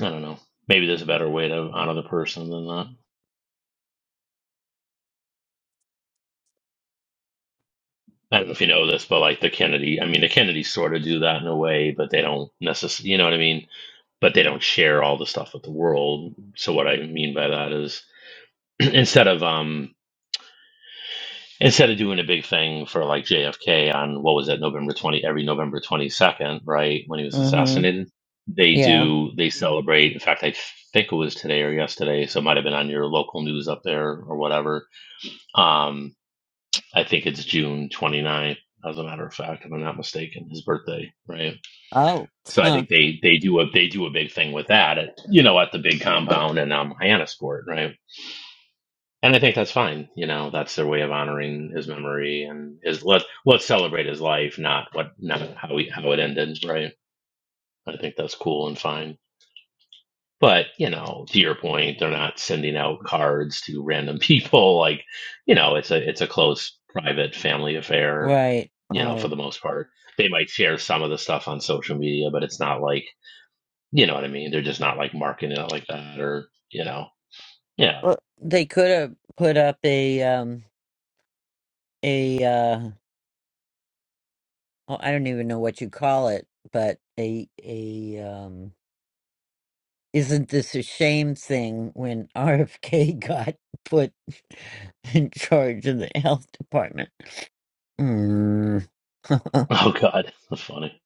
Speaker 10: I don't know. Maybe there's a better way to honor the person than that. I don't know if you know this, but like the Kennedy, I mean, the Kennedys sort of do that in a way, but they don't necessarily, you know what I mean? But they don't share all the stuff with the world. So what I mean by that is instead of, um, instead of doing a big thing for like JFK on what was that November 20, every November 22nd, right? When he was
Speaker 5: Mm-hmm.
Speaker 10: assassinated, they
Speaker 5: Yeah.
Speaker 10: do, they celebrate. In fact, I think it was today or yesterday. So it might've been on your local news up there or whatever. Um. I think it's June 29th, as a matter of fact, if I'm not mistaken, his birthday, right?
Speaker 5: Oh.
Speaker 10: So I
Speaker 5: Huh.
Speaker 10: think they they do a they do a big thing with that, at, you know, at the big compound in um, Hyannisport, right? And I think that's fine. You know, that's their way of honoring his memory and his let let's celebrate his life, not what not how he how it ended, right? I think that's cool and fine. But, you know, to your point, they're not sending out cards to random people. Like, you know, it's a it's a close private family affair,
Speaker 5: Right.
Speaker 10: you know,
Speaker 5: Right.
Speaker 10: for the most part. They might share some of the stuff on social media, but it's not like you know what I mean? They're just not like marketing it like that or you know. Yeah.
Speaker 5: Well, they could have put up a um a uh oh, I don't even know what you call it, but a a um isn't this a shame thing when RFK got put in charge of the health department? Mm.
Speaker 10: Oh God. That's funny.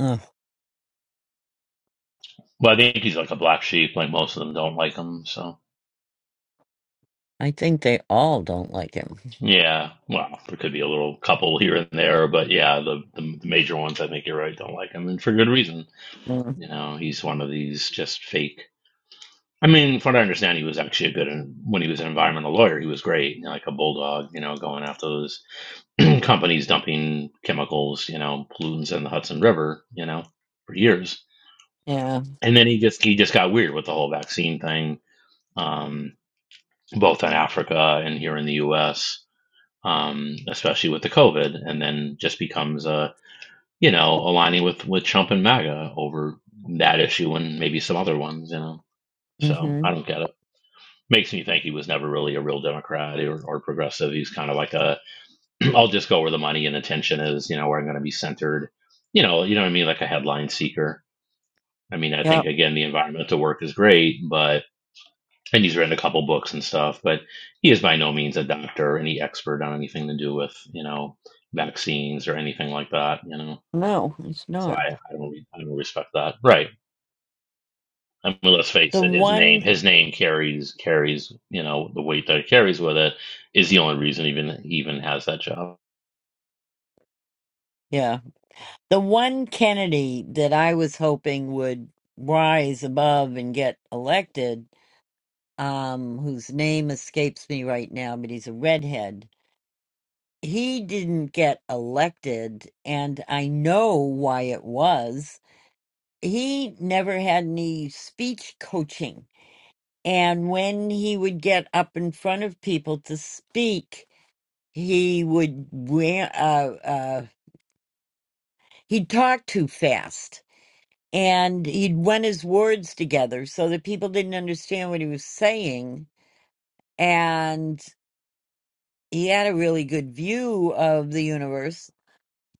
Speaker 10: But I think he's like a black sheep, like most of them don't like him, so
Speaker 5: I think they all don't like him.
Speaker 10: yeah, well, there could be a little couple here and there, but yeah, the, the the major ones I think you're right don't like him, and for good reason.
Speaker 5: Mm.
Speaker 10: You know, he's one of these just fake. I mean, from what I understand, he was actually a good when he was an environmental lawyer. He was great, you know, like a bulldog, you know, going after those companies dumping chemicals, you know, pollutants in the Hudson River, you know, for years.
Speaker 5: Yeah.
Speaker 10: And then he just he just got weird with the whole vaccine thing, um, both in Africa and here in the U.S., um, especially with the COVID, and then just becomes a you know aligning with with Trump and MAGA over that issue and maybe some other ones, you know. So
Speaker 5: Mm-hmm.
Speaker 10: I don't get it. Makes me think he was never really a real Democrat or, or progressive. He's kind of like a, I'll just go where the money and attention is, you know, where I'm going to be centered. You know, you know what I mean? Like a headline seeker. I mean, I
Speaker 5: Yeah.
Speaker 10: think again, the environmental work is great, but, and he's written a couple books and stuff, but he is by no means a doctor or any expert on anything to do with, you know, vaccines or anything like that, you know?
Speaker 5: No, it's
Speaker 10: So
Speaker 5: not.
Speaker 10: I, I don't, re- I don't respect that. Right. I mean, let's face
Speaker 5: The
Speaker 10: it. His name,
Speaker 5: one,
Speaker 10: his name carries carries you know the weight that it carries with it is the only reason even he even has that job.
Speaker 5: yeah, the one Kennedy that I was hoping would rise above and get elected, um, whose name escapes me right now, but he's a redhead. He didn't get elected, and I know why it was. He never had any speech coaching And when he would get up in front of people to speak, he would wear, uh, uh, he'd talk too fast and he'd run his words together so that people didn't understand what he was saying. And he had a really good view of the universe,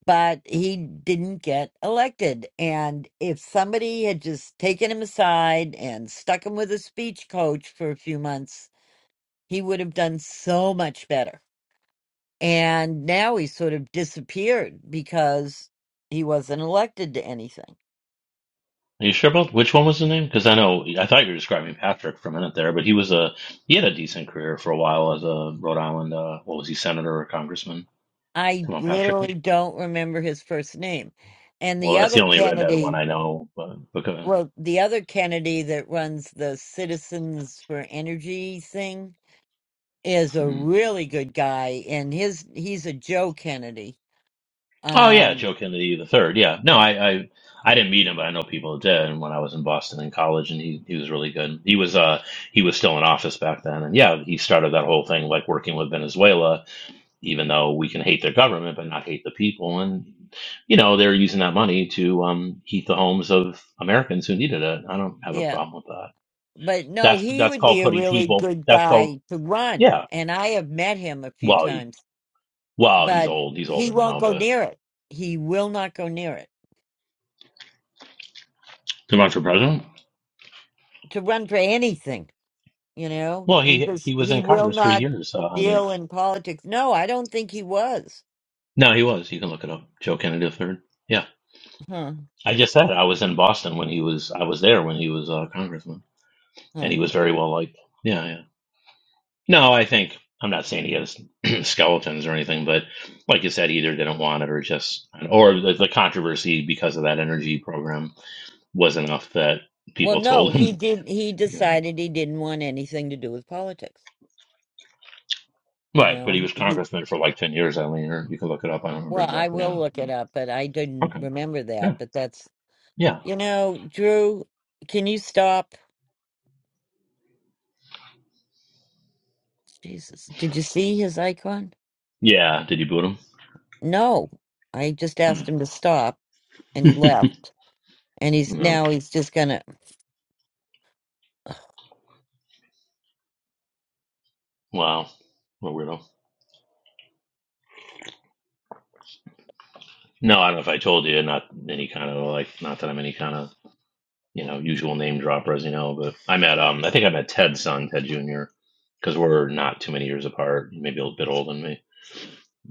Speaker 5: but he didn't get elected. And if somebody had just taken him aside and stuck him with a speech coach for a few months, he would have done so much better And now he sort of disappeared because he wasn't elected to anything.
Speaker 10: Are you sure about which one was his name? Because I know I thought you were describing Patrick for a minute there, but he was a he had a decent career for a while as a Rhode Island uh, what was he senator or congressman?
Speaker 5: I
Speaker 10: Come on, Patrick.
Speaker 5: literally don't remember his first name. And the
Speaker 10: Well, that's the
Speaker 5: other
Speaker 10: only redheaded one
Speaker 5: Kennedy,
Speaker 10: I know, but but go
Speaker 5: well, the other Kennedy that runs the Citizens for Energy thing is a
Speaker 10: ahead.
Speaker 5: really good guy and his he's a Joe Kennedy.
Speaker 10: Oh yeah,
Speaker 5: Um
Speaker 10: Joe Kennedy the third. Yeah, no, I, I I didn't meet him, but I know people that did. And when I was in Boston in college, and he he was really good. He was uh he was still in office back then, and yeah, he started that whole thing like working with Venezuela, even though we can hate their government but not hate the people, and you know they're using that money to um heat the homes of Americans who needed it. I don't have a
Speaker 5: yeah.
Speaker 10: problem with that.
Speaker 5: But no,
Speaker 10: That's
Speaker 5: he
Speaker 10: that's
Speaker 5: would be
Speaker 10: called
Speaker 5: a
Speaker 10: putting
Speaker 5: really
Speaker 10: people.
Speaker 5: good
Speaker 10: That's called
Speaker 5: guy to run.
Speaker 10: yeah.
Speaker 5: And I have met him a few
Speaker 10: Well, he,
Speaker 5: times
Speaker 10: well, he's
Speaker 5: but
Speaker 10: old. He's
Speaker 5: he
Speaker 10: older
Speaker 5: won't
Speaker 10: now,
Speaker 5: go
Speaker 10: but
Speaker 5: near it. He will not go near it
Speaker 10: to run for president.
Speaker 5: to run for anything. You know,
Speaker 10: Well,
Speaker 5: he
Speaker 10: he
Speaker 5: just
Speaker 10: he was
Speaker 5: he
Speaker 10: in
Speaker 5: will
Speaker 10: Congress for
Speaker 5: not
Speaker 10: years, uh, Eileen.
Speaker 5: deal in politics. No, I don't think he was.
Speaker 10: No, he was. You can look it up. Joe Kennedy III. Yeah,
Speaker 5: Huh,
Speaker 10: I just said I was in Boston when he was. I was there when he was a congressman, and
Speaker 5: huh.
Speaker 10: he was very well liked. Yeah, yeah. No, I think I'm not saying he has skeletons or anything, but like you said, either didn't want it or just or the, the controversy because of that energy program was enough that
Speaker 5: Well,
Speaker 10: people
Speaker 5: no,
Speaker 10: told
Speaker 5: he
Speaker 10: him.
Speaker 5: did. He
Speaker 10: Yeah.
Speaker 5: decided he didn't want anything to do with politics. You
Speaker 10: Right, but
Speaker 5: know,
Speaker 10: he was
Speaker 5: he. he-
Speaker 10: congressman for like ten years, Eileen. Or you can look it up. I don't remember
Speaker 5: Well, I
Speaker 10: exactly
Speaker 5: will
Speaker 10: how.
Speaker 5: look it up, but I didn't
Speaker 10: Okay.
Speaker 5: remember
Speaker 10: Yeah.
Speaker 5: that. But that's
Speaker 10: Yeah.
Speaker 5: you know, Drew. Can you stop? Jesus, did you see his icon?
Speaker 10: Yeah. Did you boot him?
Speaker 5: No, I just
Speaker 10: Hmm.
Speaker 5: asked him to stop, and he left. and he's
Speaker 10: no.
Speaker 5: now he's just gonna.
Speaker 10: Wow. What a weirdo. No, I don't know if I told you, not any kind of like, not that I'm any kind of, you know, usual name dropper, as you know, but I met, um, I think I met Ted's son, Ted Jr., because we're not too many years apart, maybe a little bit older than me.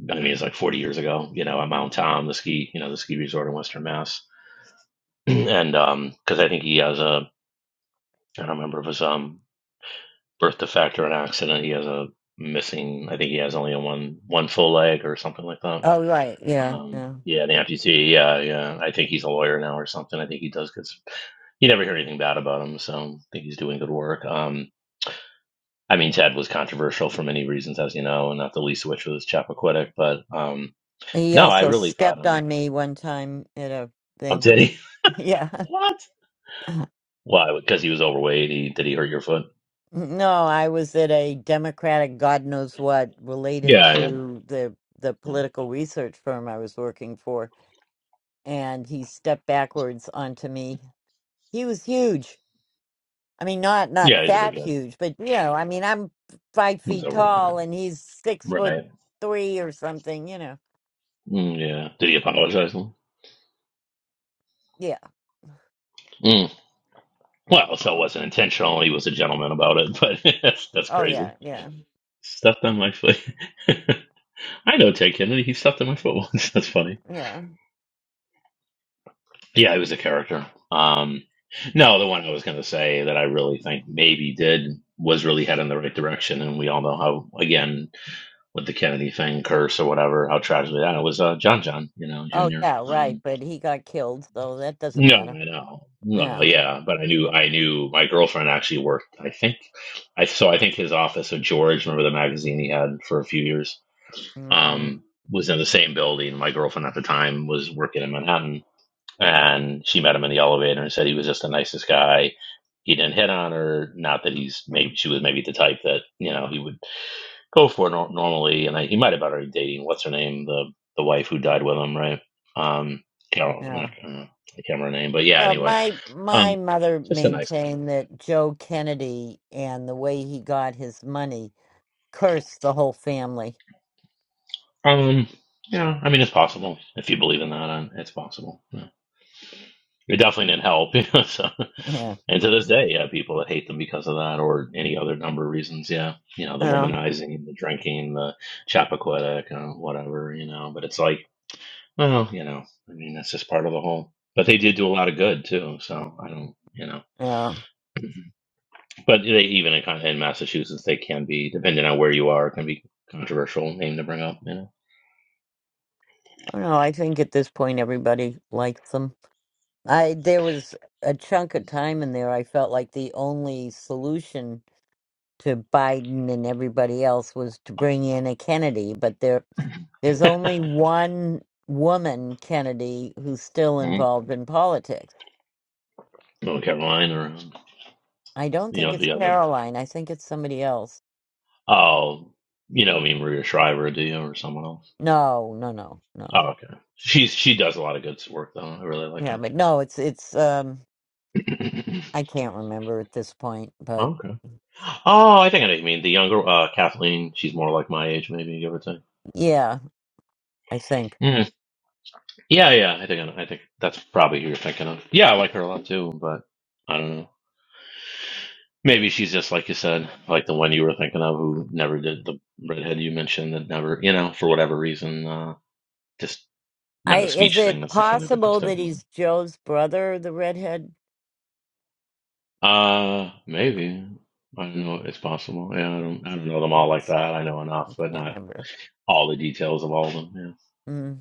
Speaker 10: I mean, it's like 40 years ago, you know, at Mount Tom, the ski, you know, the ski resort in Western Mass. and, um, because I think he has a, I don't remember if it was, um, birth defect or an accident. He has a missing, I think he has only a one, one full leg or something like that
Speaker 5: Oh right, yeah,
Speaker 10: Um,
Speaker 5: yeah.
Speaker 10: yeah, the amputee. Yeah, yeah. I think he's a lawyer now or something. I think he does because you never hear anything bad about him. So I think he's doing good work. Um, I mean, Ted was controversial for many reasons, as you know, and not the least of which was Chappaquiddick. But um,
Speaker 5: He
Speaker 10: no, I
Speaker 5: also
Speaker 10: really thought,
Speaker 5: stepped
Speaker 10: um,
Speaker 5: on me one time at a
Speaker 10: oh,
Speaker 5: thing.
Speaker 10: did he?
Speaker 5: Yeah.
Speaker 10: What? Why? Because he was overweight. He did he hurt your foot?
Speaker 5: No, I was at a Democratic, God knows what, related
Speaker 10: Yeah, yeah,
Speaker 5: to the the
Speaker 10: yeah.
Speaker 5: political research firm I was working for, and he stepped backwards onto me. He was huge. I mean, not not
Speaker 10: Yeah, he's a big
Speaker 5: fat
Speaker 10: guy.
Speaker 5: huge, but you know, I mean, I'm five
Speaker 10: He was
Speaker 5: feet
Speaker 10: overweight. yeah.
Speaker 5: tall, and he's six foot
Speaker 10: Right.
Speaker 5: three or something. You know.
Speaker 10: Mm, yeah. Did he apologize?
Speaker 5: Yeah.
Speaker 10: Mm. Well, so it wasn't intentional. He was a gentleman about it, but that's, that's
Speaker 5: Oh
Speaker 10: crazy.
Speaker 5: yeah. Yeah.
Speaker 10: Stepped on my foot. I know Ted Kennedy. He stepped on my foot once. That's funny.
Speaker 5: Yeah.
Speaker 10: Yeah, he was a character. Um, no, the one I was going to say that I really think maybe did was really head in the right direction, and we all know how again with the Kennedy thing, curse or whatever, how tragically that was. Uh, John John, you know,
Speaker 5: Oh
Speaker 10: Junior.
Speaker 5: yeah, right.
Speaker 10: Um,
Speaker 5: But he got killed, so that doesn't
Speaker 10: no,
Speaker 5: matter.
Speaker 10: I know. Well,
Speaker 5: Yeah.
Speaker 10: yeah, but I knew I knew my girlfriend actually worked. I think I so I think his office of George. Remember the magazine he had for a few years
Speaker 5: Mm-mm.
Speaker 10: um, was in the same building. My girlfriend at the time was working in Manhattan, and she met him in the elevator and said he was just the nicest guy. He didn't hit on her. Not that he's maybe she was maybe the type that you know he would go for nor- normally. And I, he might have been already dating what's her name, the the wife who died with him, right? Um, Carol,
Speaker 5: Yeah.
Speaker 10: not, uh, I can't remember her name, but yeah.
Speaker 5: No,
Speaker 10: Anyway,
Speaker 5: my my
Speaker 10: um,
Speaker 5: mother
Speaker 10: just a nice guy.
Speaker 5: maintained that Joe Kennedy and the way he got his money cursed the whole family.
Speaker 10: Um, yeah, I mean it's possible if you believe in that. uh, It's possible. Yeah. It definitely didn't help. You know, so,
Speaker 5: Yeah.
Speaker 10: and to this day, yeah, people that hate them because of that or any other number of reasons. Yeah, you know, the
Speaker 5: Yeah.
Speaker 10: womanizing, the drinking, the Chappaquiddick, uh, whatever. You know, but it's like, well, you know, I mean, that's just part of the whole. But they did do a lot of good too. So I don't, you know,
Speaker 5: Yeah.
Speaker 10: but they even in kind of in Massachusetts, they can be depending on where you are, it can be controversial name to bring up. You know,
Speaker 5: Oh, no, I think at this point everybody likes them. I there was a chunk of time in there I felt like the only solution to Biden and everybody else was to bring in a Kennedy, but there There's only one woman, Kennedy, who's still
Speaker 10: Mhm.
Speaker 5: involved in politics.
Speaker 10: North Carolina or
Speaker 5: I don't
Speaker 10: you
Speaker 5: think
Speaker 10: know
Speaker 5: it's
Speaker 10: the other.
Speaker 5: Caroline. I think it's somebody else.
Speaker 10: Oh, you know, I mean Maria Shriver, do you, or someone else?
Speaker 5: No, no, no, no.
Speaker 10: Oh, okay. She's she does a lot of good work though. I really like
Speaker 5: Yeah,
Speaker 10: her.
Speaker 5: but no, it's it's um I can't remember at this point, but
Speaker 10: okay. Oh, I think I know what you mean the younger uh, Kathleen. She's more like my age, maybe give or take.
Speaker 5: yeah, I think.
Speaker 10: Mm. Yeah, yeah. I think I know- I think that's probably who you're thinking of. Yeah, I like her a lot too, but I don't know. Maybe she's just like you said, like the one you were thinking of, who never did the redhead you mentioned that never, you know, for whatever reason, uh, just
Speaker 5: I
Speaker 10: not a
Speaker 5: is
Speaker 10: speech thing
Speaker 5: it
Speaker 10: necessarily, but just
Speaker 5: possible that
Speaker 10: didn't. win.
Speaker 5: he's Joe's brother, the redhead?
Speaker 10: Uh, maybe. I don't know. It's possible. Yeah, I don't. I don't know them
Speaker 5: I
Speaker 10: all like
Speaker 5: just
Speaker 10: that. I know
Speaker 5: I
Speaker 10: enough, but
Speaker 5: can't
Speaker 10: not
Speaker 5: remember.
Speaker 10: all the details of all of them.
Speaker 5: Mm.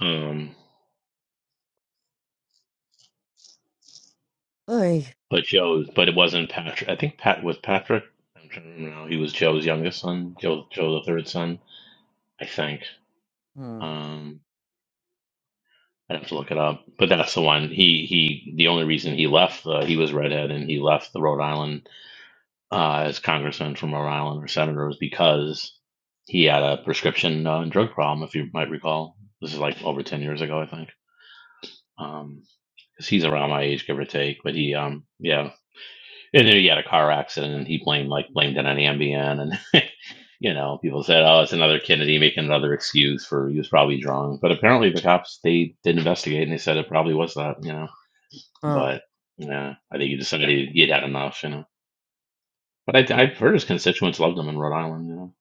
Speaker 10: Yeah. Um,
Speaker 5: Oy.
Speaker 10: but Joe's. But it wasn't Patrick. I think Pat was Patrick. I'm trying to remember now. He was Joe's youngest son. Joe, Joe the third son. I think.
Speaker 5: Mm.
Speaker 10: Um, I'd have to look it up. But that's the one. He he. The only reason he left. Uh, he was redhead, and he left the Rhode Island uh, as congressman from Rhode Island or senator was because he had a prescription uh, drug problem, if you might recall. This is like over 10 years ago, I think. Um, Cause he's around my age, give or take. But he, um, yeah. And then he had a car accident and he blamed, like, blamed it on Ambien. And, you know, people said, oh, it's another Kennedy making another excuse for he was probably drunk. But apparently the cops, they did investigate and they said it probably was that, you know.
Speaker 5: Oh.
Speaker 10: But, yeah, I think he decided he'd had enough, you know. But I,
Speaker 5: Mm.
Speaker 10: I've heard his constituents loved him in Rhode Island, you know.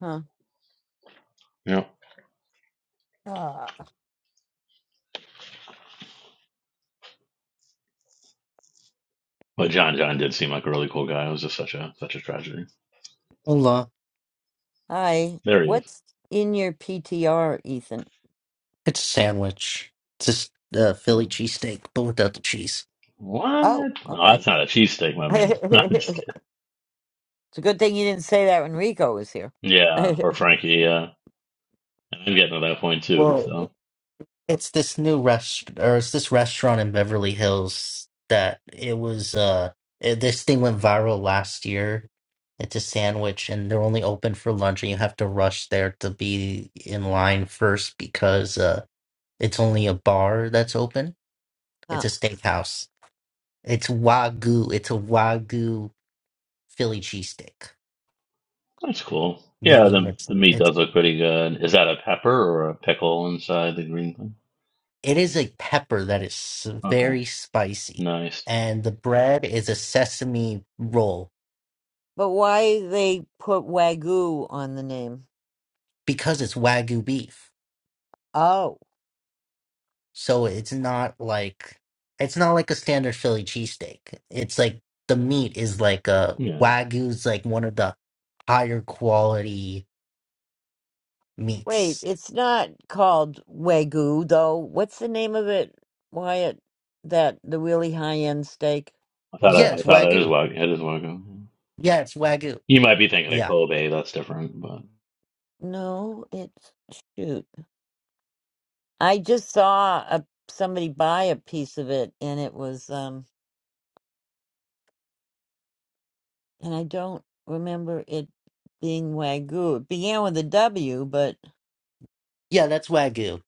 Speaker 5: Huh.
Speaker 10: Yeah.
Speaker 5: Ah.
Speaker 10: But John John did seem like a really cool guy. It was just such a such a tragedy.
Speaker 1: Hola.
Speaker 5: Hi.
Speaker 10: There he is.
Speaker 5: What's in your PTR, Ethan?
Speaker 1: It's a sandwich. It's just a Philly
Speaker 10: Um,
Speaker 1: cheesesteak, but without the cheese.
Speaker 10: what?
Speaker 5: Oh,
Speaker 10: No,
Speaker 5: okay.
Speaker 10: that's not a cheesesteak, my man. No, I'm just kidding.
Speaker 5: it's a good thing you didn't say that when Rico was here.
Speaker 10: Yeah, or Frankie. Yeah, and I'm getting to that point too.
Speaker 1: Whoa.
Speaker 10: So
Speaker 1: It's this new rest or it's this restaurant in Beverly Hills that it was uh it- this thing went viral last year. It's a sandwich and they're only open for lunch and you have to rush there to be in line first because uh it's only a bar that's open. It's
Speaker 5: Huh.
Speaker 1: a steakhouse. It's Wagyu. It's a Wagyu Philly cheesesteak,
Speaker 10: that's cool. Yeah,
Speaker 1: meaning
Speaker 10: the
Speaker 1: it's
Speaker 10: the meat
Speaker 1: it's
Speaker 10: does look pretty good. Is that a pepper or a pickle inside the green thing?
Speaker 1: it is a pepper that is s-
Speaker 10: Okay,
Speaker 1: very spicy
Speaker 10: nice.
Speaker 1: and the bread is a sesame roll
Speaker 5: But why they put Wagyu on the name?
Speaker 1: because it's wagyu beef.
Speaker 5: Oh,
Speaker 1: So it's not like it's not like a standard Philly cheesesteak. It's like the meat is like a
Speaker 10: Yeah,
Speaker 1: wagyu's like one of the higher quality
Speaker 5: wait,
Speaker 1: meats.
Speaker 5: it's not called Wagyu though. What's the name of it, Wyatt? That the really high end steak?
Speaker 10: I thought
Speaker 1: Yeah,
Speaker 10: I, I
Speaker 1: it's
Speaker 10: thought it is
Speaker 1: wagyu.
Speaker 10: wagyu. It is wagyu.
Speaker 1: Yeah, it's wagyu.
Speaker 10: You might be thinking of
Speaker 1: Yeah.
Speaker 10: Kobe. That's different, but.
Speaker 5: No, it's shoot. I just saw a somebody buy a piece of it, and it was um, and I don't remember it being Wagyu. It began with a W, but
Speaker 1: Yeah, that's wagyu.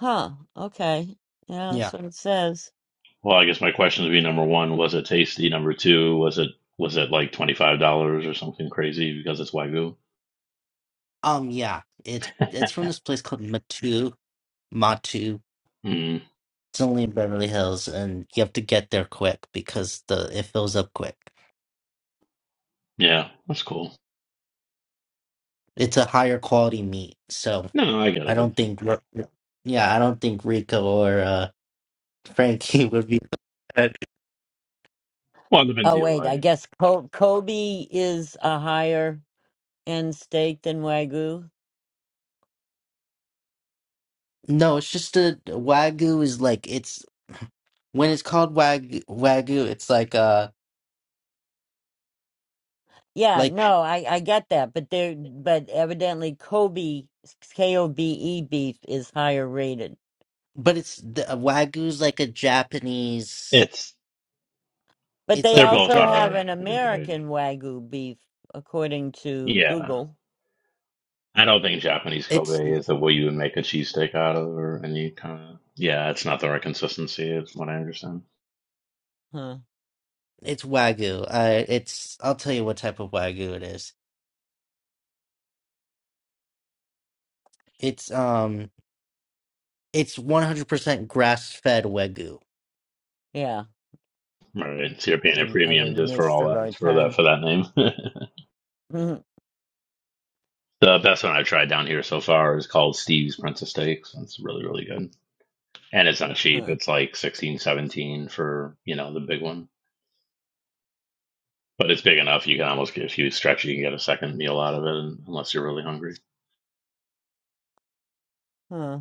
Speaker 5: Huh. Okay. Yeah,
Speaker 1: Yeah.
Speaker 5: that's what it says.
Speaker 10: Well, I guess my question would be number one, was it tasty? Number two, was it was it like twenty five dollars or something crazy because it's wagyu?
Speaker 1: Um yeah, it's it's from this place called Matu Matu.
Speaker 10: Mm,
Speaker 1: It's only in Beverly Hills and you have to get there quick because the it fills up quick.
Speaker 10: yeah, that's cool.
Speaker 1: It's a higher quality meat. So
Speaker 10: No, no, I got
Speaker 1: I
Speaker 10: it.
Speaker 1: don't think, yeah, I don't think Rico or uh, Frankie would be. bad.
Speaker 10: Well, it depends
Speaker 5: Oh,
Speaker 10: on
Speaker 5: wait. I
Speaker 10: like
Speaker 5: guess Ko- Kobe is a higher end steak than Wagyu.
Speaker 1: No, it's just a wagyu is like it's when it's called wagyu, wagyu, it's like uh
Speaker 5: Yeah.
Speaker 1: like
Speaker 5: No, I I get that, but there, but evidently Kobe K O B E beef is higher rated.
Speaker 1: but it's the uh, wagyu like a Japanese.
Speaker 10: it's
Speaker 5: But
Speaker 1: It's
Speaker 5: they
Speaker 10: they're
Speaker 1: like a
Speaker 10: both
Speaker 5: also
Speaker 1: Jap.
Speaker 5: have
Speaker 10: are.
Speaker 5: an
Speaker 10: I can try.
Speaker 5: American Wagyu beef, according to
Speaker 10: Yeah,
Speaker 5: Google.
Speaker 10: I don't think Japanese
Speaker 1: It's
Speaker 10: Kobe is the way you would make a cheesesteak out of or any kind of. Yeah, it's not the right consistency, is what I understand.
Speaker 5: Huh.
Speaker 1: it's wagyu. Uh, it's I'll tell you what type of wagyu it is. It's um it's one hundred percent grass fed wagyu.
Speaker 5: Yeah.
Speaker 10: All right, so you're paying a
Speaker 5: And other
Speaker 10: premium just for
Speaker 5: myths
Speaker 10: all
Speaker 5: of our
Speaker 10: that for that
Speaker 5: time.
Speaker 10: for that name. The best one I've tried down here so far is called Steve's Princess Steaks. It's really, really good. And it's not cheap.
Speaker 5: huh.
Speaker 10: It's like 16, 17 for, you know, the big one. But it's big enough you can almost get if you stretch you can get a second meal out of it unless you're really hungry.
Speaker 5: Huh.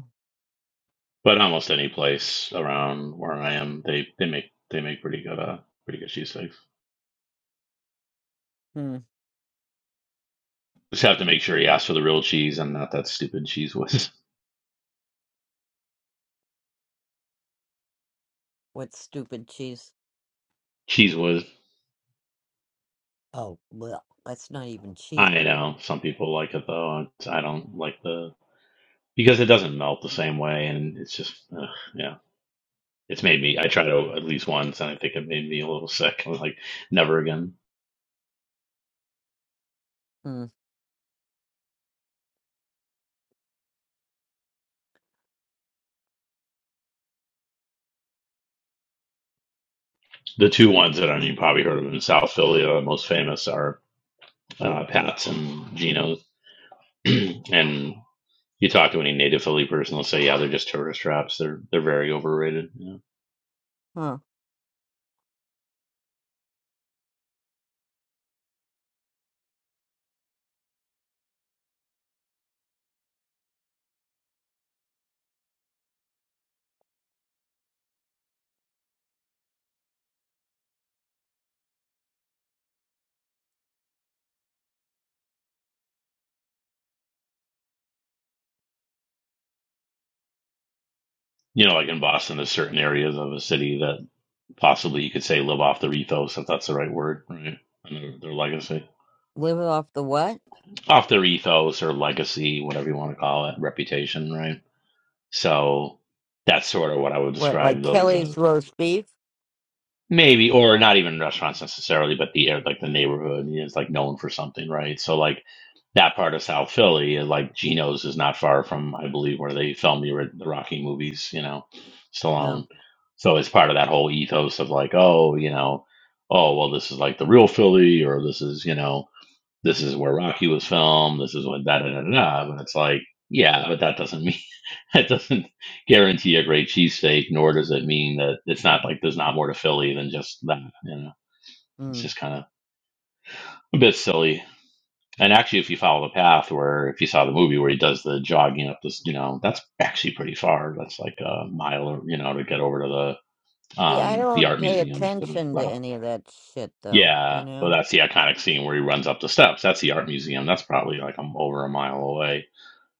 Speaker 10: But almost any place around where I am, they, they make they make pretty good uh pretty good cheese steaks.
Speaker 5: Hmm.
Speaker 10: Just have to make sure you ask for the real cheese and not that stupid cheese whiz.
Speaker 5: What stupid cheese?
Speaker 10: cheese whiz.
Speaker 5: Oh, well, that's not even cheese.
Speaker 10: I know. Some people like it though. I don't like the because it doesn't melt the same way and it's just ugh, yeah. It's made me. I tried it at least once, and I think it made me a little sick. I was like, never again.
Speaker 5: Mm.
Speaker 10: The two ones that I mean, you probably heard of in South Philly, the most famous are uh, Pat's and Geno's. and you talk to any native Philly person, they'll say, yeah, they're just tourist traps. They're they're very overrated. You know?
Speaker 5: Huh.
Speaker 10: you know, like in Boston, there's certain areas of a city that possibly you could say live off their ethos, if that's the right word, right? And their, their legacy,
Speaker 5: Live off the what?
Speaker 10: off their ethos or legacy, whatever you want to call it, reputation, right? So that's sort of what I would
Speaker 5: What,
Speaker 10: describe
Speaker 5: like
Speaker 10: those uh,
Speaker 5: Kelly's roast beef?
Speaker 10: maybe, or not even restaurants necessarily, but the air like the neighborhood is like known for something, right? So like that part of South Philly, uh, like Geno's, is not far from I believe where they filmed the, ri- the Rocky movies, you know,
Speaker 5: No.
Speaker 10: Stallone. So it's part of that whole ethos of like, oh, you know, oh well, this is like the real Philly, or this is you know, this is where Rocky was filmed, this is what da da da da. da. But it's like, yeah, but that doesn't mean that doesn't guarantee a great cheesesteak, nor does it mean that it's not like there's not more to Philly than just that. You know, it's
Speaker 5: Mm.
Speaker 10: just kind of a bit silly. And actually, if you follow the path where, if you saw the movie where he does the jogging up this, you know, that's actually pretty far. That's like a mile, or, you know, to get over to the
Speaker 5: See, I
Speaker 10: um the
Speaker 5: don't
Speaker 10: art
Speaker 5: pay
Speaker 10: museum. To
Speaker 5: attention to
Speaker 10: run up.
Speaker 5: any of that shit, though. You
Speaker 10: Yeah, well,
Speaker 5: know?
Speaker 10: that's the iconic scene where he runs up the steps. That's the art museum. That's probably like I'm over a mile away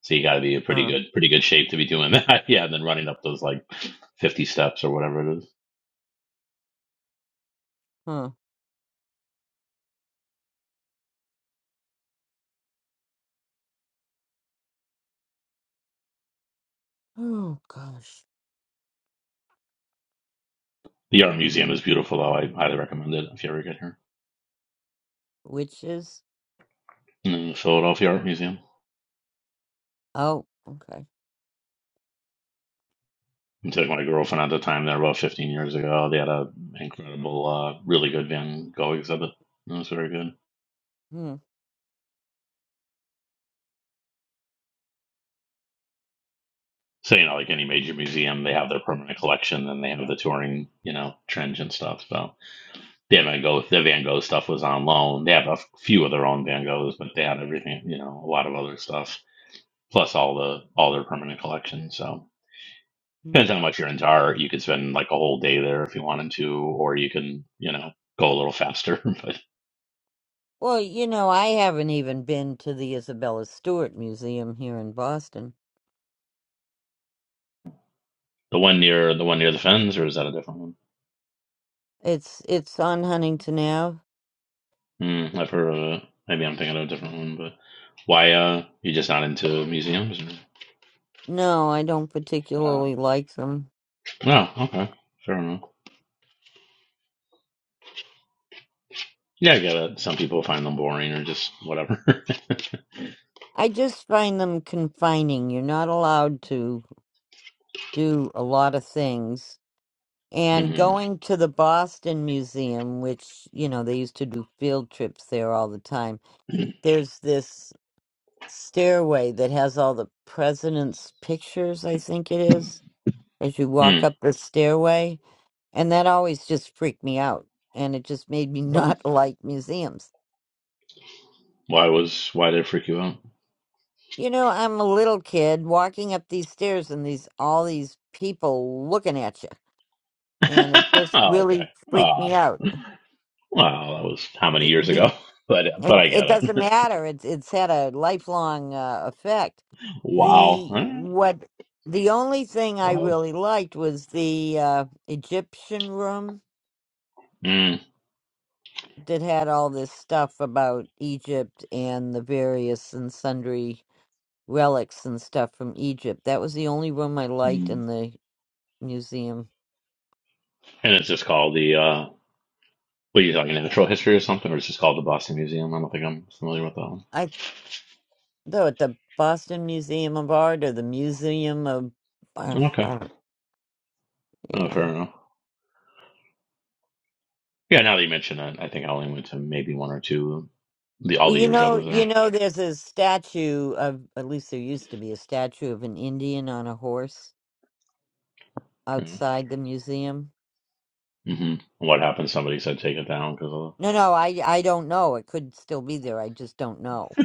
Speaker 10: So you got to be a pretty
Speaker 5: Huh.
Speaker 10: good, pretty good shape to be doing that. yeah, and then running up those like fifty steps or whatever it is.
Speaker 5: Huh. Oh gosh.
Speaker 10: The art museum is beautiful, though. I highly recommend it if you ever get here.
Speaker 5: Witches?
Speaker 10: Mm, Philadelphia Art Museum.
Speaker 5: Oh. Okay.
Speaker 10: I took my girlfriend at the time there about fifteen years ago. They had a incredible, uh, really good Van Gogh exhibit. It was very good.
Speaker 5: Hmm.
Speaker 10: So you know, like any major museum, they have their permanent collection, and they have the touring, you know, trench and stuff. So they had Van Gogh. The Van Gogh stuff was on loan. They have a few of their own Van Goghs, but they had everything, you know, a lot of other stuff plus all the all their permanent collections. So
Speaker 5: Hmm.
Speaker 10: depends on how much your into art. You could spend like a whole day there if you wanted to, or you can you know go a little faster. but
Speaker 5: Well, you know, I haven't even been to the Isabella Stewart Museum here in Boston.
Speaker 10: the one near the one near the fens, or is that a different one?
Speaker 5: It's it's on Huntington Ave.
Speaker 10: Hmm, I've heard of it. Maybe I'm thinking of a different one. But why uh you just not into museums? Or,
Speaker 5: No, I don't
Speaker 10: uh,
Speaker 5: particularly like them.
Speaker 10: no, okay, fair enough. Yeah, I get it. Some people find them boring or just whatever.
Speaker 5: I just find them confining. You're not allowed to. do a lot of things. And
Speaker 10: hmm
Speaker 5: going to the Boston Museum, which, you know, they used to do field trips there all the time, there's this stairway that has all the president's pictures, I think it is, as you
Speaker 10: Hmm.
Speaker 5: walk up the stairway. And that always just freaked me out. And it just made me
Speaker 10: Really?
Speaker 5: not like museums.
Speaker 10: Why was why did it freak you out?
Speaker 5: You know, I'm a little kid walking up these stairs and these all these people looking at you. And it just
Speaker 10: oh,
Speaker 5: really
Speaker 10: okay.
Speaker 5: freaked
Speaker 10: Aw.
Speaker 5: me out
Speaker 10: Wow, that was how many
Speaker 5: the,
Speaker 10: years
Speaker 5: the
Speaker 10: ago? But
Speaker 5: It
Speaker 10: but I
Speaker 5: it
Speaker 10: get it.
Speaker 5: doesn't matter. It's it's had a lifelong uh, effect.
Speaker 10: Wow,
Speaker 5: The
Speaker 10: Alright.
Speaker 5: what the only thing I
Speaker 10: wild.
Speaker 5: really liked was the uh, Egyptian room
Speaker 10: Mm.
Speaker 5: that had all this stuff about Egypt and the various and sundry relics and stuff from Egypt. That was the only room I liked
Speaker 10: Mm.
Speaker 5: in the museum.
Speaker 10: And it's just called the uh, what are you talking natural history or something, or it's just called the Boston Museum. I don't think I'm familiar with that one.
Speaker 5: I though at the Boston Museum of Art or the Museum of I,
Speaker 10: Okay,
Speaker 5: I don't,
Speaker 10: oh,
Speaker 5: yeah.
Speaker 10: fair enough. Yeah, now that you mention it, I think I only went to maybe one or two the all
Speaker 5: Well,
Speaker 10: the
Speaker 5: you
Speaker 10: years I
Speaker 5: know,
Speaker 10: was
Speaker 5: you
Speaker 10: there.
Speaker 5: know, there's a statue of, at least there used to be a statue of an Indian on a horse outside the museum.
Speaker 10: Mm-hmm. What happened? Somebody said take it down because
Speaker 5: No, no, I, I don't know. It could still be there. I just don't know.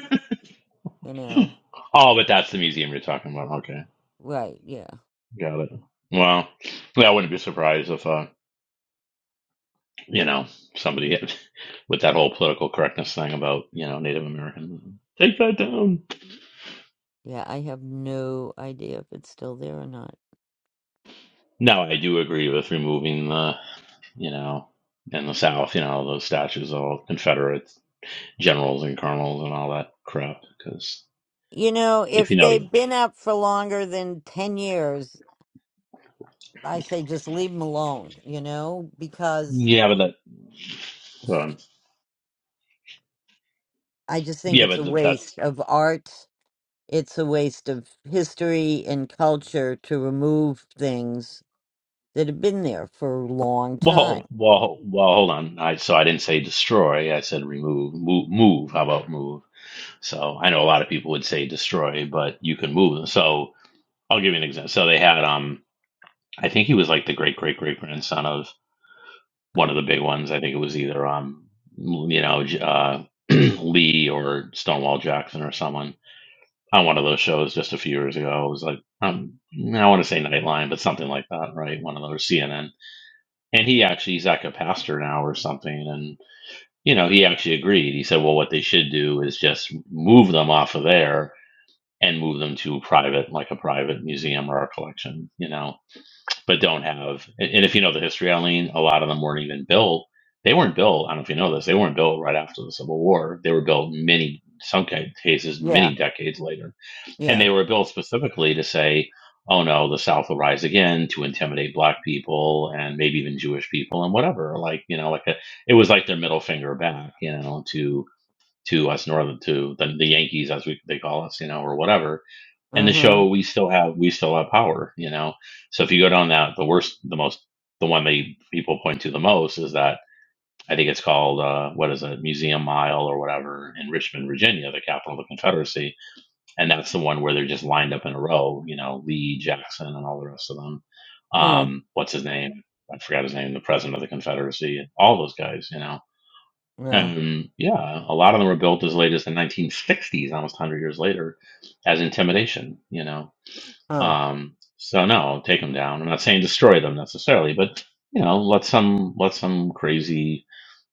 Speaker 5: You
Speaker 10: of...
Speaker 5: know,
Speaker 10: oh, but that's the museum you're talking about. Okay,
Speaker 5: right? Yeah,
Speaker 10: got it. Well, yeah, I wouldn't be surprised if. uh, you know, somebody with that whole political correctness thing about, you know, Native Americans. Take that down.
Speaker 5: yeah. I have no idea if it's still there or not.
Speaker 10: No, I do agree with removing the, you know, in the South, you know, those statues of all Confederate generals and colonels and all that crap. Because
Speaker 5: You know,
Speaker 10: if
Speaker 5: if
Speaker 10: you know,
Speaker 5: they've been up for longer than ten years, I say just leave them alone. You know, because
Speaker 10: yeah, but that, um,
Speaker 5: I just think
Speaker 10: yeah,
Speaker 5: it's a
Speaker 10: but th- that's,
Speaker 5: waste of art It's a waste of history and culture to remove things that have been there for a long
Speaker 10: well,
Speaker 5: time.
Speaker 10: well, well, hold on. I, so I didn't say destroy. I said remove, move, move. How about move? So I know a lot of people would say destroy, but you can move. them. So I'll give you an example. So they had um I think he was like the great great great grandson of one of the big ones. I think it was either um you know J- uh, Lee or Stonewall Jackson or someone on one of those shows just a few years ago. It was like um I want to say Nightline, but something like that, right? One of those CNN. And he actually he's like a pastor now or something, and you know he actually agreed. He said, well, what they should do is just move them off of there and move them to private, like a private museum or a collection, you know but don't have. And if you know the history, Eileen, a lot of them weren't even built. They weren't built. I don't know if you know this. They weren't built right after the Civil War. They were built many, some cases,
Speaker 5: Yeah,
Speaker 10: many decades later. And
Speaker 5: yeah.
Speaker 10: they were built specifically to say, "Oh no, the South will rise again to intimidate Black people and maybe even Jewish people and whatever." Like you know, like a, it was like their middle finger back, you know, to to us northern to the, the Yankees as we they call us, you know, or whatever and
Speaker 5: Uh
Speaker 10: the
Speaker 5: huh.
Speaker 10: show we still have we still have power you know so if you go down that the worst the most the one they people point to the most is that i think it's called uh, what is it museum mile or whatever in richmond virginia the capital of the confederacy and that's the one where they're just lined up in a row you know lee jackson and all the rest of them
Speaker 5: Huh.
Speaker 10: um, what's his name i forgot his name the president of the confederacy all those guys you know
Speaker 5: Yeah.
Speaker 10: and yeah a lot of them were built as late as the 1960s almost 100 years later as intimidation you know
Speaker 5: Huh.
Speaker 10: um, so no, take them down. I'm not saying destroy them necessarily, but you know, let some let some crazy,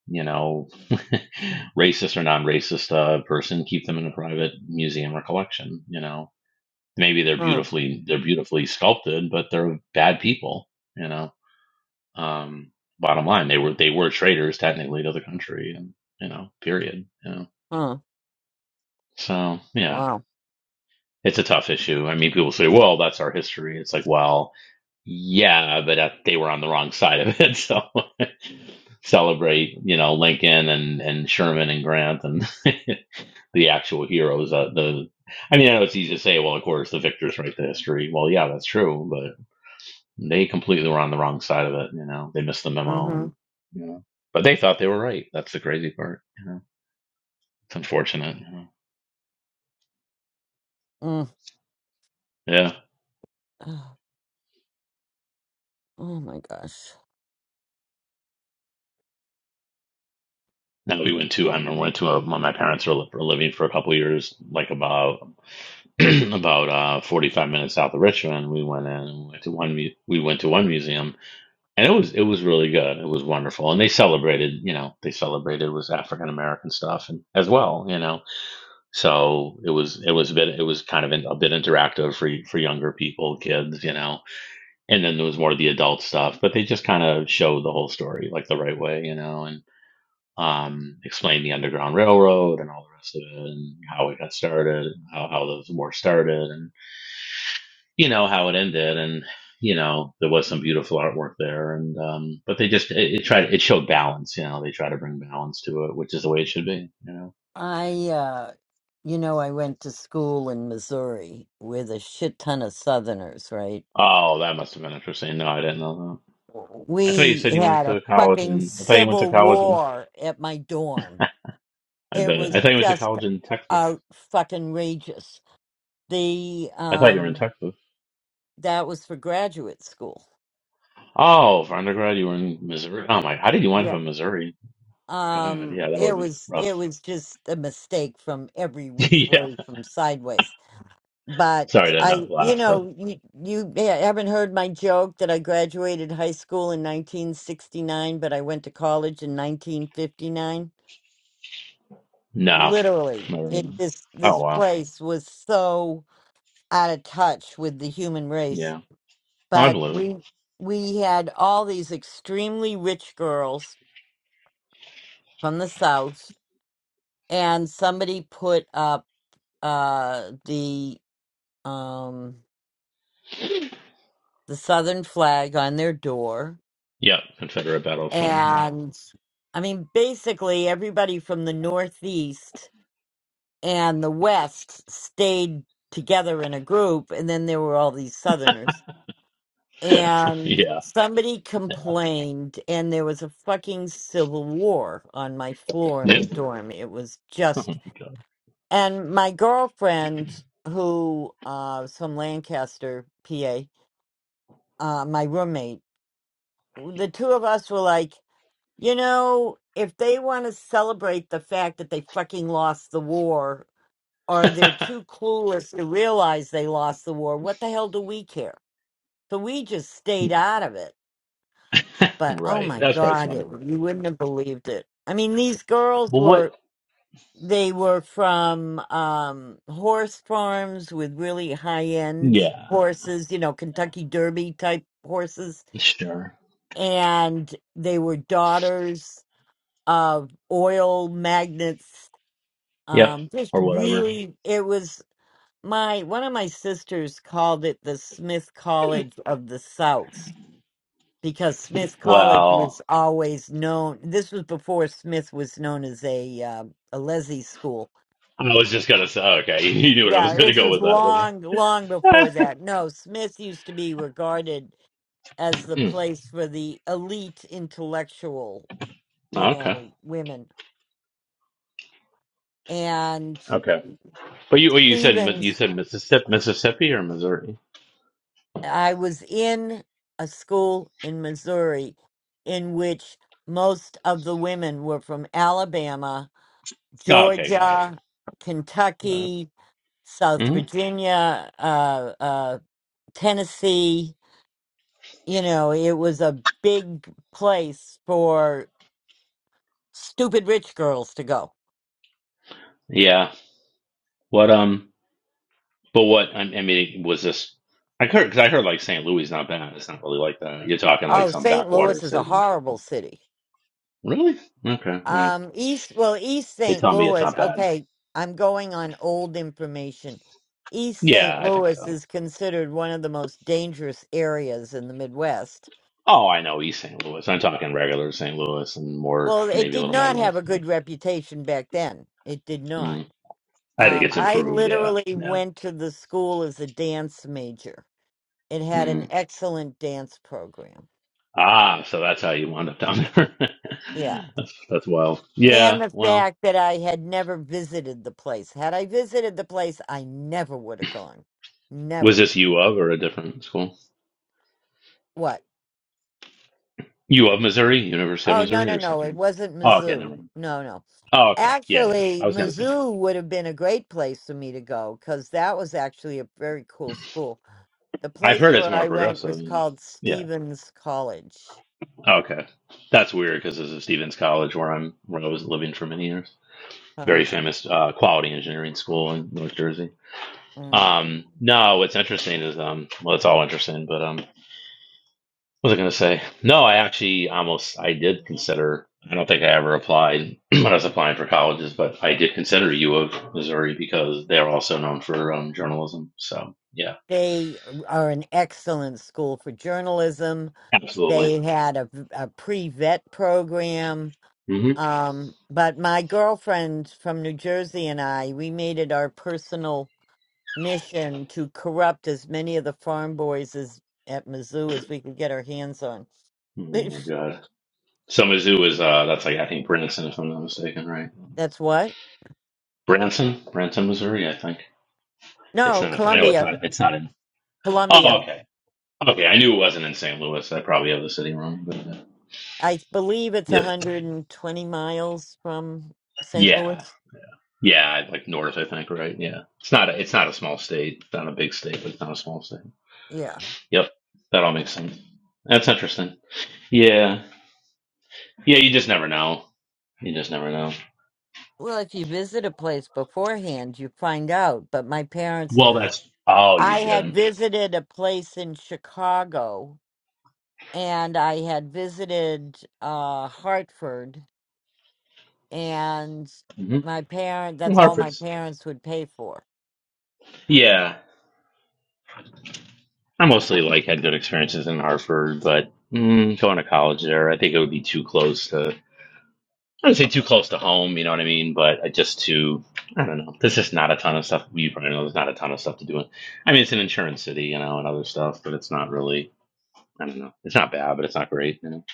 Speaker 10: you know, racist or non-racist uh, person keep them in a private museum or collection. You know, maybe they're
Speaker 5: Huh.
Speaker 10: beautifully they're beautifully sculpted, but they're bad people. You know, um, bottom line, they were they were traitors technically to the country, and you know, period. You know,
Speaker 5: Huh.
Speaker 10: so yeah,
Speaker 5: Wow.
Speaker 10: it's a tough issue. I mean, people say, well, that's our history. It's like, well Yeah, but uh, they were on the wrong side of it. So celebrate, you know, Lincoln and and Sherman and Grant and the actual heroes. Uh, the I mean, I know it's easy to say, well, of course, the victors write the history. Well, yeah, that's true, but they completely were on the wrong side of it. You know, they missed the memo, and
Speaker 5: Mm
Speaker 10: you know, but they thought they were right. That's the crazy part. You know, it's unfortunate. You know?
Speaker 5: hmm. Mm.
Speaker 10: Yeah.
Speaker 5: Oh oh my gosh.
Speaker 10: Now we went to I remember went to a, my parents were, li- were living for a couple years, like about about uh, 45 minutes south of Richmond. We went in and went to one mu- we went to one museum and it was it was really good. It was wonderful. And they celebrated, you know, they celebrated was African American stuff and as well, you know. So it was it was a bit it was kind of in, a bit interactive for y- for younger people, kids, you know. And then there was more of the adult stuff, but they just kind of showed the whole story like the right way, you know, and um, explained the Underground Railroad and all the rest of it and how it got started, and how, how the war started, and you know how it ended and you know there was some beautiful artwork there and um but they just it, it tried it showed balance you know they try to bring balance to it which is the way it should be you know
Speaker 5: I, uh, you know, I went to school in Missouri with a shit ton of Southerners, right?
Speaker 10: oh that must have been interesting no i didn't know that i thought you
Speaker 5: We
Speaker 10: said you went
Speaker 5: had a
Speaker 10: to college
Speaker 5: fucking
Speaker 10: and i thought you went to
Speaker 5: civil
Speaker 10: college and
Speaker 5: war at my dorm
Speaker 10: i
Speaker 5: it
Speaker 10: bet i
Speaker 5: was
Speaker 10: thought you went to
Speaker 5: just
Speaker 10: college in texas
Speaker 5: out fucking outrageous. The
Speaker 10: i thought you were in
Speaker 5: um
Speaker 10: texas
Speaker 5: that was for graduate school.
Speaker 10: oh for undergrad you were in missouri oh my how did you wind up
Speaker 5: Yeah.
Speaker 10: in missouri god
Speaker 5: Um
Speaker 10: yeah that would
Speaker 5: it
Speaker 10: be
Speaker 5: was
Speaker 10: rough
Speaker 5: it was just a mistake from every which
Speaker 10: yeah
Speaker 5: way from sideways. But
Speaker 10: sorry to
Speaker 5: I
Speaker 10: not
Speaker 5: you
Speaker 10: laugh but
Speaker 5: know you you haven't heard my joke that I graduated high school in 1969 but I went to college in 1959.
Speaker 10: no
Speaker 5: Literally,
Speaker 10: never
Speaker 5: it this
Speaker 10: oh
Speaker 5: this
Speaker 10: wow
Speaker 5: place was so out of touch with the human race
Speaker 10: yeah i
Speaker 5: but
Speaker 10: believe it
Speaker 5: we we had all these extremely rich girls from the south and somebody put up uh the um the southern flag on their door
Speaker 10: Yeah, Confederate battle flag.
Speaker 5: and i mean basically everybody from the northeast and the west stayed together in a group and then there were all these southerners and
Speaker 10: Yeah,
Speaker 5: somebody
Speaker 10: yeah.
Speaker 5: complained and there was a fucking civil war on my floor in
Speaker 10: yeah.
Speaker 5: the dorm it was
Speaker 10: Oh
Speaker 5: just
Speaker 10: my
Speaker 5: and my girlfriend who uh was from lancaster pa uh my roommate the two of us were like you know if they want to celebrate the fact that they fucking lost the war or they're
Speaker 10: god.
Speaker 5: too clueless to realize they lost the war what the hell do we care so we just stayed out of it but oh
Speaker 10: right,
Speaker 5: my
Speaker 10: that's probably
Speaker 5: god it,
Speaker 10: smart.
Speaker 5: you wouldn't have believed it i mean these girls
Speaker 10: Well,
Speaker 5: were
Speaker 10: what?
Speaker 5: they were from um horse farms with really high end
Speaker 10: Yeah,
Speaker 5: horses you know kentucky derby type horses
Speaker 10: sure.
Speaker 5: and they were daughters of oil magnates
Speaker 10: Yep,
Speaker 5: um just
Speaker 10: or whatever.
Speaker 5: really it was my one of my sisters called it the smith college of the south because Smith College was
Speaker 10: Well,
Speaker 5: always known. This was before Smith was known as a uh, a lessee school.
Speaker 10: I was just gonna say. Okay, you knew what I was
Speaker 5: Yeah,
Speaker 10: gonna
Speaker 5: this
Speaker 10: go
Speaker 5: was
Speaker 10: with that one.
Speaker 5: long, long before that. No, Smith used to be regarded as the
Speaker 10: Hmm.
Speaker 5: place for the elite intellectual, you
Speaker 10: Oh, okay,
Speaker 5: know, women. And
Speaker 10: okay. But you, well, you said Mi- you
Speaker 5: Stevens,
Speaker 10: said Mississippi, Mississippi or Missouri?
Speaker 5: I was in a school in Missouri in which most of the women were from Alabama
Speaker 10: Oh, okay, got it.
Speaker 5: Georgia,
Speaker 10: Got it.
Speaker 5: Kentucky, South
Speaker 10: hmm
Speaker 5: Virginia, uh, uh, Tennessee. You know, it was a big place for stupid rich girls to go.
Speaker 10: Yeah. What? Um. But what I I mean was this? I heard because I heard like St. Louis is not bad. It's not really like that. You're talking like
Speaker 5: Oh,
Speaker 10: some
Speaker 5: St.
Speaker 10: backwater
Speaker 5: Louis is a
Speaker 10: city.
Speaker 5: horrible city.
Speaker 10: Really? Okay. Well,
Speaker 5: Um, East, well, East
Speaker 10: they
Speaker 5: St.
Speaker 10: tell me it's
Speaker 5: Louis,
Speaker 10: not bad.
Speaker 5: okay, I'm going on old information. East
Speaker 10: Yeah,
Speaker 5: St.
Speaker 10: I think
Speaker 5: Louis
Speaker 10: so.
Speaker 5: is considered one of the most dangerous areas in the Midwest.
Speaker 10: Oh, I know East St. Louis. I'm talking regular St. Louis and more,
Speaker 5: Well, it
Speaker 10: maybe a
Speaker 5: did
Speaker 10: little more
Speaker 5: not have
Speaker 10: west.
Speaker 5: a good reputation back then. It did
Speaker 10: Yeah.
Speaker 5: not
Speaker 10: Mm. I think
Speaker 5: Um,
Speaker 10: it's
Speaker 5: I
Speaker 10: improved. Yeah.
Speaker 5: literally
Speaker 10: Yeah.
Speaker 5: went to the school as a dance major. It had an
Speaker 10: Mm.
Speaker 5: excellent dance program.
Speaker 10: Ah, so that's how you wound up down there.
Speaker 5: Yeah.
Speaker 10: that's that's wild.
Speaker 5: And
Speaker 10: Yeah.
Speaker 5: the
Speaker 10: Well,
Speaker 5: fact that I had never visited the place. Had I visited the place, I never would have gone.
Speaker 10: was
Speaker 5: Never.
Speaker 10: this U of or a different school?
Speaker 5: What?
Speaker 10: U of Missouri, University of
Speaker 5: Oh, no,
Speaker 10: Missouri,
Speaker 5: no,
Speaker 10: or
Speaker 5: no. It
Speaker 10: something?
Speaker 5: wasn't
Speaker 10: Oh, okay, never
Speaker 5: Mizzou.
Speaker 10: mind.
Speaker 5: No, no.
Speaker 10: Oh, okay. Yeah, yeah.
Speaker 5: Actually,
Speaker 10: I was gonna say.
Speaker 5: Mizzou would have been a great place for me to go because that was actually a very cool school. The
Speaker 10: I've
Speaker 5: place
Speaker 10: heard it's
Speaker 5: where
Speaker 10: more
Speaker 5: I went
Speaker 10: progressive.
Speaker 5: was called
Speaker 10: Yeah.
Speaker 5: Stevens College.
Speaker 10: Oh, Okay. That's weird because this is Stevens College, where I'm, where I was living for many years.
Speaker 5: Huh.
Speaker 10: Very famous uh, quality engineering school in North Jersey. Um, no, what's interesting is, um, well, it's all interesting, but um, what was I gonna say? No, I actually almost, I did consider. I don't think I ever applied when I was applying for colleges, but I did consider U of Missouri because they're also known for um, journalism. So yeah,
Speaker 5: They are an excellent school for journalism.
Speaker 10: absolutely.
Speaker 5: They had a, a pre vet program.
Speaker 10: hmm
Speaker 5: Um, but my girlfriend from New Jersey and I, we made it our personal mission to corrupt as many of the farm boys as at Mizzou as we could get our hands on.
Speaker 10: Oh my god. So Mizzou is uh that's like I think Branson if I'm not mistaken, right?
Speaker 5: That's what?
Speaker 10: Branson, Branson, Missouri, I think. It's
Speaker 5: No,
Speaker 10: not. I know it's
Speaker 5: Columbia.
Speaker 10: not. It's not in. Oh,
Speaker 5: Columbia.
Speaker 10: okay. Okay, I knew it wasn't in St. Louis. I probably have the city wrong, but uh,
Speaker 5: I believe it's
Speaker 10: yeah,
Speaker 5: 120 miles from St. Louis.
Speaker 10: yeah, yeah, like north, I think, right? Yeah, it's not. A, it's not a small state. It's not a big state, but it's not a small state.
Speaker 5: Yeah.
Speaker 10: Yep, that all makes sense. That's interesting. Yeah, yeah, you just never know. You just never know.
Speaker 5: Well, if you visit a place beforehand, you find out. But my parents,
Speaker 10: Well, that's. Oh, you
Speaker 5: I had
Speaker 10: didn't.
Speaker 5: visited a place in Chicago and I had visited uh, Hartford, and
Speaker 10: hmm
Speaker 5: my parent, that's all my
Speaker 10: Hartford's.
Speaker 5: parents would pay for.
Speaker 10: Yeah, I mostly like had good experiences in Hartford, but mm, going to college there, I think it would be too close to. I would say too close to home, you know what I mean? But just too, I don't know. There's just not a ton of stuff. You probably know there's not a ton of stuff to do. I mean, it's an insurance city, you know, and other stuff, but it's not really. I don't know. It's not bad, but it's not great. You know?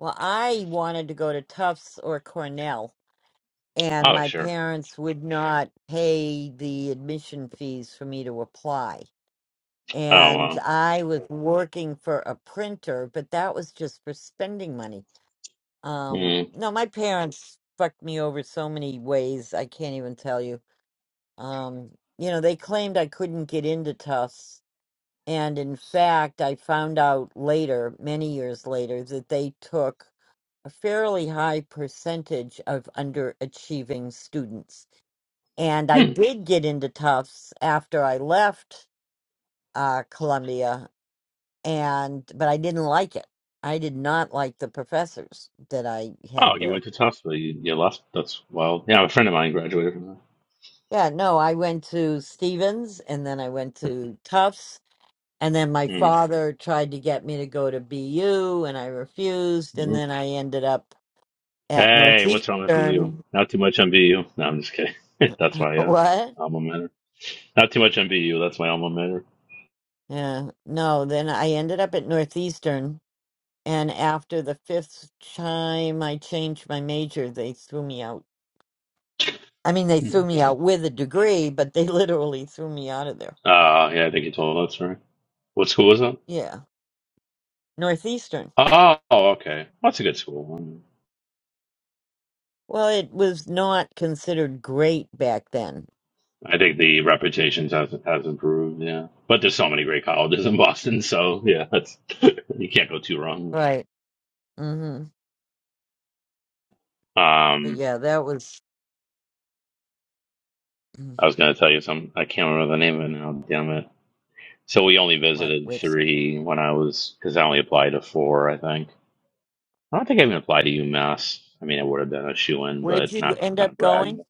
Speaker 5: Well, I wanted to go to Tufts or Cornell, and
Speaker 10: Oh
Speaker 5: my
Speaker 10: sure.
Speaker 5: parents would not pay the admission fees for me to apply
Speaker 10: Oh
Speaker 5: and
Speaker 10: wow.
Speaker 5: I was working for a printer, but that was just for spending money. Um,
Speaker 10: Mm.
Speaker 5: no, my parents fucked me over so many ways. I can't even tell you. Um, you know, they claimed I couldn't get into Tufts. And in fact, I found out later, many years later, that they took a fairly high percentage of underachieving students. And I
Speaker 10: Mm.
Speaker 5: did get into Tufts after I left uh, Columbia, and but I didn't like it. I did not like the professors that I
Speaker 10: Oh,
Speaker 5: had
Speaker 10: you
Speaker 5: there.
Speaker 10: went to Tufts, but you, you left. That's wild. Yeah, a friend of mine graduated from
Speaker 5: Yeah, no, I went to Stevens and then I went to Tufts. And then my
Speaker 10: there.
Speaker 5: father tried to get me to go to BU and I refused.
Speaker 10: Mm.
Speaker 5: And then I ended up at
Speaker 10: Hey, what's wrong
Speaker 5: Northeastern.
Speaker 10: with BU? Not too much on BU. No, I'm just kidding. that's my uh,
Speaker 5: What?
Speaker 10: alma mater. Not too much on BU. That's my alma mater.
Speaker 5: Yeah. No, then I ended up at Northeastern. And after the fifth time I changed my major, they threw me out. I mean, they
Speaker 10: Hmm,
Speaker 5: threw me
Speaker 10: God.
Speaker 5: out with a degree, but they literally threw me out of there.
Speaker 10: Uh, yeah, I think you told us, right? What school was that?
Speaker 5: Yeah. Northeastern.
Speaker 10: Oh, okay. Well, That's a good school. Um,
Speaker 5: Well, it was not considered great back then.
Speaker 10: I think the reputation has has improved. Yeah, but there's so many great colleges in Boston, so yeah, that's you can't go too wrong.
Speaker 5: Right. hmm But
Speaker 10: Um,
Speaker 5: yeah, that was
Speaker 10: I
Speaker 5: mhm,
Speaker 10: was gonna tell you some. I can't remember the name of it now. Damn it. So we only
Speaker 5: what
Speaker 10: visited
Speaker 5: which
Speaker 10: three when I was because I only applied to four, I think I don't think I even applied to UMass. I mean, I would have been a shoe in,
Speaker 5: where'd
Speaker 10: but
Speaker 5: you
Speaker 10: not
Speaker 5: end
Speaker 10: not a
Speaker 5: up
Speaker 10: brag.
Speaker 5: going?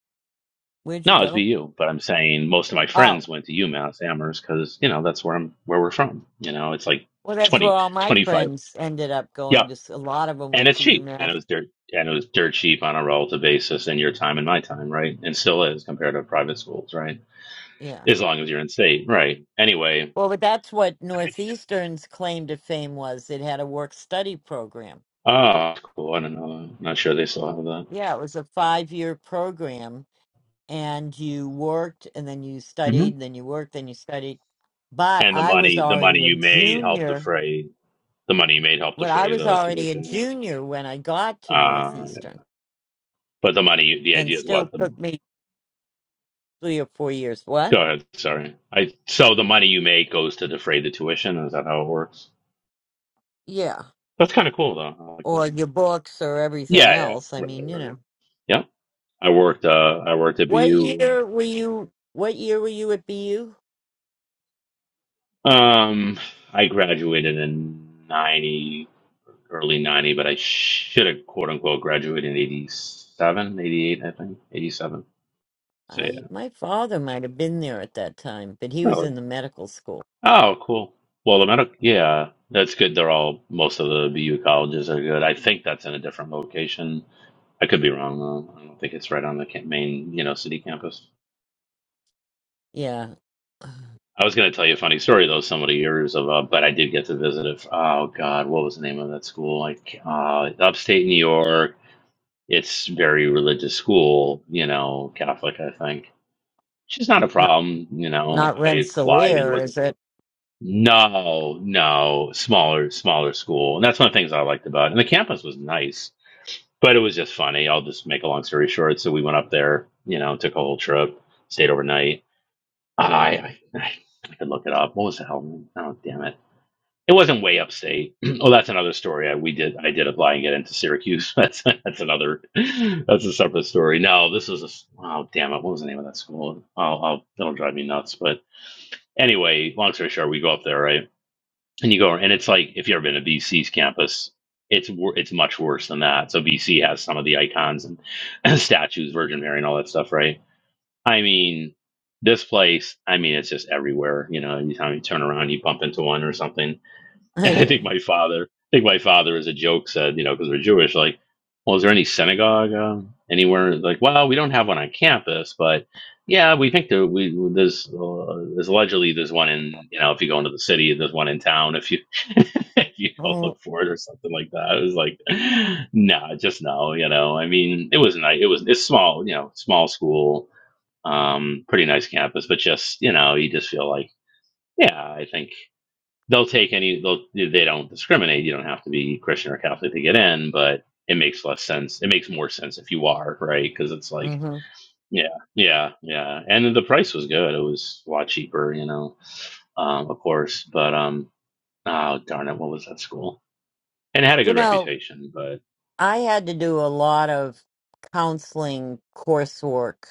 Speaker 5: Where'd you
Speaker 10: No, it was
Speaker 5: go?
Speaker 10: BU. But I'm saying most of my
Speaker 5: Oh,
Speaker 10: friends went to UMass Amherst because you know that's where I'm where we're from. You know, it's like
Speaker 5: well, that's where
Speaker 10: 20,
Speaker 5: all my
Speaker 10: 25.
Speaker 5: friends ended up
Speaker 10: Yeah,
Speaker 5: going. Just a lot of them
Speaker 10: and
Speaker 5: went
Speaker 10: it's
Speaker 5: to
Speaker 10: cheap, and
Speaker 5: UMass.
Speaker 10: it was dirt, and it was dirt cheap on a relative basis in your time and my time, right? And still is compared to private schools, right?
Speaker 5: Yeah.
Speaker 10: As long as you're in state, right? Anyway,
Speaker 5: Well, but that's what Northeastern's claim to fame was. It had a work study program.
Speaker 10: oh, cool. I don't know. I'm not sure they still have that.
Speaker 5: Yeah, it was a five year program, and you worked, and then you
Speaker 10: hmm
Speaker 5: studied, and then you worked, then you studied. But
Speaker 10: And the
Speaker 5: I was
Speaker 10: money, the money
Speaker 5: already a
Speaker 10: you made helped
Speaker 5: junior
Speaker 10: defray. the money you made helped
Speaker 5: Well, I
Speaker 10: defray
Speaker 5: was
Speaker 10: the
Speaker 5: already a
Speaker 10: tuition.
Speaker 5: junior when I got to
Speaker 10: Uh,
Speaker 5: Northeastern,
Speaker 10: but the money, the
Speaker 5: and
Speaker 10: idea is
Speaker 5: still
Speaker 10: what? The,
Speaker 5: took me three or four years. What?
Speaker 10: go ahead. Sorry. I so the money you make goes to defray the tuition. Is that how it works?
Speaker 5: Yeah,
Speaker 10: That's kind of cool though. I like that.
Speaker 5: or your books or
Speaker 10: Yeah,
Speaker 5: everything
Speaker 10: yeah,
Speaker 5: else. I
Speaker 10: right,
Speaker 5: mean, you
Speaker 10: right.
Speaker 5: know,
Speaker 10: Yeah, I worked. Uh, I worked at
Speaker 5: what
Speaker 10: BU.
Speaker 5: year were you? What year were you at BU?
Speaker 10: Um, I graduated in ninety, early ninety, but I should have quote unquote graduated in 87, 88, I think, eighty seven. So
Speaker 5: I my father might have been there at that time, but he was
Speaker 10: yeah.
Speaker 5: in the medical school.
Speaker 10: Oh, cool. Well, the
Speaker 5: Yeah,
Speaker 10: medical, yeah, that's good. They're all, most of the BU colleges are good. I think that's in a different location. I could be wrong, though. I don't think it's right on the ca- main, you know, city campus.
Speaker 5: yeah
Speaker 10: I was going to tell you a funny story, though, some of the years of, uh, but I did get to visit it. Oh, God, what was the name of that school? Like, uh, upstate New York. It's very religious school, you know, Catholic, I think. She's not a
Speaker 5: not
Speaker 10: problem, you know.
Speaker 5: not
Speaker 10: I applied and
Speaker 5: Rensselaer,
Speaker 10: was
Speaker 5: is it?
Speaker 10: No, no, smaller, smaller school. And that's one of the things I liked about it. And the campus was nice, but it was just funny. I'll just make a long story short. So we went up there, you know, took a whole trip, stayed overnight. I, I, I could look it up. What was the hell? Oh, damn it. It wasn't way upstate. oh, that's another story. I, we did, I did apply and get into Syracuse. That's, that's another, that's a separate story. No, this was a, s- oh, damn it. What was the name of that school? I'll, I'll, it'll drive me nuts. But anyway, long story short, we go up there, right? and you go and it's like if you've ever been to bc's campus it's wor- it's much worse than that so bc has some of the icons and, and statues virgin mary and all that stuff right i mean this place i mean it's just everywhere you know anytime you turn around you bump into one or something And I think
Speaker 5: mm-hmm.
Speaker 10: my father, I think my father, as a joke, said, you know, because we're Jewish, like, well, is there any synagogue um, anywhere? Like, well, we don't have one on campus, but yeah, we think there we there's uh, there's allegedly there's one in you know if you go into the city, there's one in town if you if you go look for it or something like that. It was like, nah, just no, you know. I mean, it was nice. It was it's small, you know, small school, um, pretty nice campus, but just you know, you just feel like, yeah, I think they'll take any they'll they don't discriminate you don't have to be christian or catholic to get in but it makes less sense it makes more sense if you are right because it's like yeah yeah yeah and the price was good it was a lot cheaper you know um of course but um oh darn it what was that school and it had a
Speaker 5: You
Speaker 10: good
Speaker 5: know,
Speaker 10: reputation but
Speaker 5: I had to do a lot of counseling coursework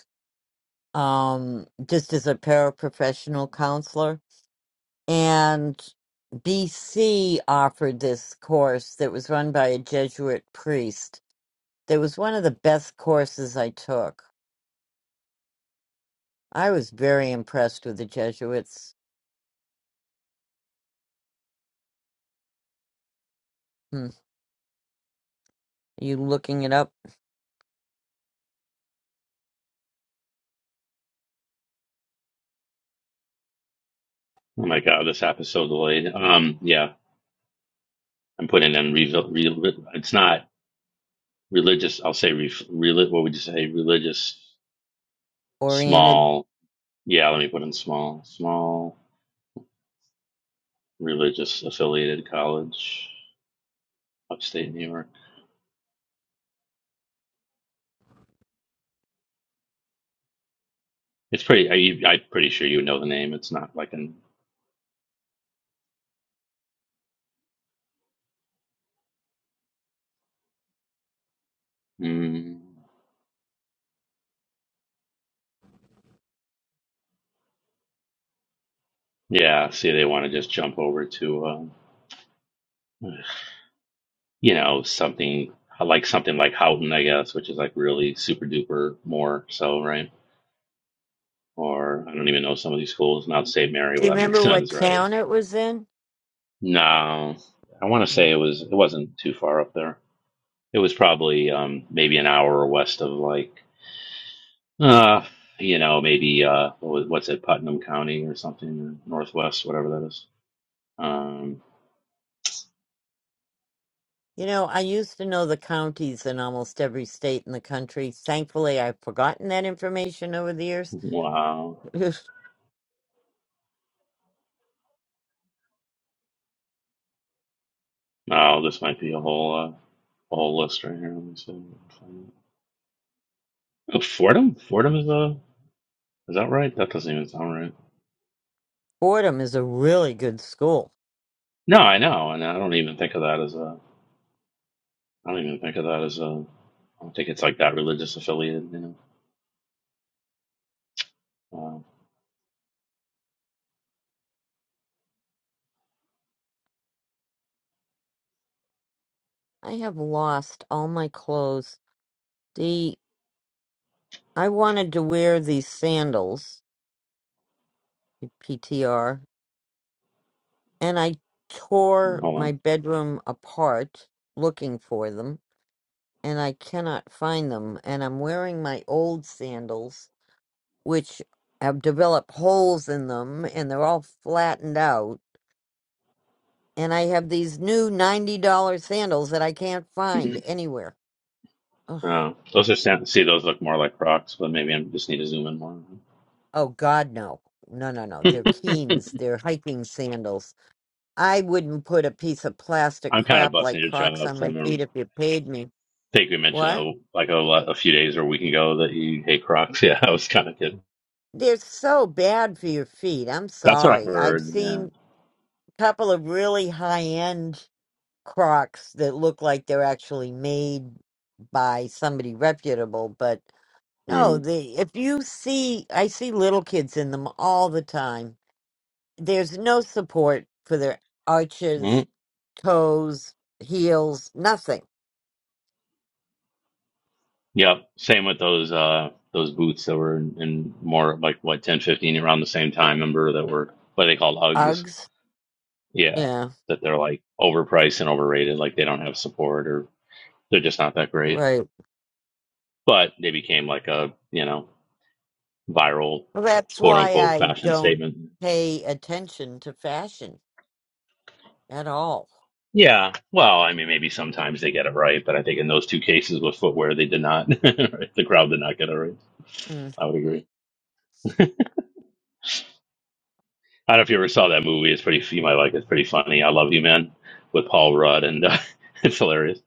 Speaker 5: um, just as a paraprofessional counselor. And BC offered this course that was run by a Jesuit priest. That was one of the best courses I took. I was very impressed with the Jesuits. Hmm. Are you looking it up,
Speaker 10: oh my god this app is so delayed um yeah i'm putting in re- re- it's not religious i'll say re- reli- what would you say religious
Speaker 5: oriented?
Speaker 10: small yeah let me put in small small religious affiliated college upstate New York. It's pretty. I, I'm pretty sure you know the name. It's not like an. Mm, yeah. See, they want to just jump over to, um, you know, something like something like Houghton, I guess, which is like really super duper more so, right? Or I don't even know some of these schools. Not St. Mary.
Speaker 5: Do you
Speaker 10: Well, that makes
Speaker 5: remember what
Speaker 10: sense, right?
Speaker 5: town it was in?
Speaker 10: No, I want to say
Speaker 5: Mm.
Speaker 10: it was. It wasn't too far up there. It was probably um, maybe an hour west of like. Uh, you know, maybe uh, what was- what's it, Putnam County or something, or Northwest, whatever that is. Um,
Speaker 5: You know, I used to know the counties in almost every state in the country. Thankfully, I've forgotten that information over the years.
Speaker 10: wow. Wow, this might be a whole uh, whole list right here. Let me see. Find it. Oh, Fordham? Fordham is a is that right? That doesn't even sound right.
Speaker 5: Fordham is a really good school.
Speaker 10: No, I know, and I don't even think of that as a. I don't even think of that as a. I don't think it's like that religious affiliated. You know.
Speaker 5: I have lost all my clothes. The I wanted to wear these sandals, PTR, and I
Speaker 10: Uh,
Speaker 5: tore my
Speaker 10: hold
Speaker 5: bedroom apart looking for them, and I cannot find them. And I'm wearing my old sandals, which have developed holes in them, and they're all flattened out. And I have these new ninety dollar sandals that I can't find anywhere. Ugh.
Speaker 10: on. Uh, those are sound- see those look more like rocks, but maybe I just need to zoom in more.
Speaker 5: Oh God, no. No, no, no. They're Keens. They're hiking sandals. I wouldn't put a piece of plastic
Speaker 10: I'm kind of
Speaker 5: crap
Speaker 10: busting
Speaker 5: like
Speaker 10: your
Speaker 5: Crocs on
Speaker 10: chops.
Speaker 5: my feet if you paid me.
Speaker 10: I think we mentioned
Speaker 5: What?
Speaker 10: a, like a, a few days or a week ago that you hate Crocs. Yeah, I was kind of kidding.
Speaker 5: They're so bad for your feet. I'm
Speaker 10: That's what I
Speaker 5: sorry. I've
Speaker 10: heard. Yeah.
Speaker 5: seen a couple of really high-end Crocs that look like they're actually made by somebody reputable, but no,
Speaker 10: Mm.
Speaker 5: they if you see I see little kids in them all the time there's no support for their arches,
Speaker 10: Mm.
Speaker 5: toes, heels, nothing.
Speaker 10: Yep. Same with those uh those boots that were in, in more like what 10 15 around the same time. Remember that were what are they called Uggs.
Speaker 5: Uggs.
Speaker 10: Yeah,
Speaker 5: Yeah,
Speaker 10: that they're like overpriced and overrated. Like they don't have support or they're just not that great.
Speaker 5: right.
Speaker 10: But they became like a you know viral
Speaker 5: That's
Speaker 10: quote
Speaker 5: why
Speaker 10: unquote
Speaker 5: I
Speaker 10: fashion
Speaker 5: don't
Speaker 10: statement.
Speaker 5: pay attention to fashion at all.
Speaker 10: Yeah. Well, I mean, maybe sometimes they get it right, but I think in those two cases with footwear, they did not. The crowd did not get it right.
Speaker 5: Mm.
Speaker 10: I would agree. I don't know if you ever saw that movie. It's pretty. You might like. it. It's pretty funny. I love you, man, with Paul Rudd, and uh, it's hilarious.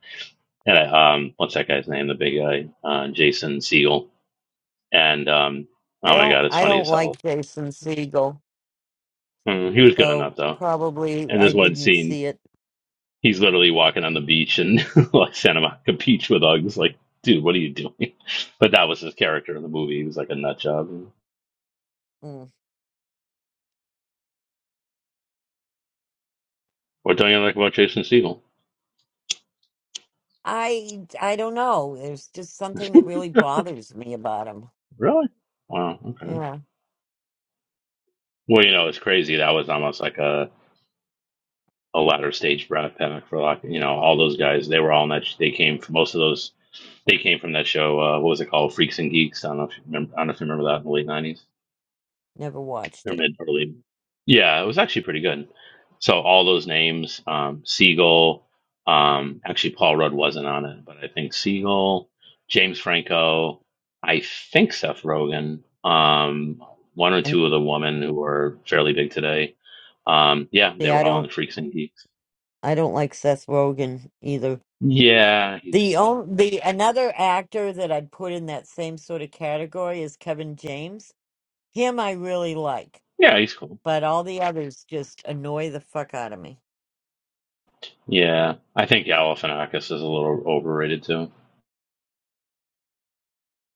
Speaker 10: And I, um, what's that guy's name? The big guy, uh, Jason Segel. And um,
Speaker 5: I
Speaker 10: oh my
Speaker 5: don't.
Speaker 10: god, it's
Speaker 5: I
Speaker 10: funny
Speaker 5: don't
Speaker 10: as hell.
Speaker 5: like Jason Segel,
Speaker 10: Mm, he was good enough
Speaker 5: so
Speaker 10: though.
Speaker 5: probably
Speaker 10: And
Speaker 5: I
Speaker 10: there's one
Speaker 5: didn't
Speaker 10: scene.
Speaker 5: see it.
Speaker 10: He's literally walking on the beach in like Santa Monica Beach with Uggs. Like, dude, what are you doing? But that was his character in the movie. He was like a nut job.
Speaker 5: Mm.
Speaker 10: What don't you like about Jason Segel?
Speaker 5: I I don't know. There's just something that really bothers me about him.
Speaker 10: Really? Wow. Okay.
Speaker 5: Yeah,
Speaker 10: Well, you know, it's crazy. That was almost like a, a latter stage Brad Paddock for like, you know, all those guys. They were all in that. Sh- They came from most of those. They came from that show. Uh, what was it called? Freaks and Geeks. I don't know if you remember. I don't know if you remember that in the late nineties.
Speaker 5: never watched it.
Speaker 10: Pyramid early. Yeah, it was actually pretty good. So all those names, um, Siegel, um, actually Paul Rudd wasn't on it, but I think Siegel, James Franco, I think Seth Rogen, um, one or
Speaker 5: And
Speaker 10: two of the women who are fairly big today. Um, yeah,
Speaker 5: see,
Speaker 10: they
Speaker 5: I
Speaker 10: were all on
Speaker 5: don't.
Speaker 10: Freaks and Geeks.
Speaker 5: I don't like Seth Rogen either.
Speaker 10: Yeah,
Speaker 5: The
Speaker 10: he's
Speaker 5: only the another actor that I'd put in that same sort of category is Kevin James. Him I really like,
Speaker 10: yeah, he's cool.
Speaker 5: but all the others just annoy the fuck out of me.
Speaker 10: Yeah, I think Galifianakis is a little overrated too.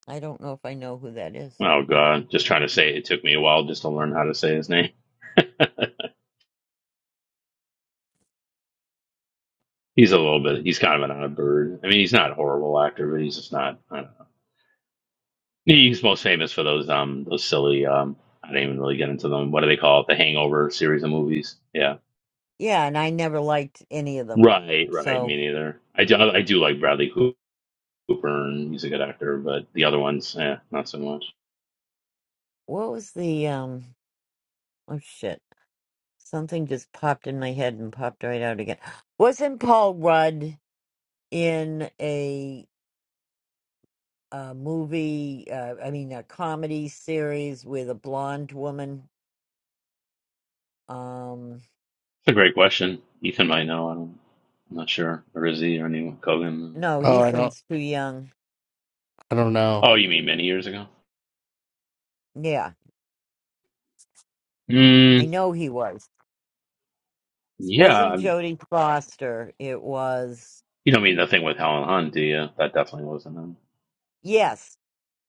Speaker 5: I don't know if I know who that is.
Speaker 10: Oh God, just trying to say it took me a while just to learn how to say his name. He's a little bit. He's kind of an odd bird. I mean, he's not a horrible actor, but he's just not. I don't know. He's most famous for those um those silly um. I didn't even really get into them. What do they call it? The Hangover series of movies. Yeah.
Speaker 5: Yeah, and I never liked any of them.
Speaker 10: Right. Right.
Speaker 5: So
Speaker 10: Me neither. I do. I do like Bradley Cooper, and he's a good actor, but the other ones, eh, not so much.
Speaker 5: what was the um? Oh shit! Something just popped in my head and popped right out again. Wasn't Paul Rudd in a uh, movie? Uh, I mean, a comedy series with a blonde woman. Um.
Speaker 10: It's a great question. Ethan might know. I don't. I'm not sure. Or is he or anyone? Cogan.
Speaker 5: No,
Speaker 1: Oh, I don't
Speaker 5: Ethan's too young.
Speaker 1: I don't know.
Speaker 10: Oh, you mean many years ago?
Speaker 5: Yeah, I
Speaker 10: Mm,
Speaker 5: know he was.
Speaker 10: yeah.
Speaker 5: Wasn't Jodie Foster? It was.
Speaker 10: You don't mean the thing with Helen Hunt, do you? That definitely wasn't him.
Speaker 5: Yes.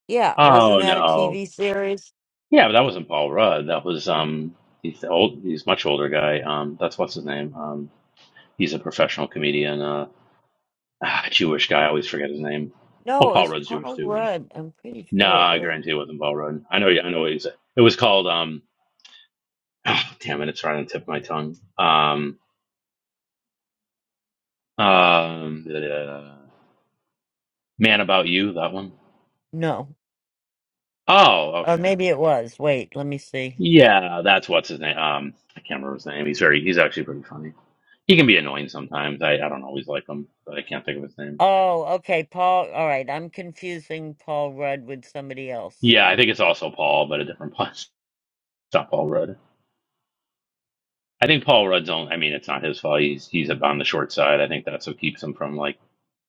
Speaker 5: Yeah. Wasn't
Speaker 10: Oh
Speaker 5: that a
Speaker 10: no,
Speaker 5: TV series?
Speaker 10: Yeah, but that wasn't Paul Rudd. That was um he's the old he's much older guy. Um that's what's his name. Um he's a professional comedian, uh ah,
Speaker 5: Huh,
Speaker 10: Jewish guy, I always forget his name. Well
Speaker 5: No, it
Speaker 10: Paul
Speaker 5: was
Speaker 10: Rudd's Jewish
Speaker 5: Paul
Speaker 10: too.
Speaker 5: Rudd. I'm pretty sure it
Speaker 10: Nah, I
Speaker 5: was.
Speaker 10: guarantee it wasn't Paul Rudd. I know I know what he's it was called um ah, damn it, it's right on the tip of my tongue. Um um uh, Man About You, that one.
Speaker 5: No.
Speaker 10: Oh,
Speaker 5: Or
Speaker 10: okay.
Speaker 5: maybe it was. Wait, let me see.
Speaker 10: Yeah, that's what's his name. Um I can't remember his name. He's very he's actually pretty funny. He can be annoying sometimes. I, I don't always like him, but I can't think of his name.
Speaker 5: Oh, okay. Paul. All right. I'm confusing Paul Rudd with somebody else.
Speaker 10: Yeah, I think it's also Paul, but a different Paul. It's not Paul Rudd. I think Paul Rudd's on. I mean, it's not his fault. He's he's on the short side. I think that's what keeps him from like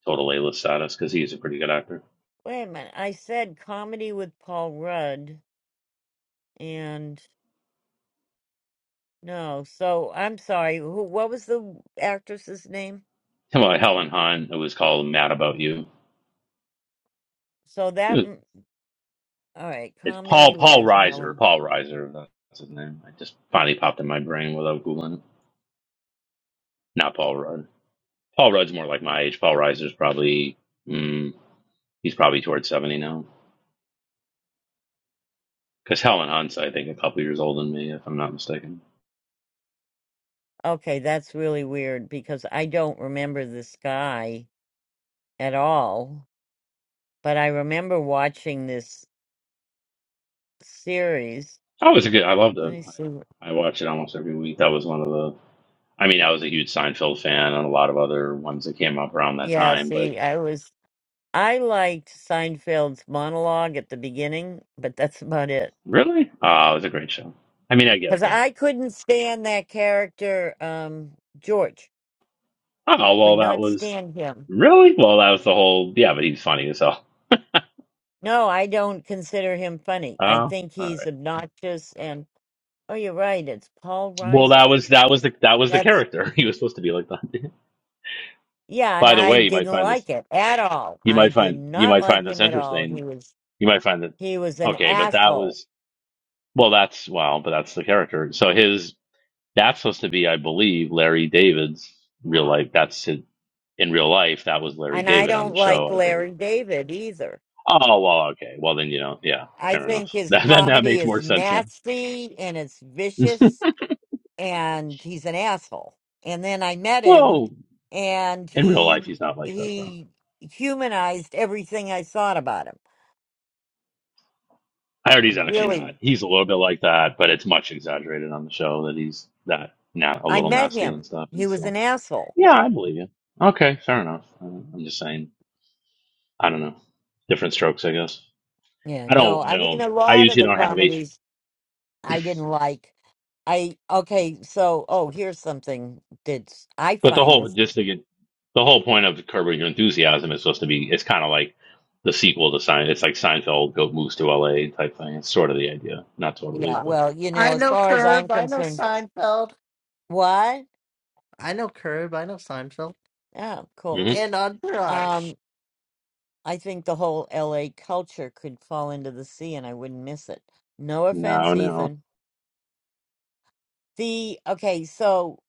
Speaker 10: total A list status because he's a pretty good actor.
Speaker 5: Wait a minute. I said comedy with Paul Rudd and no. So I'm sorry. Who, what was the actress's name?
Speaker 10: Come on, Helen Hunt. It was called Mad About You.
Speaker 5: So
Speaker 10: It
Speaker 5: that,
Speaker 10: was,
Speaker 5: m- all right,
Speaker 10: it's
Speaker 5: comedy
Speaker 10: Paul Paul
Speaker 5: with
Speaker 10: Reiser.
Speaker 5: Helen.
Speaker 10: Paul Reiser. That's his name. It just finally popped in my brain without googling. it. Not Paul Rudd. Paul Rudd's more like my age. Paul Reiser's probably mm, he's probably towards seventy now. Because Helen Hunt's I think a couple years older than me, if I'm not mistaken.
Speaker 5: Okay, that's really weird because I don't remember this guy at all, but I remember watching this series.
Speaker 10: Oh, it's a good. I loved
Speaker 5: Let
Speaker 10: it.
Speaker 5: me see. what-
Speaker 10: I watch it almost every week. That was one of the. I mean, I was a huge Seinfeld fan and a lot of other ones that came up around that
Speaker 5: Yeah,
Speaker 10: time. But
Speaker 5: see, I was, I liked Seinfeld's monologue at the beginning, but that's about it.
Speaker 10: really, uh, it was a great show. I mean, I
Speaker 5: Because
Speaker 10: get that.
Speaker 5: I couldn't stand that character, um, George.
Speaker 10: Oh
Speaker 5: Could
Speaker 10: well, that
Speaker 5: not
Speaker 10: was
Speaker 5: stand him.
Speaker 10: really well. That was the whole. Yeah, but he's funny as hell.
Speaker 5: No, I don't consider him funny.
Speaker 10: Oh,
Speaker 5: I
Speaker 10: all
Speaker 5: think he's
Speaker 10: right.
Speaker 5: obnoxious and. Oh, you're right. It's Paul
Speaker 10: Well,
Speaker 5: Reiser.
Speaker 10: that was that was the that was the
Speaker 5: That's
Speaker 10: character. He was supposed to be like that.
Speaker 5: yeah, and
Speaker 10: By the
Speaker 5: I
Speaker 10: way, you might
Speaker 5: didn't
Speaker 10: find this.
Speaker 5: like it at all.
Speaker 10: You
Speaker 5: I
Speaker 10: might
Speaker 5: did
Speaker 10: find you
Speaker 5: not
Speaker 10: might
Speaker 5: like
Speaker 10: find this
Speaker 5: him at all. He
Speaker 10: interesting.
Speaker 5: was
Speaker 10: You might find that
Speaker 5: he was an
Speaker 10: okay, but that
Speaker 5: asshole.
Speaker 10: was well. That's well, but that's the character. So his That's supposed to be, I believe, Larry David's real life. That's his, in real life. That was Larry
Speaker 5: And I
Speaker 10: David on
Speaker 5: don't
Speaker 10: the
Speaker 5: like
Speaker 10: show, I believe.
Speaker 5: Larry David either.
Speaker 10: Oh well, okay. Well then, you know, yeah,
Speaker 5: I
Speaker 10: fair enough.
Speaker 5: think his
Speaker 10: That that, that
Speaker 5: comedy
Speaker 10: makes
Speaker 5: is
Speaker 10: more sense now.
Speaker 5: nasty and it's vicious and he's an asshole. And then I met him
Speaker 10: Well,
Speaker 5: and
Speaker 10: in real
Speaker 5: he
Speaker 10: life, he's not like that though.
Speaker 5: he humanized everything I thought about him.
Speaker 10: I heard
Speaker 5: I
Speaker 10: he's actually
Speaker 5: really
Speaker 10: not. He's a little bit like that, but it's much exaggerated on the show that he's that not a
Speaker 5: I
Speaker 10: little
Speaker 5: met
Speaker 10: nasty
Speaker 5: him.
Speaker 10: and stuff.
Speaker 5: He
Speaker 10: And
Speaker 5: was
Speaker 10: so,
Speaker 5: an asshole
Speaker 10: yeah, I believe you. Okay, fair enough. Uh, I'm just saying. I don't know. Different strokes, I guess.
Speaker 5: Yeah,
Speaker 10: I don't.
Speaker 5: no,
Speaker 10: I
Speaker 5: I mean
Speaker 10: don't.
Speaker 5: a
Speaker 10: I
Speaker 5: lot of
Speaker 10: usually
Speaker 5: the
Speaker 10: don't have H.
Speaker 5: comedies I didn't like. I okay, so oh, here's something that I
Speaker 10: But the
Speaker 5: find
Speaker 10: whole
Speaker 5: this.
Speaker 10: just to get the whole point of Curb Your Enthusiasm is supposed to be it's kind of like the sequel to Sein. It's like Seinfeld go moves to L.A. type thing. It's sort of the idea, not totally,
Speaker 5: Yeah,
Speaker 1: I
Speaker 10: but
Speaker 5: well, you know,
Speaker 1: I
Speaker 5: as
Speaker 1: know
Speaker 5: far as I'm
Speaker 1: Curb. I know
Speaker 5: concerned,
Speaker 1: Seinfeld.
Speaker 5: what?
Speaker 1: I know Curb, I know Seinfeld,
Speaker 5: Oh, cool.
Speaker 10: hmm
Speaker 1: and Entourage.
Speaker 5: Um, I think the whole LA culture could fall into the sea and I wouldn't miss it. No
Speaker 10: no,
Speaker 5: offense,
Speaker 10: no,
Speaker 5: Ethan. The okay, so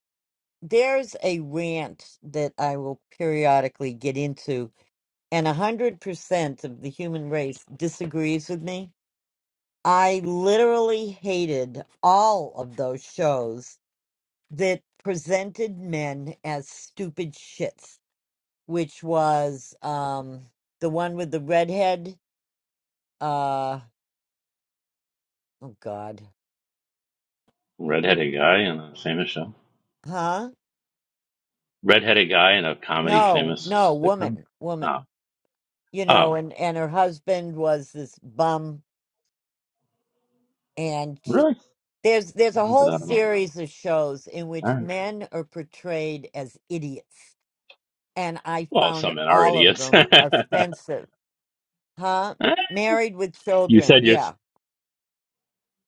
Speaker 5: there's a rant that I will periodically get into, and a hundred percent of the human race disagrees with me I literally hated all of those shows that presented men as stupid shits, which was um the one with the redhead. Uh oh God,
Speaker 10: redheaded guy in a famous show,
Speaker 5: huh?
Speaker 10: redheaded guy in a comedy
Speaker 5: No, no,
Speaker 10: famous sitcom.
Speaker 5: woman,
Speaker 10: Oh,
Speaker 5: woman. You know,
Speaker 10: oh,
Speaker 5: and and her husband was this bum, and sh-
Speaker 10: really?
Speaker 5: there's there's a
Speaker 10: I
Speaker 5: whole
Speaker 10: don't know. All
Speaker 5: series of shows in which
Speaker 10: right.
Speaker 5: men are portrayed as idiots, and I
Speaker 10: Well,
Speaker 5: found
Speaker 10: some men are
Speaker 5: all of
Speaker 10: idiots.
Speaker 5: them offensive Huh? Married with
Speaker 10: you said
Speaker 5: children.
Speaker 10: you're.
Speaker 5: Yeah.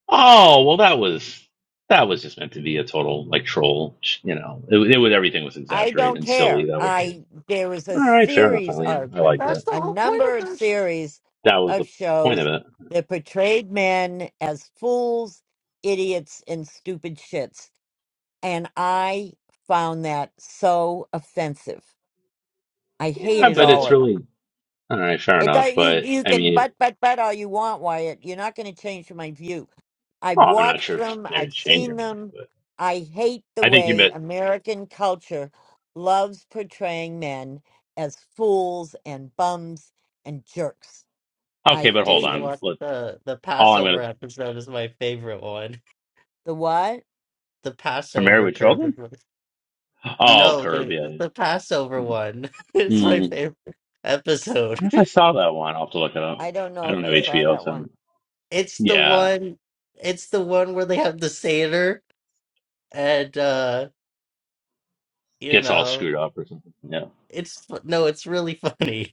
Speaker 10: Oh well, that was that was just meant to be a total like troll. You know, it, was- it was everything was
Speaker 5: I
Speaker 10: exaggerated
Speaker 5: don't
Speaker 10: and silly.
Speaker 5: care.
Speaker 10: That was the end.
Speaker 5: I there was a
Speaker 10: all right. Fair enough,
Speaker 5: series
Speaker 10: Eileen.
Speaker 5: of
Speaker 10: I
Speaker 5: a,
Speaker 10: like
Speaker 1: That's
Speaker 10: that.
Speaker 1: the
Speaker 5: a
Speaker 1: whole point of
Speaker 5: number of
Speaker 1: this.
Speaker 5: series
Speaker 10: That was
Speaker 5: of
Speaker 10: the point of
Speaker 5: shows
Speaker 10: it.
Speaker 5: that portrayed men as fools, idiots, and stupid shits. And I found that so offensive. I
Speaker 10: Yeah,
Speaker 5: hated
Speaker 1: That's
Speaker 10: but
Speaker 1: the
Speaker 5: all
Speaker 10: it's
Speaker 1: whole.
Speaker 5: of them.
Speaker 10: really all right. Fair
Speaker 5: It do-
Speaker 10: enough.
Speaker 5: you
Speaker 10: But
Speaker 5: you
Speaker 10: I
Speaker 5: can
Speaker 10: mean,
Speaker 5: butt butt butt all you want, Wyatt. You're not going to change my view. I've
Speaker 10: oh, I'm not
Speaker 5: watched
Speaker 10: sure. if
Speaker 5: them.
Speaker 10: Maybe
Speaker 5: I've
Speaker 10: it's changed
Speaker 5: seen
Speaker 10: your mind,
Speaker 5: them.
Speaker 10: but
Speaker 5: I hate the
Speaker 10: I think you
Speaker 5: way
Speaker 10: meant
Speaker 5: American culture loves portraying men as fools and bums and jerks.
Speaker 10: okay.
Speaker 5: I
Speaker 10: But
Speaker 1: Did
Speaker 10: hold
Speaker 5: hate
Speaker 1: you
Speaker 5: it.
Speaker 10: on.
Speaker 1: watch
Speaker 10: Look,
Speaker 1: the the
Speaker 10: all I'm
Speaker 1: Passover
Speaker 10: gonna
Speaker 1: episode? Is my favorite one.
Speaker 5: The what?
Speaker 1: The
Speaker 10: for Married
Speaker 1: Passover
Speaker 10: with
Speaker 1: Curb.
Speaker 10: Children.
Speaker 1: is my-
Speaker 10: Oh,
Speaker 1: No,
Speaker 10: Curb.
Speaker 1: the
Speaker 10: Yeah.
Speaker 1: the Passover
Speaker 10: yeah.
Speaker 1: one. It's
Speaker 10: Mm, I
Speaker 1: my
Speaker 10: don't
Speaker 1: favorite episode.
Speaker 10: know if I saw that one. I'll have to look it up.
Speaker 5: I don't
Speaker 10: I
Speaker 5: know if
Speaker 10: don't
Speaker 5: I
Speaker 10: have
Speaker 5: saw
Speaker 10: HBO,
Speaker 5: that one.
Speaker 10: so
Speaker 1: It's the
Speaker 10: yeah,
Speaker 1: one. It's the one where they have the seder and uh you
Speaker 10: gets all
Speaker 1: know
Speaker 10: screwed up or something. Yeah.
Speaker 1: it's fu- no, it's really funny.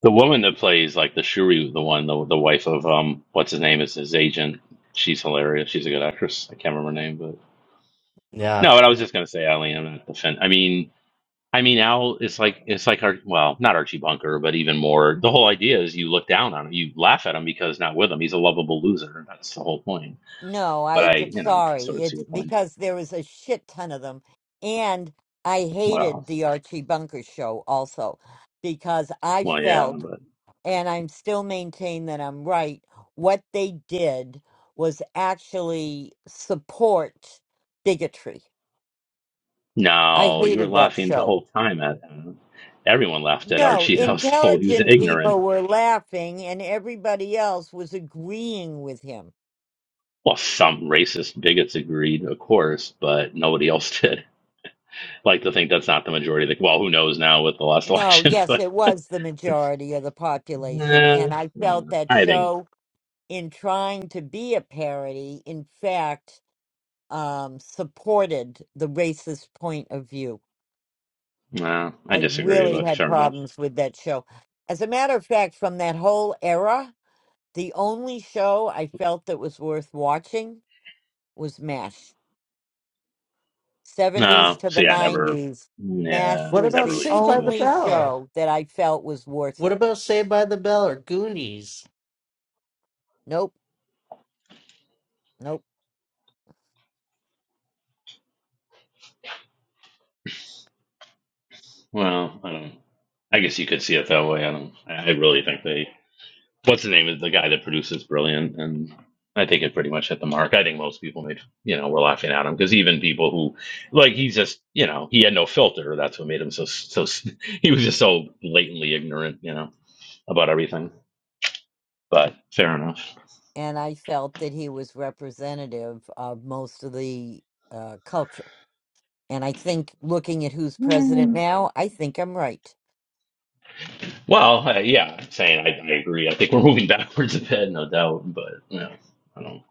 Speaker 10: The woman that plays like the Shuri, the one, the the wife of um, what's his name is his agent. She's hilarious. She's a good actress. I can't remember her name, but
Speaker 1: yeah.
Speaker 10: no. But I was just gonna say, Eileen. I'm not defend. I mean, I mean, Al. It's like it's like our well, not Archie Bunker, but even more. The whole idea is you look down on him, you laugh at him because not with him. He's a lovable loser. That's the whole point.
Speaker 5: No,
Speaker 10: But
Speaker 5: I
Speaker 10: I,
Speaker 5: d-
Speaker 10: you know, sort
Speaker 5: sorry.
Speaker 10: of see
Speaker 5: It's
Speaker 10: your point.
Speaker 5: because there was a shit ton of them, and I hated
Speaker 10: Well,
Speaker 5: the Archie Bunker show also because I
Speaker 10: well, yeah,
Speaker 5: felt.
Speaker 10: but
Speaker 5: and I'm still maintain that I'm right. What they did was actually support bigotry. I
Speaker 10: no, you were
Speaker 5: hated that
Speaker 10: laughing the
Speaker 5: show.
Speaker 10: whole time at. Uh, everyone laughed at
Speaker 5: No,
Speaker 10: Archie. That was the whole. He was
Speaker 5: intelligent
Speaker 10: ignorant
Speaker 5: people were laughing and everybody else was agreeing with him.
Speaker 10: Well, some racist bigots agreed, of course, but nobody else did. Like to think that's not the majority. Like, well, who knows now with the last
Speaker 5: No,
Speaker 10: election?
Speaker 5: yes,
Speaker 10: But
Speaker 5: it was the majority of the population.
Speaker 10: nah,
Speaker 5: And I felt that
Speaker 10: I think
Speaker 5: show, in trying to be a parody, in fact, um, supported the racist point of view.
Speaker 10: no, I
Speaker 5: I
Speaker 10: disagree.
Speaker 5: really
Speaker 10: But
Speaker 5: had
Speaker 10: fair enough.
Speaker 5: problems with that show. As a matter of fact, from that whole era, the only show I felt that was worth watching was MASH. 70s
Speaker 10: No,
Speaker 5: to the
Speaker 10: see, I never,
Speaker 5: 90s, MASH
Speaker 10: nah,
Speaker 1: What
Speaker 10: I
Speaker 5: was
Speaker 10: never
Speaker 1: about
Speaker 5: the
Speaker 10: really got
Speaker 1: Saved by
Speaker 10: into
Speaker 1: the
Speaker 10: it.
Speaker 5: only
Speaker 1: Bell?
Speaker 5: show that I felt was worth
Speaker 1: What
Speaker 5: it.
Speaker 1: about Saved by the Bell or Goonies?
Speaker 5: Nope, nope.
Speaker 10: Well, I don't. I guess you could see it that way. I don't. I I really think they what's the name of the guy that produces Brilliant? And I think it pretty much hit the mark. I think most people made, you know, were laughing at him because even people who, like, he's just, you know, he had no filter. That's what made him so, so, he was just so blatantly ignorant, you know, about everything. But fair enough.
Speaker 5: And I felt that he was representative of most of the uh, culture. And I think looking at who's president now, I think I'm right.
Speaker 10: Well, uh, yeah, I'm saying I, I agree. I think we're moving backwards a bit, no doubt. But you know, I don't.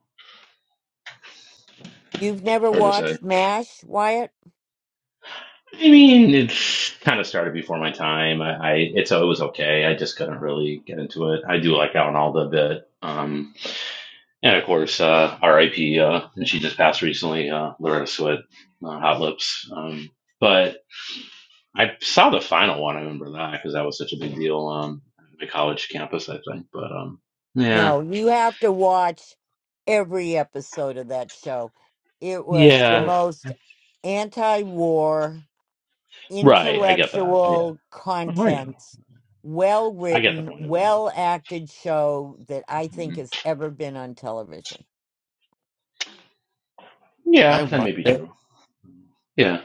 Speaker 5: You've never
Speaker 10: Hard to say.
Speaker 5: watched MASH, Wyatt?
Speaker 10: I mean, it's kind of started before my time. I, I it's it was okay. I just couldn't really get into it. I do like Alan Alda a bit. Um, And of course, uh, R.I.P. Uh, and she just passed recently, uh, Loretta Swit, uh, Hot Lips. Um, but I saw the final one. I remember that because that was such a big deal um, at my college campus, I think. But um, yeah,
Speaker 5: No, you have to watch every episode of that show. It was the
Speaker 1: I
Speaker 10: yeah,
Speaker 5: most anti war,
Speaker 10: right. I get that. Yeah,
Speaker 5: intellectual
Speaker 10: Oh, I know.
Speaker 5: contents, well
Speaker 10: I get the
Speaker 5: written,
Speaker 10: point of it.
Speaker 5: well acted show that I think
Speaker 10: Mhm.
Speaker 5: has ever been on television.
Speaker 1: I
Speaker 10: Yeah, that may
Speaker 1: watched
Speaker 10: be
Speaker 1: it.
Speaker 10: true. Yeah,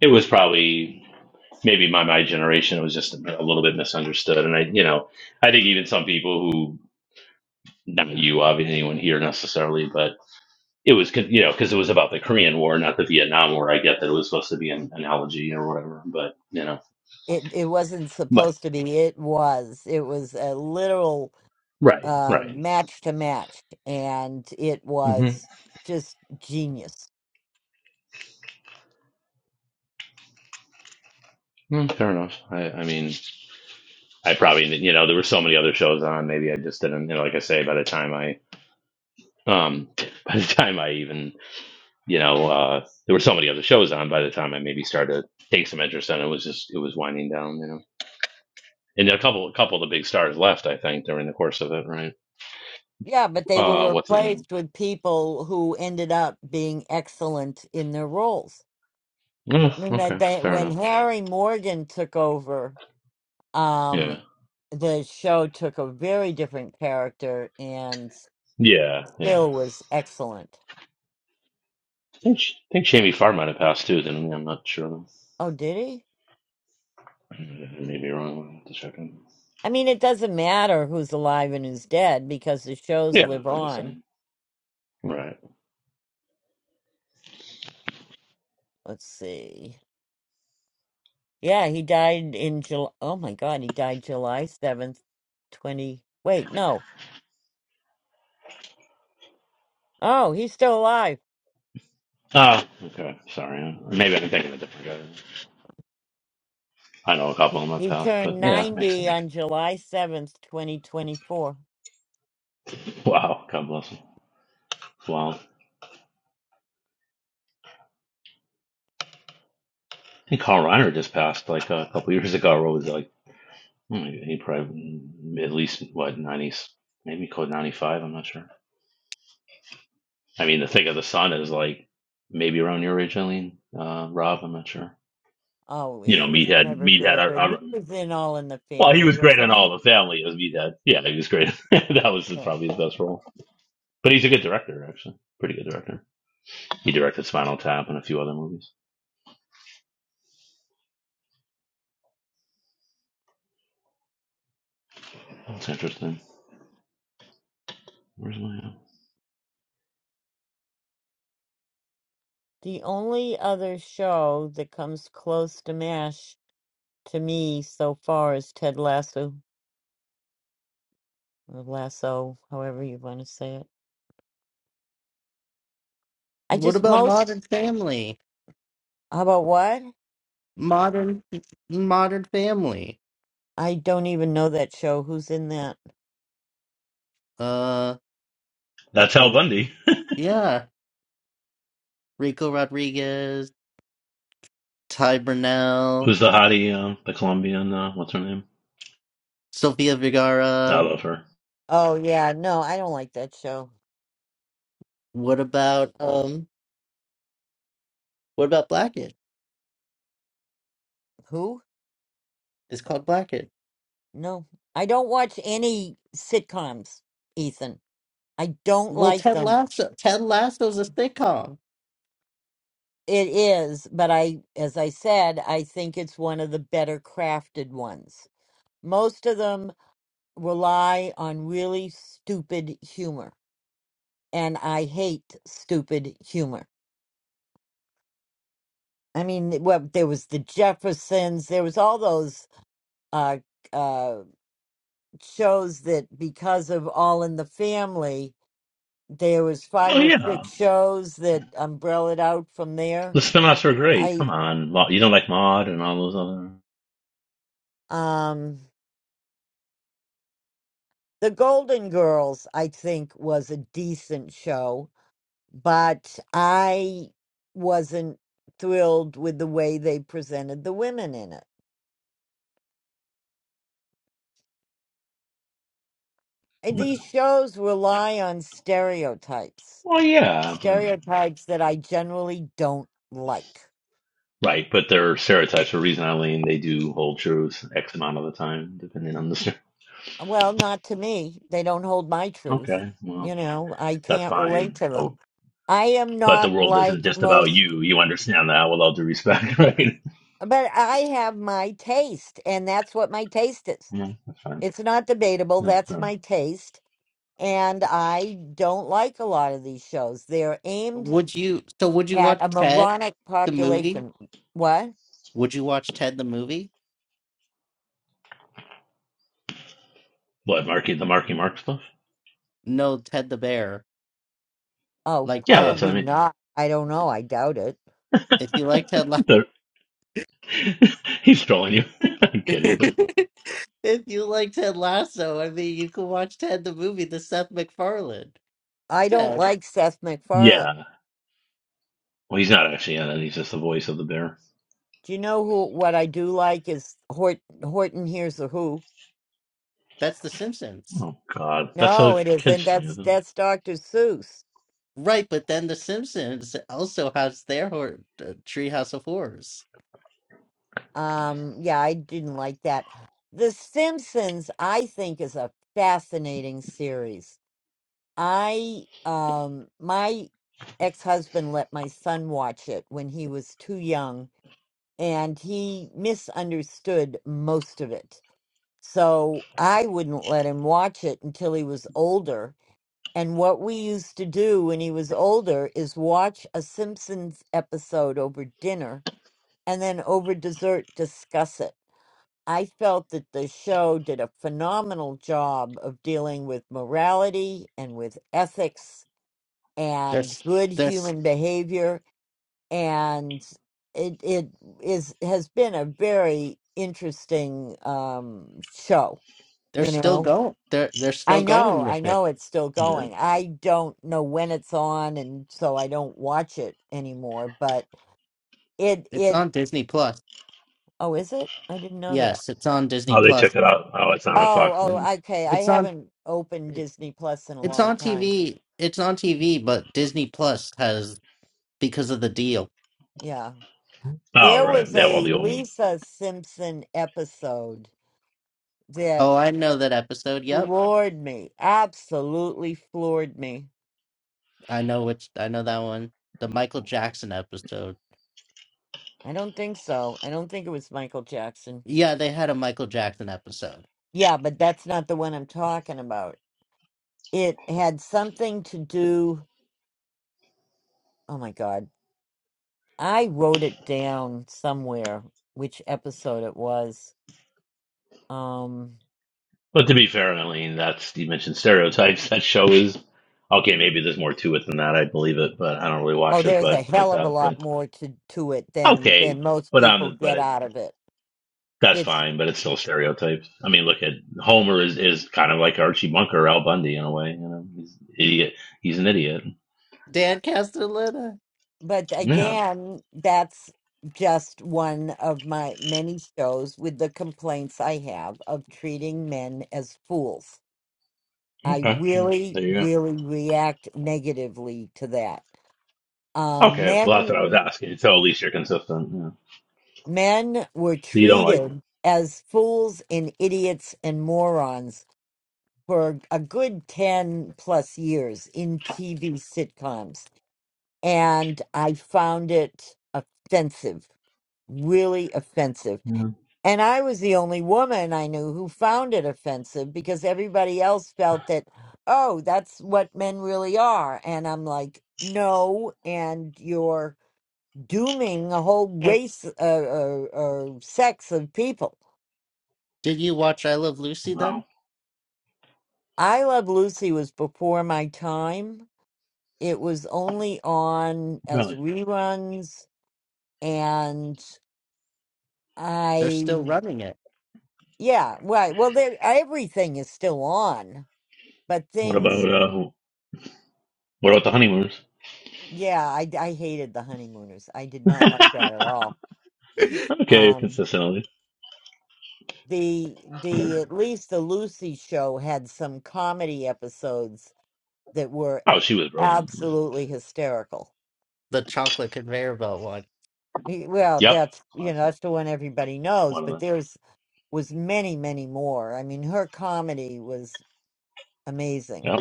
Speaker 10: it was probably maybe my my generation was just a little bit misunderstood, and I, you know, I think even some people who not you, obviously anyone here necessarily, but. it was con- you know because it was about the Korean War, not the Vietnam War. I get that it was supposed to be an analogy or whatever, but you know,
Speaker 5: It it wasn't
Speaker 10: but
Speaker 5: supposed to be. It was. It was a literal
Speaker 10: right,
Speaker 5: uh,
Speaker 10: right,
Speaker 5: match to match, and it
Speaker 10: hmm
Speaker 5: was just genius.
Speaker 10: fair enough. I, I mean, I probably you know there were so many other shows on. Maybe I just didn't. You know, like I say, by the time I um by the time I even you know uh there were so many other shows on. By the time I maybe started to take some interest in it, it was just it was winding down. You know, and a couple a couple of the big stars left. I think during the course of it, right?
Speaker 5: Yeah, but they were
Speaker 10: Uh, what's his name?
Speaker 5: replaced with people who ended up being excellent in their roles.
Speaker 10: Oh,
Speaker 5: I mean, that
Speaker 10: okay,
Speaker 5: they,
Speaker 10: fair
Speaker 5: when
Speaker 10: enough.
Speaker 5: Harry Morgan took over,
Speaker 10: Yeah.
Speaker 5: um, the show took a very different character and
Speaker 10: Yeah, yeah.
Speaker 5: still was excellent.
Speaker 10: I think Sh- I think Jamie Farr might have passed too, didn't he? I'm not sure.
Speaker 5: Oh, did he?
Speaker 10: I may be wrong. I'll have to check him.
Speaker 5: I mean, it doesn't matter who's alive and who's dead because the shows
Speaker 10: Yeah,
Speaker 5: live
Speaker 10: I'm just
Speaker 5: on.
Speaker 10: saying. Right.
Speaker 5: Let's see. Yeah, he died in July. Oh my God, he died July 7th, 20. Wait, no. Oh, he's still alive.
Speaker 10: Ah, okay. Sorry. Maybe I'm thinking of a different guy. I know a couple of them have
Speaker 5: He
Speaker 10: passed, but
Speaker 5: turned
Speaker 10: yeah, makes
Speaker 5: 90
Speaker 10: sense.
Speaker 5: on July 7th, 2024.
Speaker 10: Wow. God bless him. Wow. I think Carl Reiner just passed like a couple years ago. What was like? hmm, He probably mm, at least what 90s, maybe code 95. I'm not sure. I mean, the thing of the sun is like maybe around your age, Eileen. Uh, Rob, I'm not sure.
Speaker 5: Oh,
Speaker 10: you know,
Speaker 5: he was
Speaker 10: Meathead,
Speaker 5: never
Speaker 10: Meathead.
Speaker 5: very
Speaker 10: I,
Speaker 5: good.
Speaker 10: I,
Speaker 5: He was in All in the
Speaker 10: well, he
Speaker 5: Family,
Speaker 10: was great on
Speaker 5: wasn't
Speaker 10: All
Speaker 5: he?
Speaker 10: in the Family as Meathead. Yeah, he was great. that was
Speaker 5: Yeah.
Speaker 10: probably his best role. But he's a good director, actually. Pretty good director. He directed Spinal Tap and a few other movies. That's interesting. Where's my? uh,
Speaker 5: The only other show that comes close to MASH to me so far is Ted Lasso. or lasso, however you want to say it. I
Speaker 1: What
Speaker 5: just
Speaker 1: about
Speaker 5: most
Speaker 1: Modern Family?
Speaker 5: how about what?
Speaker 1: Modern Modern Family.
Speaker 5: I don't even know that show. Who's in that?
Speaker 1: Uh,
Speaker 10: That's Hal
Speaker 1: oh,
Speaker 10: Bundy,
Speaker 1: yeah, Rico Rodriguez, Ty Burnell,
Speaker 10: who's the hottie, uh, the Colombian. Uh, what's her name?
Speaker 1: Sofia
Speaker 10: I
Speaker 1: Vergara.
Speaker 10: love her.
Speaker 5: Oh yeah, no, I don't like that show.
Speaker 1: What about um? What about Blackett?
Speaker 5: Who?
Speaker 1: It's called Blackett.
Speaker 5: No. I don't watch any sitcoms, Ethan. I don't
Speaker 1: Well,
Speaker 5: like
Speaker 1: Ted
Speaker 5: them.
Speaker 1: Lasso. Ted Lasso's a sitcom.
Speaker 5: It is, but I as I said, I think it's one of the better crafted ones. Most of them rely on really stupid humor, and I hate stupid humor. I mean, well, there was the Jeffersons. There was all those uh, uh, shows that, because of All in the Family, there was
Speaker 10: Oh
Speaker 5: five or
Speaker 10: yeah,
Speaker 5: six shows that umbrellaed out from there.
Speaker 10: the spinoffs are great.
Speaker 5: I
Speaker 10: Come on, Ma- you don't like Maud and all those other.
Speaker 5: um, the Golden Girls, I think, was a decent show, but I wasn't thrilled with the way they presented the women in it. And these shows rely on stereotypes
Speaker 10: Well, yeah, but
Speaker 5: stereotypes that I generally don't like.
Speaker 10: right, but they're stereotypes for a reason, Eileen. They do hold truth X amount of the time, depending on the
Speaker 5: Well, not to me. They don't hold my truth.
Speaker 10: Okay, well,
Speaker 5: You know, I
Speaker 10: that's
Speaker 5: can't relate
Speaker 10: fine.
Speaker 5: to them.
Speaker 10: Oh,
Speaker 5: I am
Speaker 10: but the
Speaker 5: not
Speaker 10: world isn't
Speaker 5: like
Speaker 10: just about
Speaker 5: most,
Speaker 10: you. You understand that, with all due respect, right?
Speaker 5: but I have my taste, and that's what my taste is.
Speaker 10: Yeah, that's fine.
Speaker 5: It's not debatable.
Speaker 10: Yeah,
Speaker 5: That's
Speaker 10: fair enough.
Speaker 5: my taste. And I don't like a lot of these shows. They're aimed
Speaker 1: Would you? So would you
Speaker 5: at
Speaker 1: watch
Speaker 5: a
Speaker 1: Ted
Speaker 5: moronic
Speaker 1: the movie?
Speaker 5: population. What?
Speaker 1: Would you watch Ted the movie?
Speaker 10: What, Marky, the Marky Mark stuff?
Speaker 1: No, Ted the Bear.
Speaker 5: Oh,
Speaker 1: Like
Speaker 10: Yeah,
Speaker 1: Ted.
Speaker 10: that's what I
Speaker 5: probably
Speaker 10: mean.
Speaker 5: not. I don't know. I doubt it.
Speaker 1: If you like Ted Lasso,
Speaker 10: The- he's trolling you. I'm kidding. But
Speaker 1: if you like Ted Lasso, I mean you can watch Ted the movie, the Seth MacFarlane.
Speaker 5: I don't
Speaker 1: Ted.
Speaker 5: like Seth MacFarlane.
Speaker 10: yeah. Well, he's not actually in it. He's just the voice of the bear.
Speaker 5: Do you know who? What I do like is Hort, Horton Hears the Who.
Speaker 1: That's The Simpsons.
Speaker 10: Oh, God. That's a
Speaker 5: No, it isn't.
Speaker 10: kid's thing,
Speaker 5: That's
Speaker 10: isn't it?
Speaker 5: that's Dr. Seuss.
Speaker 1: Right, but then The Simpsons also has their hor- uh, Treehouse of Horrors.
Speaker 5: Um, yeah, I didn't like that. The Simpsons, I think, is a fascinating series. I um, my ex-husband let my son watch it when he was too young, and he misunderstood most of it. So I wouldn't let him watch it until he was older And what we used to do when he was older is watch a Simpsons episode over dinner and then over dessert discuss it. I felt that the show did a phenomenal job of dealing with morality and with ethics
Speaker 1: They're,
Speaker 5: and
Speaker 1: s-
Speaker 5: good
Speaker 1: they're, s-
Speaker 5: human behavior and it it is has been a very interesting um show,
Speaker 1: they're
Speaker 5: you
Speaker 1: still
Speaker 5: know.
Speaker 1: going. They're, they're
Speaker 5: I
Speaker 1: still
Speaker 5: know,
Speaker 1: going
Speaker 5: I
Speaker 1: with it.
Speaker 5: know it's still
Speaker 10: Yeah.
Speaker 5: going. I don't know when it's on and so I don't watch it anymore, but it
Speaker 1: It's
Speaker 5: it
Speaker 1: on Disney Plus.
Speaker 5: oh is it? I didn't know that.
Speaker 1: Yes, it's on Disney
Speaker 10: Oh, they
Speaker 1: Plus.
Speaker 10: took it out. Oh, it's not on
Speaker 5: Oh,
Speaker 10: Fox anymore.
Speaker 5: oh, okay. I
Speaker 1: It's on
Speaker 5: haven't opened
Speaker 1: it,
Speaker 5: Disney Plus in a
Speaker 1: it's
Speaker 5: long
Speaker 1: on
Speaker 5: time.
Speaker 1: TV. It's on TV, but Disney Plus has because of the deal.
Speaker 5: Yeah.
Speaker 10: Oh,
Speaker 5: There
Speaker 10: right.
Speaker 5: was
Speaker 10: They have all
Speaker 5: a
Speaker 10: the old ones.
Speaker 5: Lisa Simpson episode that
Speaker 1: Oh, I know that episode. Yep.
Speaker 5: floored me. Absolutely floored me.
Speaker 1: I know which I know that one. The Michael Jackson episode.
Speaker 5: I don't think so. I don't think it was Michael Jackson.
Speaker 1: Yeah, they had a Michael Jackson episode.
Speaker 5: Yeah, but that's not the one I'm talking about. It had something to do. Oh my God. I wrote it down somewhere, which episode it was. Um,
Speaker 10: But to be fair, Eileen, that's you mentioned stereotypes. That show is okay. Maybe there's more to it than that. I believe it, but I don't really
Speaker 5: oh,
Speaker 10: watch it.
Speaker 5: there's a
Speaker 10: But like
Speaker 5: hell of a
Speaker 10: that,
Speaker 5: lot
Speaker 10: but
Speaker 5: more to, to it than,
Speaker 10: okay.
Speaker 5: than most
Speaker 10: But
Speaker 5: people
Speaker 10: um, but
Speaker 5: get
Speaker 10: it,
Speaker 5: out of it.
Speaker 10: that's
Speaker 5: It's,
Speaker 10: fine. But it's still stereotypes. I mean, look at Homer is is kind of like Archie Bunker, or Al Bundy in a way. You know, he's idiot. He's an idiot.
Speaker 1: Dan Castellaneta.
Speaker 5: but
Speaker 10: Yeah.
Speaker 5: again, that's just one of my many shows with the complaints I have of treating men as fools. I
Speaker 10: Okay. Mm,
Speaker 5: really,
Speaker 10: There you go.
Speaker 5: really react negatively to that uh,
Speaker 10: Okay. Well, that's what I
Speaker 5: men.
Speaker 10: was asking. So at least you're consistent. Yeah.
Speaker 5: Men were
Speaker 10: So you don't like.
Speaker 5: treated as fools and idiots and morons for a good 10 plus years in TV sitcoms. And I found it offensive, really offensive.
Speaker 10: Yeah.
Speaker 5: And I was the only woman I knew who found it offensive because everybody else felt that, oh, that's what men really are. And I'm like, no, and you're dooming a whole
Speaker 1: Did
Speaker 5: race uh, or, or sex of people.
Speaker 1: you watch I Love Lucy then?
Speaker 10: Wow.
Speaker 5: I Love Lucy was before my time. It was only on as
Speaker 10: Really.
Speaker 5: reruns, and
Speaker 1: They're
Speaker 5: I,
Speaker 1: still running it.
Speaker 5: yeah, right. Well, there, everything is still on, but
Speaker 10: What
Speaker 5: things,
Speaker 10: about uh? What about the honeymooners?
Speaker 5: yeah, I, I hated the honeymooners. I did not like that at all.
Speaker 10: okay,
Speaker 5: Um,
Speaker 10: consistently.
Speaker 5: the the at least the Lucy show had some comedy episodes that were
Speaker 10: Oh, she was brilliant.
Speaker 5: absolutely hysterical.
Speaker 1: The chocolate conveyor belt one.
Speaker 5: Y- Well,
Speaker 10: Yep.
Speaker 5: that's you know
Speaker 10: Classic.
Speaker 5: that's the one everybody knows,
Speaker 10: One of
Speaker 5: but
Speaker 10: them.
Speaker 5: there's was many many more. I mean, her comedy was amazing.
Speaker 10: Yep.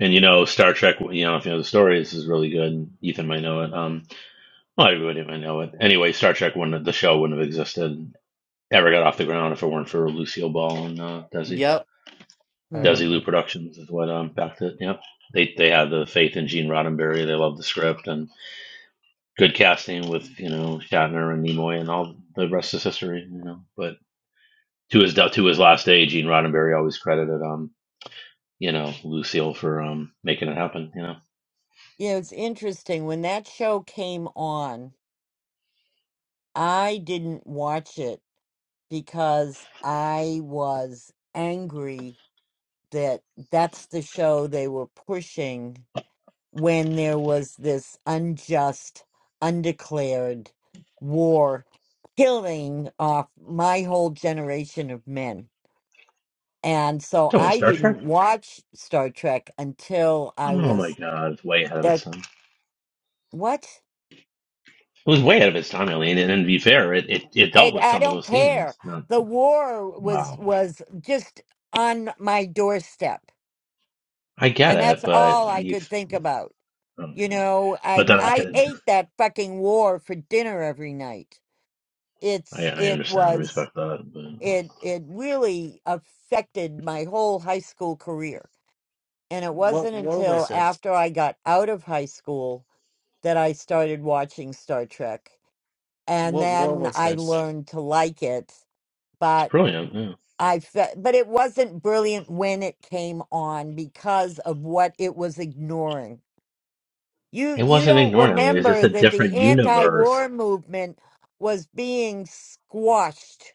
Speaker 10: And you know, Star Trek, you know, if you know the story, this is really good. Ethan might know it. Um, well, everybody might know it. Anyway, Star Trek wouldn't, have- the show wouldn't have existed, ever got off the ground if it weren't for Lucille Ball and uh, Desi.
Speaker 1: Yep, I
Speaker 5: Hmm.
Speaker 10: Desi Lou
Speaker 1: remember.
Speaker 10: Productions is what um, backed it. Yep. They, they had the faith in Gene Roddenberry. They loved the script and good casting with, you know, Shatner and Nimoy and all the rest is history, you know. But to his, to his last day, Gene Roddenberry always credited. um, you know, Lucille for um making it happen, you know.
Speaker 5: You know, it's interesting when that show came on. I didn't watch it because I was angry that that's the show they were pushing when there was this unjust, undeclared war killing off my whole generation of men. And so
Speaker 10: Come on,
Speaker 5: I
Speaker 10: Star Trek.
Speaker 5: didn't watch Star Trek until I
Speaker 10: Oh my
Speaker 5: was
Speaker 10: god, it's way ahead of
Speaker 5: that
Speaker 10: its time. It
Speaker 5: what?
Speaker 10: was way ahead of its time, Eileen, and, and to be fair, it, it, it dealt
Speaker 5: And
Speaker 10: with
Speaker 5: I
Speaker 10: some of
Speaker 5: don't
Speaker 10: those
Speaker 5: care.
Speaker 10: themes. Not
Speaker 5: The war was
Speaker 10: wow.
Speaker 5: was just on my doorstep.
Speaker 10: I get
Speaker 5: And
Speaker 10: it,
Speaker 5: that's
Speaker 10: but
Speaker 5: all I
Speaker 10: you
Speaker 5: could think about. You
Speaker 10: okay.
Speaker 5: know, I
Speaker 10: But then I
Speaker 5: I
Speaker 10: could
Speaker 5: ate that fucking war for dinner every night.
Speaker 10: I,
Speaker 5: It's
Speaker 10: I
Speaker 5: it
Speaker 10: understand and
Speaker 5: was
Speaker 10: respect that, but
Speaker 5: it it really affected my whole high school career. And it
Speaker 1: What
Speaker 5: wasn't
Speaker 1: war
Speaker 5: until
Speaker 1: was this?
Speaker 5: after I got out of high school that I started watching Star Trek, and
Speaker 1: What war
Speaker 5: then
Speaker 1: was
Speaker 5: I
Speaker 1: this?
Speaker 5: learned to like it.
Speaker 10: it's
Speaker 5: But
Speaker 10: brilliant, yeah.
Speaker 5: I fe- but it wasn't brilliant when it came on because of what it was ignoring. You
Speaker 10: It
Speaker 5: you
Speaker 10: wasn't
Speaker 5: don't
Speaker 10: ignored, Eileen, it's just
Speaker 5: remember
Speaker 10: a
Speaker 5: that the
Speaker 10: different universe.
Speaker 5: anti-war movement was being squashed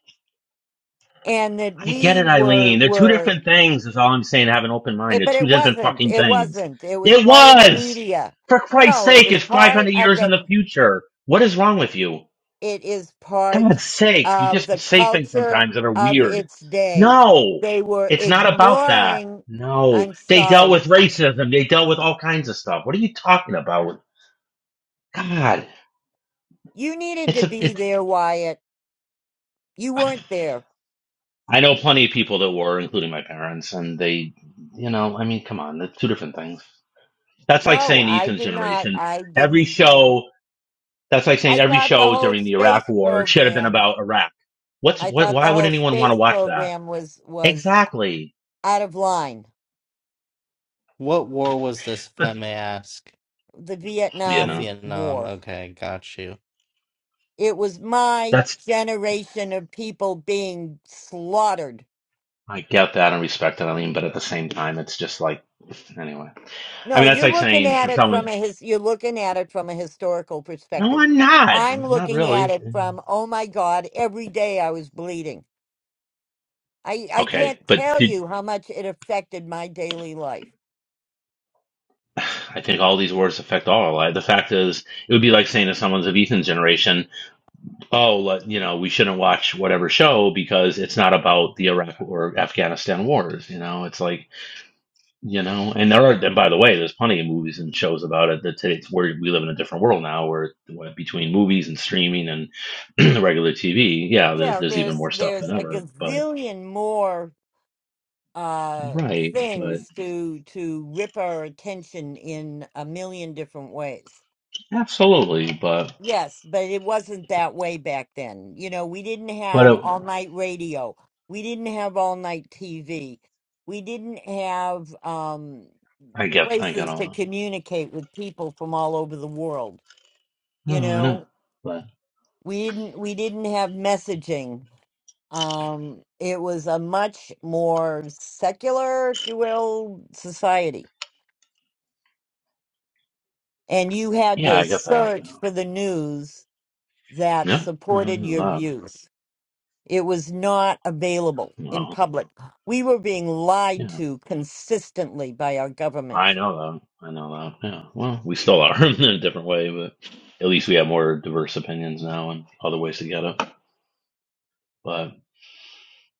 Speaker 5: and that
Speaker 10: I get
Speaker 5: we
Speaker 10: it,
Speaker 5: were
Speaker 10: Eileen. They're two
Speaker 5: were
Speaker 10: different things, is all I'm saying. Have an open mind.
Speaker 5: It,
Speaker 10: They're
Speaker 5: but
Speaker 10: two
Speaker 5: it
Speaker 10: different
Speaker 5: wasn't.
Speaker 10: fucking
Speaker 5: It
Speaker 10: things.
Speaker 5: wasn't. It was
Speaker 10: It
Speaker 5: part of the
Speaker 10: was!
Speaker 5: media.
Speaker 10: For Christ's
Speaker 5: No, it
Speaker 10: sake,
Speaker 5: was
Speaker 10: it's
Speaker 5: part
Speaker 10: 500
Speaker 5: of
Speaker 10: years in the
Speaker 5: the.
Speaker 10: future. What is wrong with you?
Speaker 5: It is part
Speaker 10: God's sakes, you
Speaker 5: of
Speaker 10: just
Speaker 5: the
Speaker 10: say things
Speaker 5: culture
Speaker 10: sometimes that are
Speaker 5: of
Speaker 10: weird.
Speaker 5: its day.
Speaker 10: No!
Speaker 5: They were
Speaker 10: It's not about that.
Speaker 5: ignoring.
Speaker 10: No.
Speaker 5: I'm
Speaker 10: They dealt
Speaker 5: sorry.
Speaker 10: with racism. They dealt with all kinds of stuff. What are you talking about? God.
Speaker 5: You needed
Speaker 10: It's
Speaker 5: to
Speaker 10: a,
Speaker 5: be
Speaker 10: it's,
Speaker 5: there, Wyatt. You weren't there.
Speaker 10: I know plenty of people that were, including my parents, and they, you know, I mean, come on, it's two different things. That's like
Speaker 5: No,
Speaker 10: saying
Speaker 5: I
Speaker 10: Ethan's
Speaker 5: did not.
Speaker 10: generation.
Speaker 5: I
Speaker 10: Every
Speaker 5: didn't. You know,
Speaker 10: show, that's like saying
Speaker 5: I
Speaker 10: every
Speaker 5: thought the
Speaker 10: show
Speaker 5: whole
Speaker 10: during the Iraq
Speaker 5: space
Speaker 10: War should have been
Speaker 5: program.
Speaker 10: about Iraq. What's
Speaker 5: I
Speaker 10: what?
Speaker 5: thought the
Speaker 10: Why would
Speaker 5: whole
Speaker 10: anyone want to
Speaker 5: space
Speaker 10: watch that?
Speaker 5: program was was
Speaker 10: Exactly.
Speaker 5: out of line.
Speaker 1: What war was this, if I may ask?
Speaker 5: The
Speaker 10: But you
Speaker 1: Oh,
Speaker 10: know,
Speaker 5: Vietnam
Speaker 1: Vietnam.
Speaker 5: War.
Speaker 1: Okay, got you.
Speaker 5: It was my
Speaker 10: that's
Speaker 5: generation of people being slaughtered.
Speaker 10: I get that and respect it, I mean, but at the same time, it's just like anyway. I
Speaker 5: No,
Speaker 10: mean, that's
Speaker 5: you're
Speaker 10: like
Speaker 5: looking
Speaker 10: saying
Speaker 5: at
Speaker 10: for
Speaker 5: it from
Speaker 10: someone,
Speaker 5: a his, you're looking at it from a historical
Speaker 10: no,
Speaker 5: perspective.
Speaker 10: I'm not,
Speaker 5: I'm
Speaker 10: not
Speaker 5: looking at
Speaker 10: really.
Speaker 5: it from oh my god, every day I was bleeding. I I
Speaker 10: Okay,
Speaker 5: can't
Speaker 10: but
Speaker 5: tell
Speaker 10: did
Speaker 5: you how much it affected my daily life.
Speaker 10: I think all these words affect all our lives? The fact is, it would be like saying to someone's of Ethan's generation. oh, let, you know, we shouldn't watch whatever show because it's not about the Iraq or Afghanistan wars. You know, it's like, you know, and there are, and by the way, there's plenty of movies and shows about it that today it's where we live in a different world now where where between movies and streaming and the regular TV, yeah, there,
Speaker 5: Yeah,
Speaker 10: there's even
Speaker 5: there's
Speaker 10: more stuff than
Speaker 5: there's a
Speaker 10: ever. But,
Speaker 5: gazillion more uh
Speaker 10: right, but
Speaker 5: things to to rip our attention in a million different ways.
Speaker 10: absolutely. But,
Speaker 5: Yes, but it wasn't that way back then. You know, we didn't
Speaker 10: but
Speaker 5: have
Speaker 10: it,
Speaker 5: all night radio. We didn't have all night TV. We didn't have um,
Speaker 10: I get, I get
Speaker 5: places to
Speaker 10: all
Speaker 5: communicate with people from all over the world.
Speaker 10: that.
Speaker 5: You
Speaker 10: No, I know.
Speaker 5: know,
Speaker 10: But,
Speaker 5: we didn't we didn't have messaging. Um, it was a much more secular, if you will, society, and you had
Speaker 10: yeah,
Speaker 5: to
Speaker 10: I get that.
Speaker 5: search for the news that
Speaker 10: Yeah, I
Speaker 5: supported
Speaker 10: know
Speaker 5: your
Speaker 10: that.
Speaker 5: views. It was not available in
Speaker 10: Well,
Speaker 5: public. We were being
Speaker 10: yeah.
Speaker 5: lied to consistently by our
Speaker 10: I
Speaker 5: government.
Speaker 10: know that. I know that. Yeah. Well, we still are in a different way, but at least we have more diverse opinions now and other ways to get it. But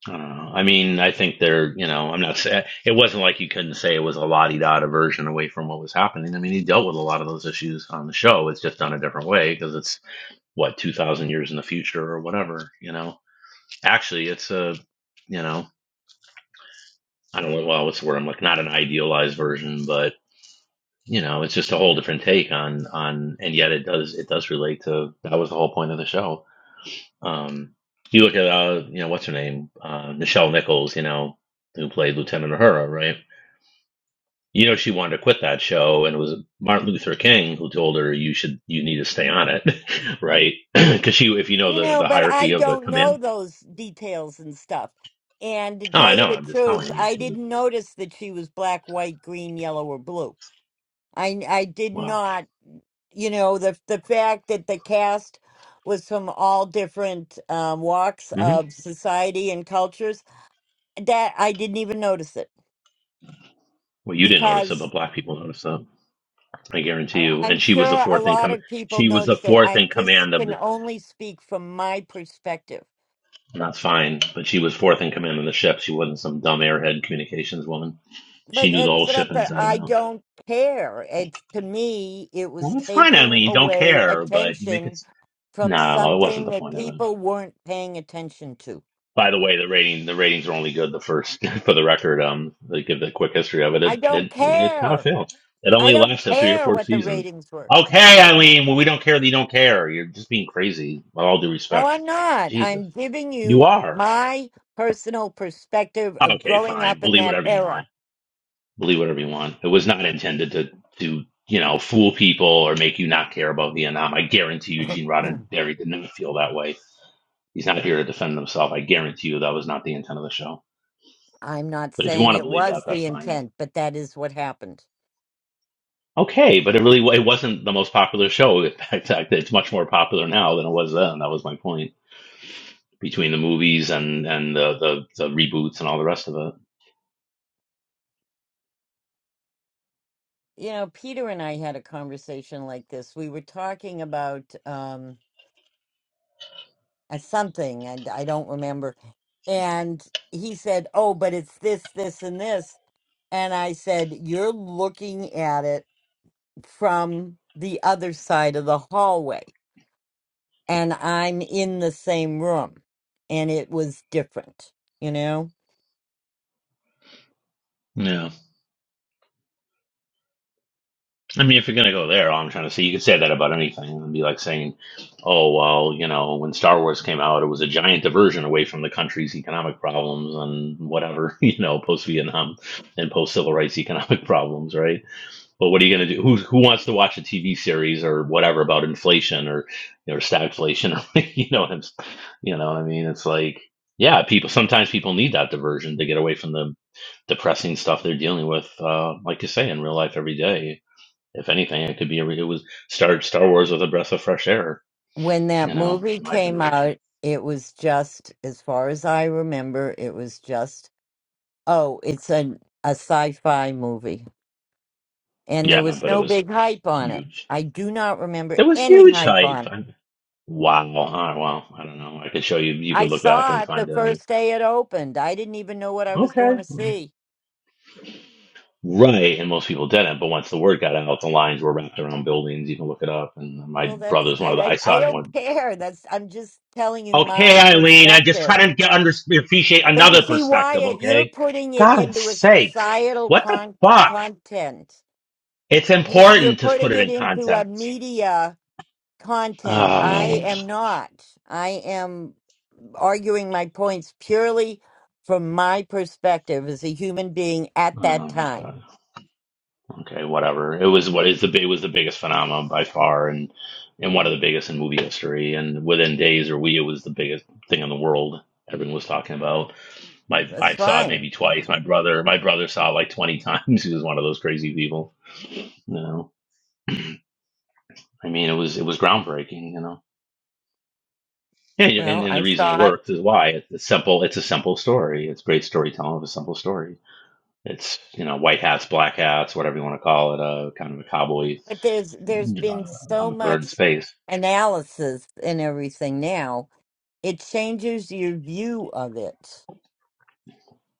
Speaker 10: I don't know. I mean, I think they're, you know, I'm not saying it wasn't like you couldn't say it was a la di da diversion away from what was happening. I mean, he dealt with a lot of those issues on the show. It's just done a different way because it's what 2,000 years in the future or whatever, you know. Actually, it's a, you know, I don't know. Well, what's the word? I'm like, not an idealized version, but. you know, it's just a whole different take on on, and yet it does it does relate to that was the whole point of the show. Um, you look at uh, you know, what's her name, uh, Nichelle Nichols, you know, who played Lieutenant Uhura, right? You know, she wanted to quit that show, and it was Martin Luther King who told her you should you need to stay on it, right? Because she, if you know
Speaker 5: You
Speaker 10: the
Speaker 5: know,
Speaker 10: the
Speaker 5: but
Speaker 10: hierarchy
Speaker 5: I
Speaker 10: of the
Speaker 5: don't know
Speaker 10: command,
Speaker 5: those details and stuff. And to
Speaker 10: oh,
Speaker 5: tell
Speaker 10: I know,
Speaker 5: you the
Speaker 10: I'm just
Speaker 5: truth,
Speaker 10: telling you,
Speaker 5: I
Speaker 10: she was
Speaker 5: didn't notice that she was black, white, green, yellow, or blue. I I did
Speaker 10: wow.
Speaker 5: not, you know, the the fact that the cast was from all different um, walks
Speaker 10: hmm
Speaker 5: of society and cultures, that I didn't even notice it
Speaker 10: Well, you didn't notice it,
Speaker 5: because
Speaker 10: but black people noticed it. I guarantee
Speaker 5: I-
Speaker 10: you. And
Speaker 5: I'm
Speaker 10: she was the
Speaker 5: sure a
Speaker 10: fourth in
Speaker 5: lot
Speaker 10: command.
Speaker 5: of people
Speaker 10: She was the
Speaker 5: noticed it.
Speaker 10: fourth in
Speaker 5: I'm just
Speaker 10: command of
Speaker 5: can
Speaker 10: the
Speaker 5: only speak from my perspective
Speaker 10: And That's fine, but she was fourth in command on the ship. She wasn't some dumb airhead communications woman. She
Speaker 5: But
Speaker 10: knew the
Speaker 5: it's
Speaker 10: whole ship
Speaker 5: not that
Speaker 10: inside and
Speaker 5: I
Speaker 10: out.
Speaker 5: don't care. It's to me, it
Speaker 10: Well,
Speaker 5: was
Speaker 10: that's fine,
Speaker 5: taking
Speaker 10: Eileen. You Don't
Speaker 5: away
Speaker 10: care, but you make it.
Speaker 5: attention
Speaker 10: s-
Speaker 5: from
Speaker 10: No, it wasn't
Speaker 5: something
Speaker 10: the
Speaker 5: that
Speaker 10: point of it.
Speaker 5: people weren't paying attention to.
Speaker 10: By the way, the rating the ratings were only good the first. For the record, um, they give the quick history of it. It
Speaker 5: I don't
Speaker 10: it it kind of
Speaker 5: care.
Speaker 10: failed. It
Speaker 5: I
Speaker 10: only
Speaker 5: don't
Speaker 10: lasted three or
Speaker 5: care
Speaker 10: four
Speaker 5: what the
Speaker 10: seasons.
Speaker 5: ratings were.
Speaker 10: Okay,
Speaker 5: You know,
Speaker 10: Eileen. Well, we don't care that you don't care. You're just being crazy. With all due
Speaker 5: no,
Speaker 10: respect,
Speaker 5: I'm not.
Speaker 10: Jesus,
Speaker 5: I'm giving
Speaker 10: you
Speaker 5: you
Speaker 10: are.
Speaker 5: my personal perspective of
Speaker 10: Okay,
Speaker 5: growing
Speaker 10: fine.
Speaker 5: up in
Speaker 10: Believe
Speaker 5: that
Speaker 10: whatever you
Speaker 5: era.
Speaker 10: want. believe whatever you want. It was not intended to to you know fool people or make you not care about Vietnam. I guarantee you, Gene Roddenberry did not feel that way. He's not here to defend himself. I guarantee you that was not the intent of the show.
Speaker 5: I'm not
Speaker 10: But if you
Speaker 5: saying
Speaker 10: want to
Speaker 5: it
Speaker 10: believe that,
Speaker 5: was
Speaker 10: that's
Speaker 5: the
Speaker 10: fine.
Speaker 5: intent, but that is what happened.
Speaker 10: Okay, but it really it wasn't the most popular show. In fact, it's much more popular now than it was then. That was my point. Between the movies and and the the, the reboots and all the rest of it.
Speaker 5: You know, Peter and I had a conversation like this. We were talking about um uh, something and I don't remember. And he said, "Oh, but it's this, this and this." And I said, "You're looking at it from the other side of the hallway and I'm in the same room." And it was different, you know?
Speaker 10: Yeah. I mean, if you're gonna go there, all I'm trying to say, you can say that about anything, and be like saying, "Oh well, you know, when Star Wars came out, it was a giant diversion away from the country's economic problems and whatever, you know, post-Vietnam and post-civil rights economic problems, right?" But what are you gonna do? Who who wants to watch a TV series or whatever about inflation or or stagflation or you know what I'm, s- you know what I mean? It's like, yeah, people sometimes people need that diversion to get away from the depressing stuff they're dealing with, uh, like you say, in real life every day if anything, it could be a re- it was started Star Wars with a breath of fresh air,
Speaker 5: When that
Speaker 10: you know,
Speaker 5: movie
Speaker 10: in my
Speaker 5: came
Speaker 10: generation.
Speaker 5: out, it was just as far as I remember, it was just Oh, it's an a sci-fi movie, and there
Speaker 10: Yeah,
Speaker 5: was
Speaker 10: but it
Speaker 5: no
Speaker 10: was
Speaker 5: big hype on it.
Speaker 10: huge.
Speaker 5: I do not remember
Speaker 10: There was
Speaker 5: any
Speaker 10: huge
Speaker 5: hype on
Speaker 10: hype.
Speaker 5: it.
Speaker 10: i wow. All right, well, I don't know. I could show you. You
Speaker 5: I
Speaker 10: could look back
Speaker 5: saw
Speaker 10: and
Speaker 5: it the
Speaker 10: find it. I mean,
Speaker 5: first day it opened. I didn't even know what I was
Speaker 10: okay.
Speaker 5: going to see.
Speaker 10: Right, and most people didn't. But once the word got out, the lines were wrapped around buildings. You can look it up. And my
Speaker 5: Well, that's
Speaker 10: brother's one of the.
Speaker 5: I
Speaker 10: I
Speaker 5: I, I
Speaker 10: saw it
Speaker 5: don't
Speaker 10: one.
Speaker 5: care. That's I'm just telling you
Speaker 10: Okay,
Speaker 5: my
Speaker 10: Eileen, I just
Speaker 5: perspective.
Speaker 10: try to get under appreciate
Speaker 5: But you
Speaker 10: another
Speaker 5: see,
Speaker 10: perspective.
Speaker 5: Wyatt, you're
Speaker 10: Okay,
Speaker 5: putting it
Speaker 10: God's
Speaker 5: into a
Speaker 10: sakes,
Speaker 5: societal
Speaker 10: what the
Speaker 5: con-
Speaker 10: fuck?
Speaker 5: content.
Speaker 10: It's
Speaker 5: You, you're
Speaker 10: important to put
Speaker 5: putting
Speaker 10: it
Speaker 5: it
Speaker 10: in
Speaker 5: into a
Speaker 10: context.
Speaker 5: media content. I
Speaker 10: Oh,
Speaker 5: am not. I am. arguing my points purely from my perspective as a human being at
Speaker 10: oh
Speaker 5: that
Speaker 10: my
Speaker 5: time.
Speaker 10: god. Okay, whatever. It was what is the it was the biggest phenomenon by far, and and one of the biggest in movie history. And within days or we, it was the biggest thing in the world. Everyone was talking about. My
Speaker 5: That's
Speaker 10: I saw it
Speaker 5: fine.
Speaker 10: maybe twice. My brother, my brother saw it like twenty times. He was one of those crazy people. You know, I mean, it was it was groundbreaking. You know. Yeah, and,
Speaker 5: Well,
Speaker 10: and
Speaker 5: I
Speaker 10: the reason it
Speaker 5: saw it,
Speaker 10: worked is why it's simple. It's a simple story. It's great storytelling of a simple story it's you know white hats, black hats, whatever you want to call it, uh, kind of a cowboy
Speaker 5: but there's there's been
Speaker 10: uh,
Speaker 5: so
Speaker 10: opera in
Speaker 5: much
Speaker 10: space.
Speaker 5: analysis and everything now. It changes your view of it.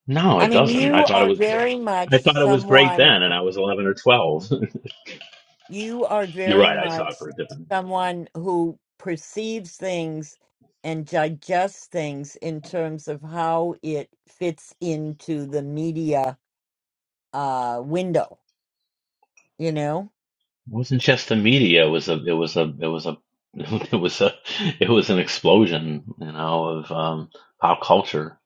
Speaker 10: No,
Speaker 5: I
Speaker 10: it
Speaker 5: mean,
Speaker 10: doesn't. I
Speaker 5: you
Speaker 10: thought it
Speaker 5: are
Speaker 10: was good.
Speaker 5: very much
Speaker 10: I thought it was great
Speaker 5: someone.
Speaker 10: then, and I was eleven or twelve.
Speaker 5: you are
Speaker 10: You're
Speaker 5: very
Speaker 10: right. I saw
Speaker 5: much
Speaker 10: it for a different.
Speaker 5: someone who perceives things and digests things in terms of how it fits into the media uh, window, you know?
Speaker 10: It wasn't just the media. It was a. It was a. It was a. It was a. It was an explosion. You know of um, pop culture.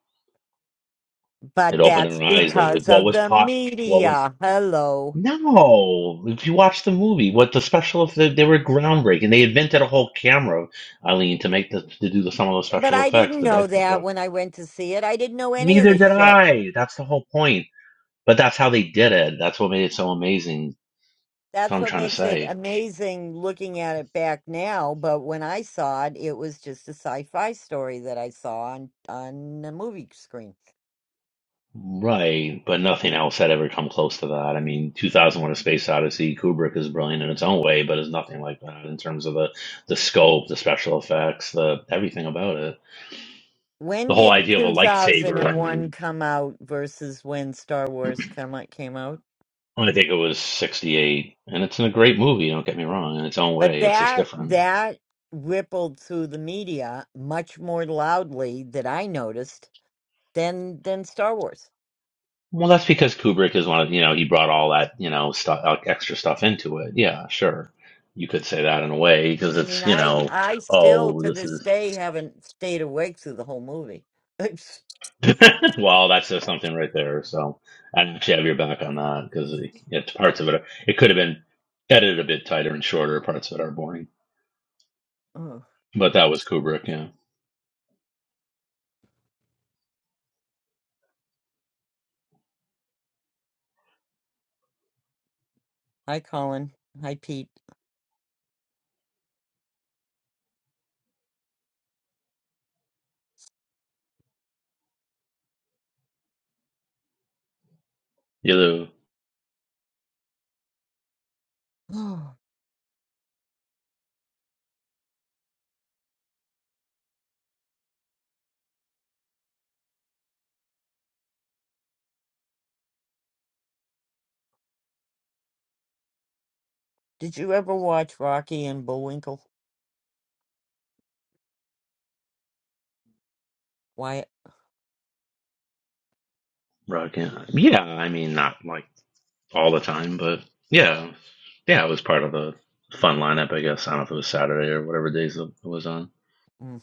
Speaker 10: It
Speaker 5: But
Speaker 10: opened
Speaker 5: that's
Speaker 10: our eyes. It was
Speaker 5: because
Speaker 10: what
Speaker 5: of
Speaker 10: was
Speaker 5: the
Speaker 10: pop. What was
Speaker 5: media. Hello.
Speaker 10: No, if you watch the movie, what the special effects they were groundbreaking. They invented a whole camera, Eileen, to make the to do the, some of those
Speaker 5: But
Speaker 10: special
Speaker 5: I
Speaker 10: effects,
Speaker 5: didn't
Speaker 10: the dice
Speaker 5: know that
Speaker 10: reflect.
Speaker 5: when I went to see it. I didn't know any of
Speaker 10: Neither
Speaker 5: this
Speaker 10: did
Speaker 5: shit.
Speaker 10: I. That's the whole point. But that's how they did it. That's what made it so amazing. That's what
Speaker 5: That's
Speaker 10: I'm
Speaker 5: what
Speaker 10: trying to
Speaker 5: makes it
Speaker 10: say.
Speaker 5: amazing looking at it back now. But when I saw it, it was just a sci-fi story that I saw on on a movie screen.
Speaker 10: Right, but nothing else had ever come close to that. I mean, 2001: A Space Odyssey, Kubrick is brilliant in its own way, but it's nothing like that in terms of the the scope, the special effects, the everything about it.
Speaker 5: When
Speaker 10: The whole
Speaker 5: did
Speaker 10: idea of a lightsaber. I
Speaker 5: 2001
Speaker 10: mean.
Speaker 5: come out versus when Star Wars come out, came out?
Speaker 10: I think it was 68, and it's a great movie, don't get me wrong, in its own
Speaker 5: But
Speaker 10: way. It's just
Speaker 5: that
Speaker 10: different.
Speaker 5: that rippled through the media much more loudly that I noticed than than Star Wars.
Speaker 10: Well, that's because Kubrick is one of, you know, he brought all that, you know, stuff, uh, extra stuff into it. Yeah, sure. You could say that in a way because
Speaker 5: I mean,
Speaker 10: it's, you
Speaker 5: I
Speaker 10: know,
Speaker 5: I still
Speaker 10: oh,
Speaker 5: to
Speaker 10: this
Speaker 5: this
Speaker 10: is,
Speaker 5: day haven't stayed awake through the whole movie. Ugh.
Speaker 10: well, that says something right there. So I actually have your back on that because it, it's parts of it. It could have been edited a bit tighter and shorter. Parts of it are boring, but that was Kubrick, yeah.
Speaker 5: Hi, Colin. Hi, Pete.
Speaker 10: You know,
Speaker 5: Did you ever watch Rocky and Bullwinkle? Why,
Speaker 10: Rod, yeah. Yeah, I mean, not like. all the time, but yeah, yeah, it was part of the fun lineup, I guess. I don't know if it was Saturday or whatever days it was on.
Speaker 5: mm,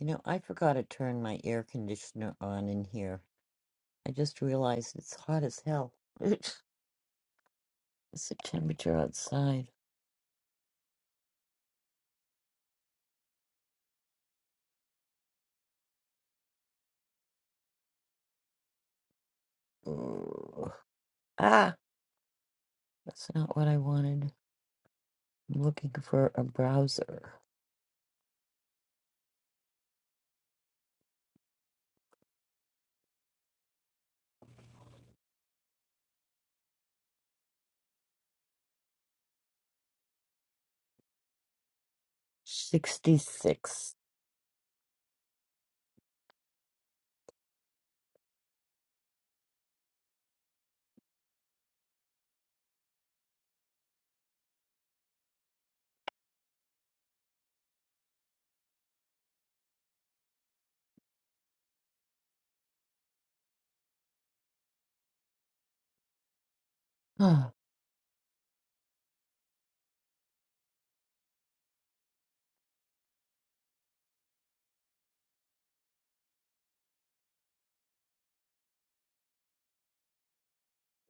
Speaker 5: you know, I forgot to turn my air conditioner on in here. I just realized it's hot as hell. It's the temperature outside. Ugh. Ah, that's not what I wanted. I'm looking for a browser. 66. Ah,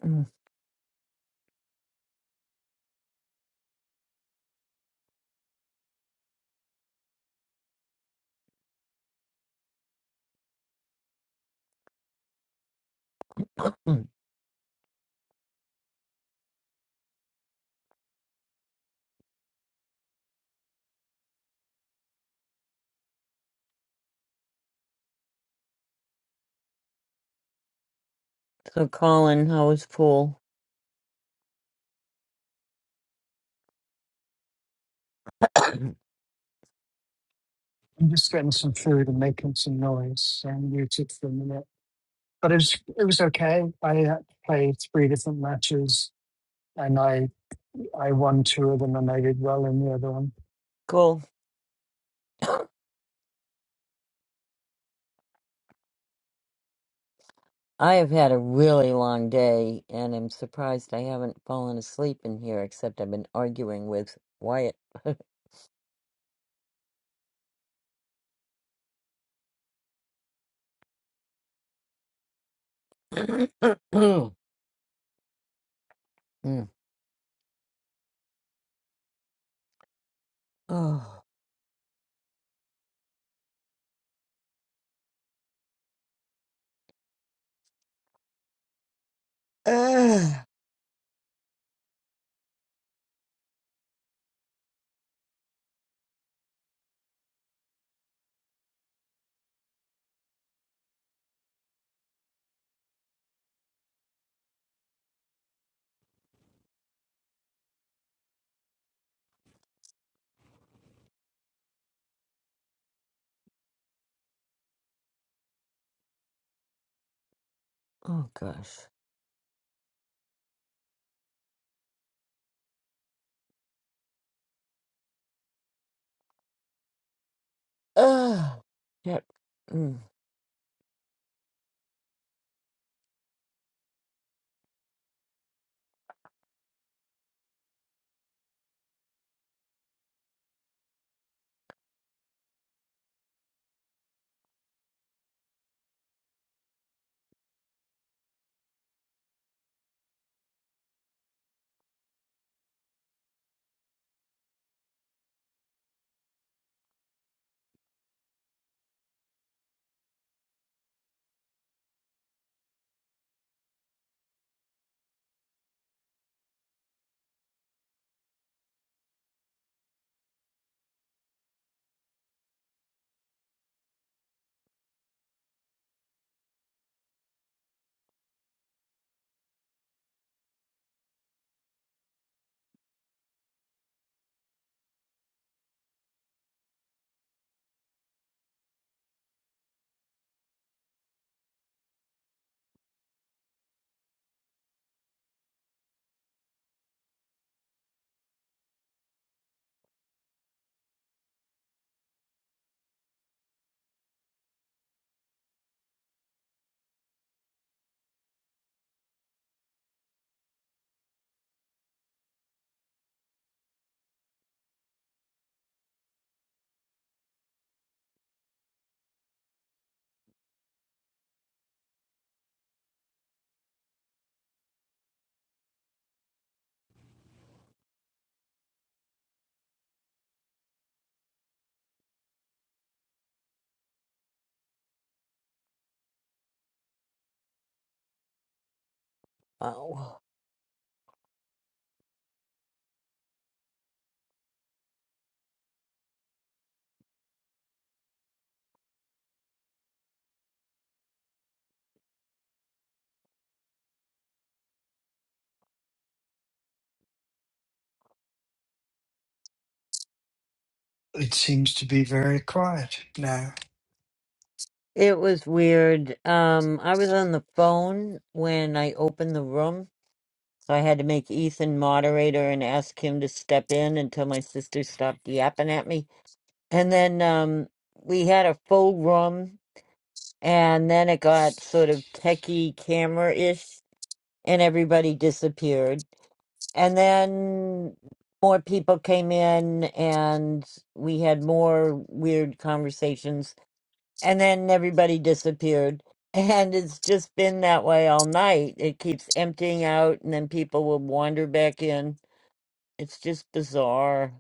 Speaker 5: mm, mm. So, Colin, how was pool?
Speaker 12: I'm just getting some food and making some noise. So I'm muted for a minute. But it was, it was okay. I had to play three different matches and I, I won two of them and I did well in the other one.
Speaker 5: Cool. I have had a really long day and I'm surprised I haven't fallen asleep in here, except I've been arguing with Wyatt. Mm. oh, ah. oh gosh. Ah. Yep. Mm. Wow.
Speaker 12: It seems to be very quiet now.
Speaker 5: It was weird. Um, I was on the phone when I opened the room, so I had to make Ethan moderator and ask him to step in until my sister stopped yapping at me. And then um, we had a full room and then it got sort of techie camera ish, and everybody disappeared. And then more people came in, and we had more weird conversations, and then everybody disappeared. And it's just been that way all night. It keeps emptying out, and then people will wander back in. It's just bizarre.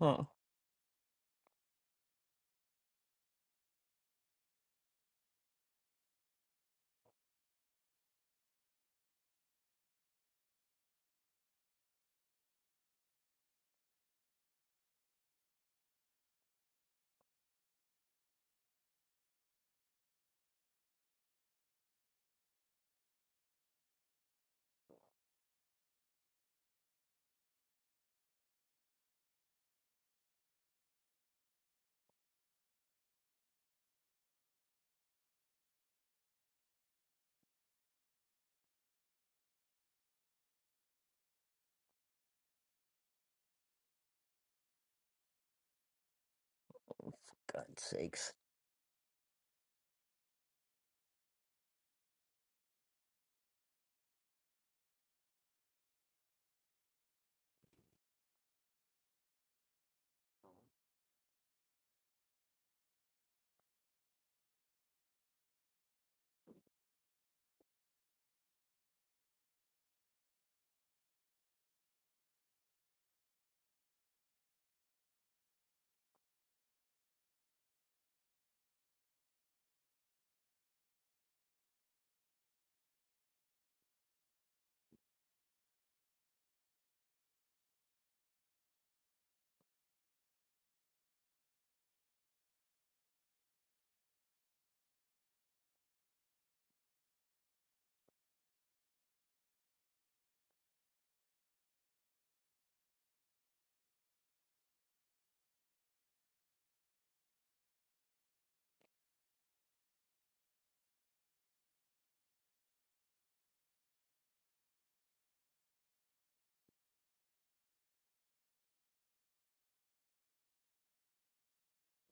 Speaker 5: Oh, God's sakes.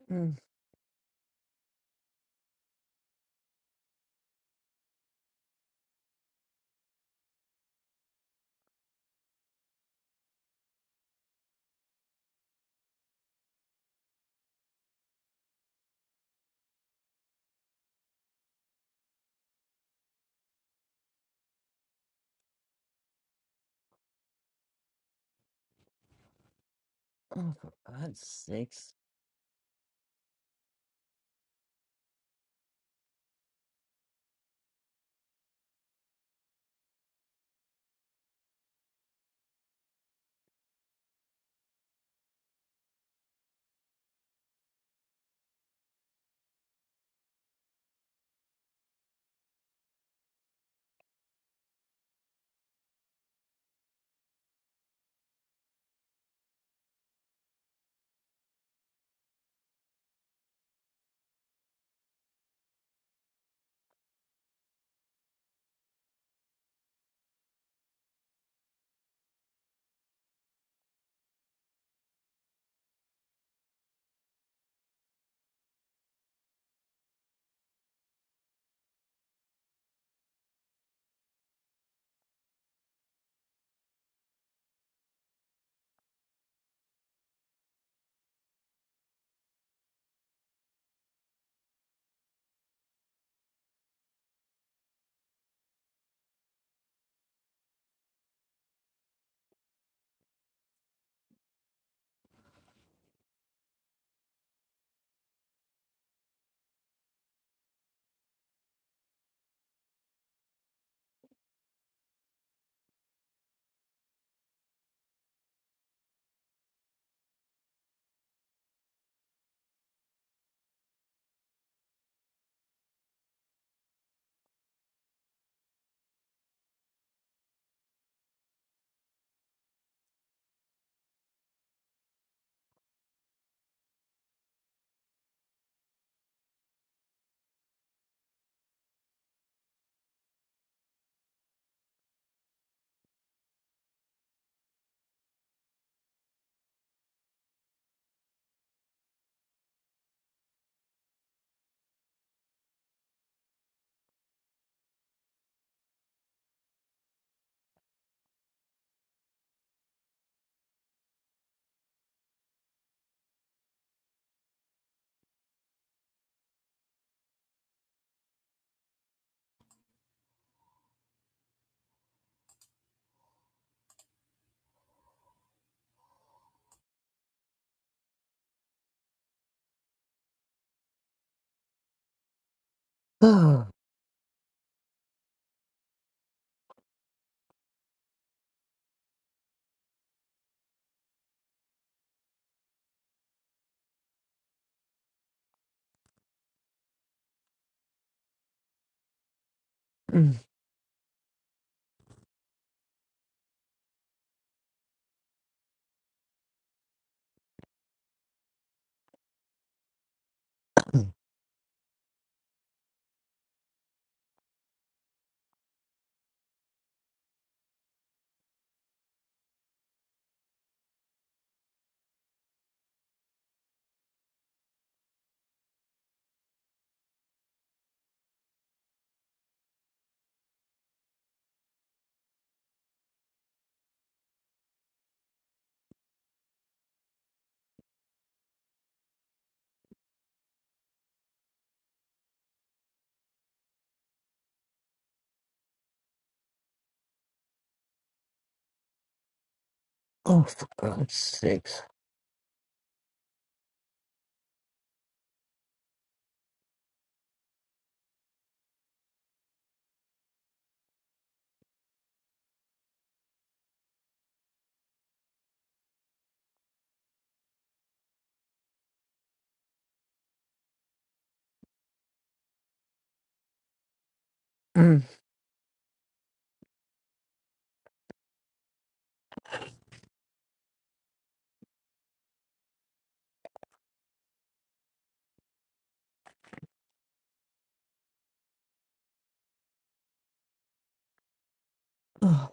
Speaker 5: Mm. Oh, for God's sakes. Oh, mm. oh for God's sakes. Mm. Colin,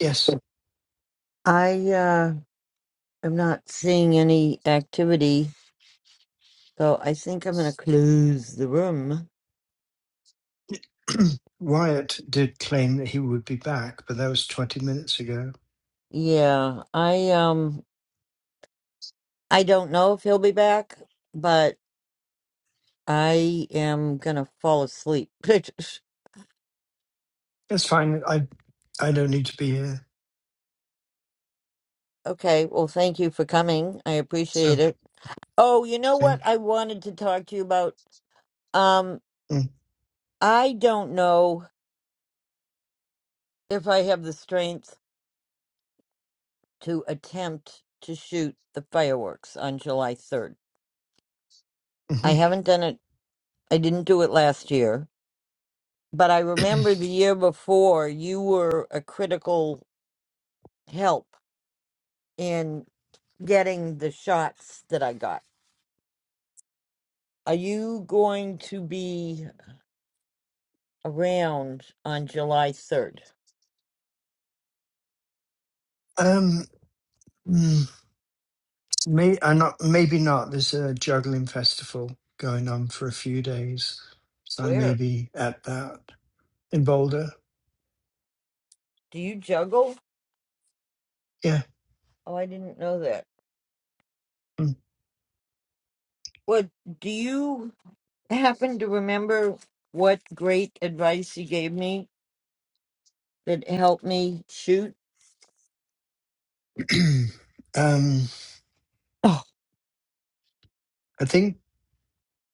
Speaker 12: Yes,
Speaker 5: I uh, am not seeing any activity, so I think I'm gonna close the room.
Speaker 12: Wyatt did claim that he would be back, but that was 20 minutes ago.
Speaker 5: Yeah, I um, I don't know if he'll be back, but I am gonna fall asleep.
Speaker 12: That's fine. I, I don't need to be here.
Speaker 5: okay, well, thank you for coming. I appreciate
Speaker 12: So,
Speaker 5: it. Oh, you know
Speaker 12: okay.
Speaker 5: what I wanted to talk to you about? Um, I don't know if I have the strength to attempt to shoot the fireworks on July 3rd. I
Speaker 12: Mm-hmm.
Speaker 5: haven't done it, I didn't do it last year, but I remember the year before you were a critical help in getting the shots that I got. Are you going to be around on July 3rd?
Speaker 12: Um, May, uh, not, maybe not. There's a juggling festival going on for a few days. So I may
Speaker 5: Where?
Speaker 12: be at that in Boulder.
Speaker 5: Do you juggle?
Speaker 12: Yeah.
Speaker 5: Oh, I didn't know that.
Speaker 12: Mm.
Speaker 5: What do you happen to remember what great advice you gave me that helped me shoot.
Speaker 12: um,
Speaker 5: Oh,
Speaker 12: I think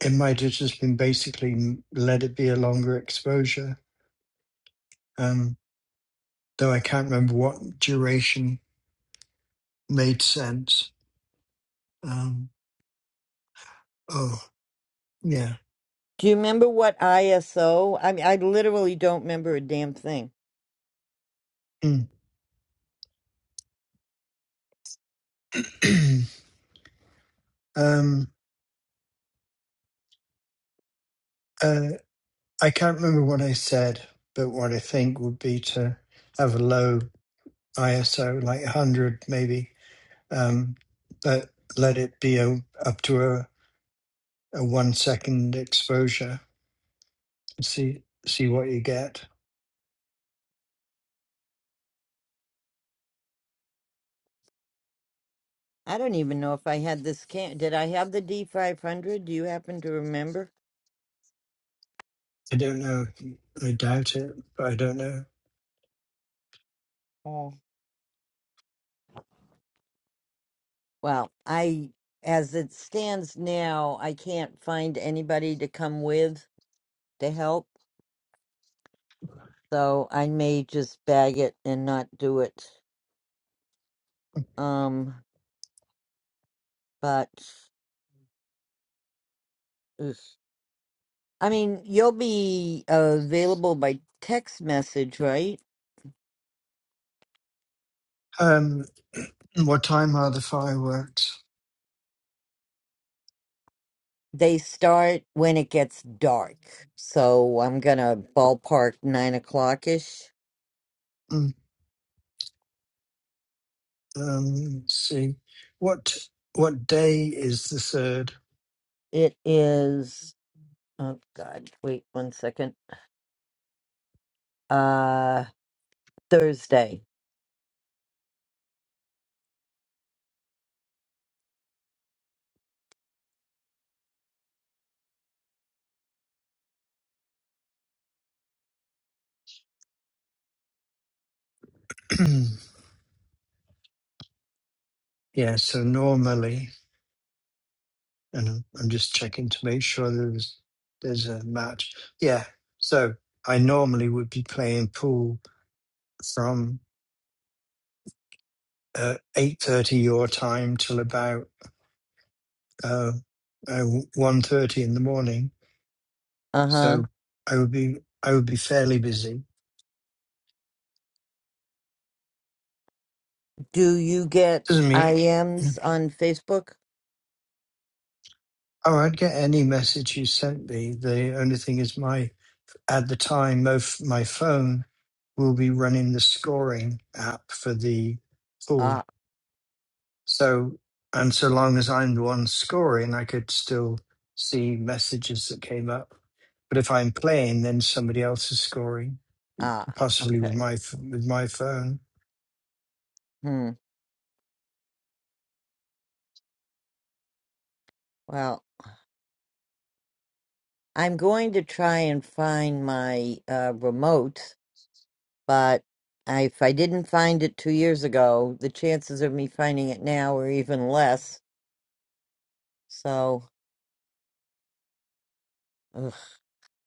Speaker 12: it might have just been basically m- let it be a longer exposure, um, though I can't remember what duration made sense. Um, oh, yeah.
Speaker 5: Do you remember what ISO? I mean, I literally don't remember a damn thing.
Speaker 12: Mm. um, uh, I can't remember what I said, but what I think would be to have a low ISO, like 100 maybe, um, but let it be a, up to a, a one second exposure. See see what you get.
Speaker 5: I don't even know if I had this can. Did I have the D500? Do you happen to remember?
Speaker 12: I don't know. I doubt it, but I don't know.
Speaker 5: oh. Well, I, as it stands now, I can't find anybody to come with to help, so I may just bag it and not do it. Um, but oof. I mean, you'll be uh, available by text message, right?
Speaker 12: Um, what time are the fireworks?
Speaker 5: They start when it gets dark. So I'm gonna ballpark nine o'clock ish.
Speaker 12: Mm, Um, let's see, what what day is the third?
Speaker 5: It is oh god, wait one second. Uh Thursday.
Speaker 12: yeah, so normally. And I'm I'm just checking to make sure there's there's a match. Yeah. So I normally would be playing pool from uh, eight thirty your time till about uh, uh, one thirty in the morning.
Speaker 5: Uh huh.
Speaker 12: So I would be I would be fairly busy.
Speaker 5: Do you get
Speaker 12: Doesn't mean
Speaker 5: IMs on Facebook?
Speaker 12: oh I'd get any message you sent me. The only thing is my at the time my f- my phone will be running the scoring app for the pool
Speaker 5: Ah
Speaker 12: So, and so long as I'm the one scoring, I could still see messages that came up. But if I'm playing, then somebody else is scoring,
Speaker 5: ah.
Speaker 12: possibly with
Speaker 5: Okay.
Speaker 12: my ph- with my phone.
Speaker 5: Hmm. Well, I'm going to try and find my uh remote, but I, if I didn't find it two years ago, the chances of me finding it now are even less. So Ugh.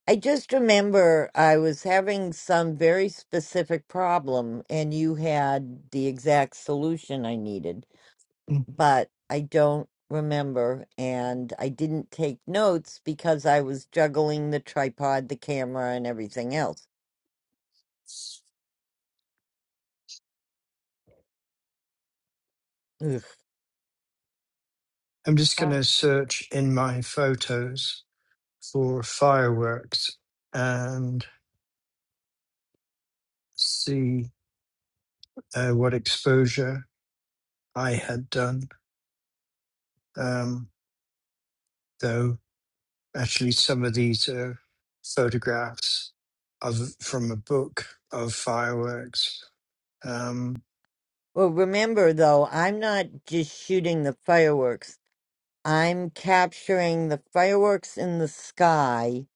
Speaker 5: I just remember I was having some very specific problem, and you had the exact solution I needed,
Speaker 12: Mm.
Speaker 5: but I don't remember. And I didn't take notes because I was juggling the tripod, the camera, and everything else. Ugh.
Speaker 12: I'm just going
Speaker 5: Ah.
Speaker 12: to search in my photos for fireworks and see uh, what exposure I had done. Um, though actually, some of these are photographs of from a book of fireworks. Um,
Speaker 5: Well, remember though, I'm not just shooting the fireworks, I'm capturing the fireworks in the sky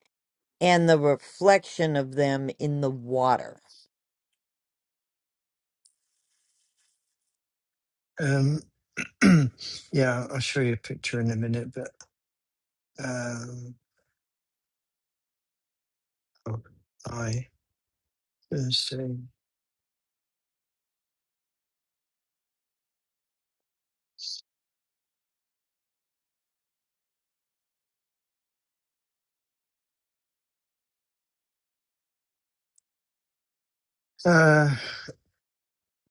Speaker 5: and the reflection of them in the water.
Speaker 12: um, yeah, I'll show you a picture in a minute, but um, oh, I let's see. Uh,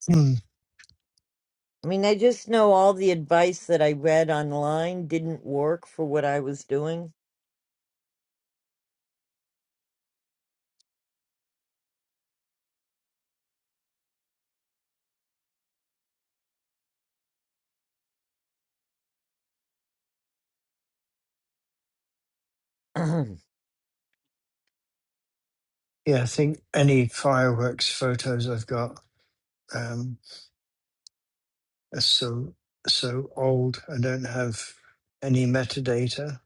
Speaker 12: hmm,
Speaker 5: I mean, I just know all the advice that I read online didn't work for what I was doing. mm.
Speaker 12: yeah, I think any fireworks photos I've got um, are so so old. I don't have any metadata.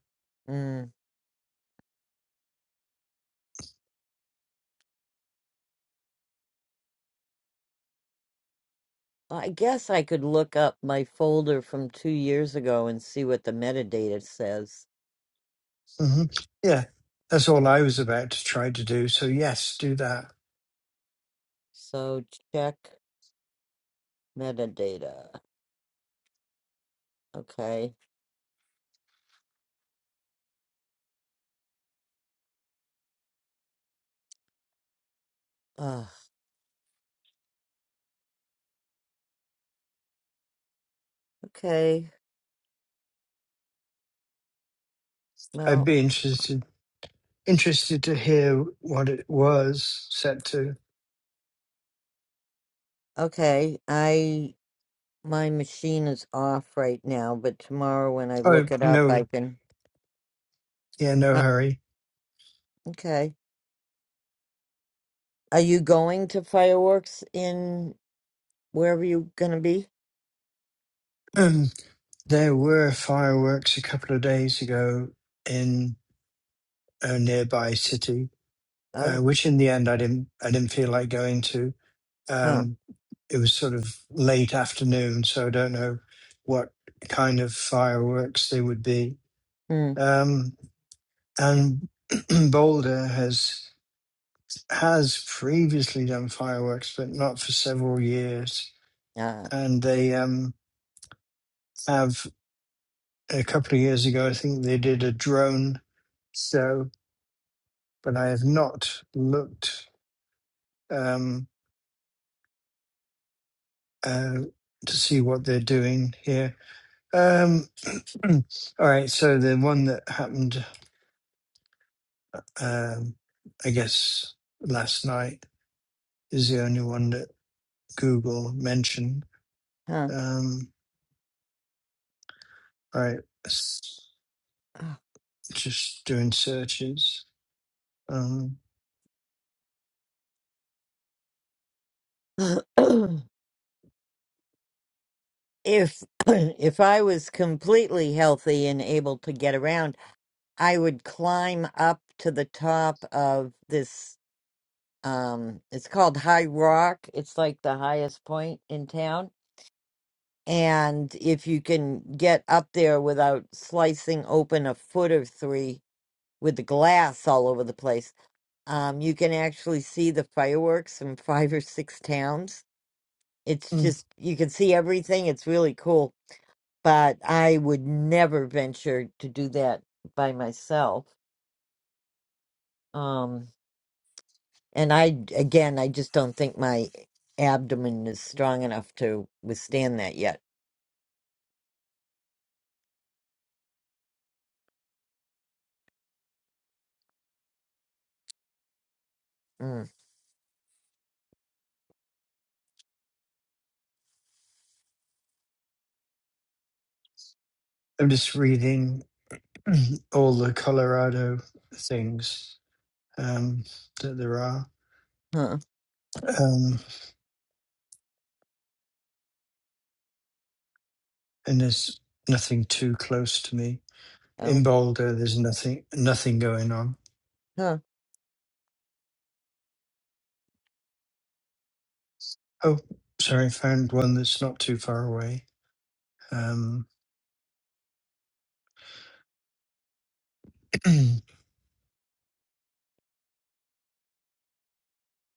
Speaker 5: I guess I could look up my folder from two years ago and see what the metadata says.
Speaker 12: hmm Yeah, that's all I was about to try to do. So yes, do that.
Speaker 5: So check metadata. Okay. Uh, okay.
Speaker 12: I'd
Speaker 5: Well,
Speaker 12: be interested interested to hear what it was set to.
Speaker 5: okay. I my machine is off right now, but tomorrow when I
Speaker 12: Oh
Speaker 5: look it up, I
Speaker 12: no,
Speaker 5: can.
Speaker 12: yeah, no
Speaker 5: Uh,
Speaker 12: hurry
Speaker 5: okay. Are you going to fireworks in? Wherever you're gonna be?
Speaker 12: Um, there were fireworks a couple of days ago in a nearby city, uh,
Speaker 5: Oh,
Speaker 12: which in the end I didn't I didn't feel like going to.
Speaker 5: huh,
Speaker 12: Um, it was sort of late afternoon, so I don't know what kind of fireworks they would be.
Speaker 5: hmm,
Speaker 12: Um, and Boulder has has previously done fireworks, but not for several years.
Speaker 5: uh,
Speaker 12: And they um, have a couple of years ago, I think they did a drone show but I have not looked um, uh, to see what they're doing here. Um, all right, so the one that happened, um, I guess, last night is the only one that Google mentioned.
Speaker 5: huh.
Speaker 12: Um, all right, s- just doing searches. Um,
Speaker 5: if if I was completely healthy and able to get around, I would climb up to the top of this. Um, it's called High Rock. It's like the highest point in town. And if you can get up there without slicing open a foot or three with the glass all over the place, Um, you can actually see the fireworks from five or six towns. It's
Speaker 12: mm,
Speaker 5: just, you can see everything. It's really cool. But I would never venture to do that by myself. Um, and I, again, I just don't think my abdomen is strong enough to withstand that yet. Mm,
Speaker 12: I'm just reading all the Colorado things um, that there are.
Speaker 5: huh.
Speaker 12: Um, and there's nothing too close to me. In
Speaker 5: Oh,
Speaker 12: Boulder, there's nothing nothing going on.
Speaker 5: huh.
Speaker 12: Oh, sorry, found one that's not too far away. Um,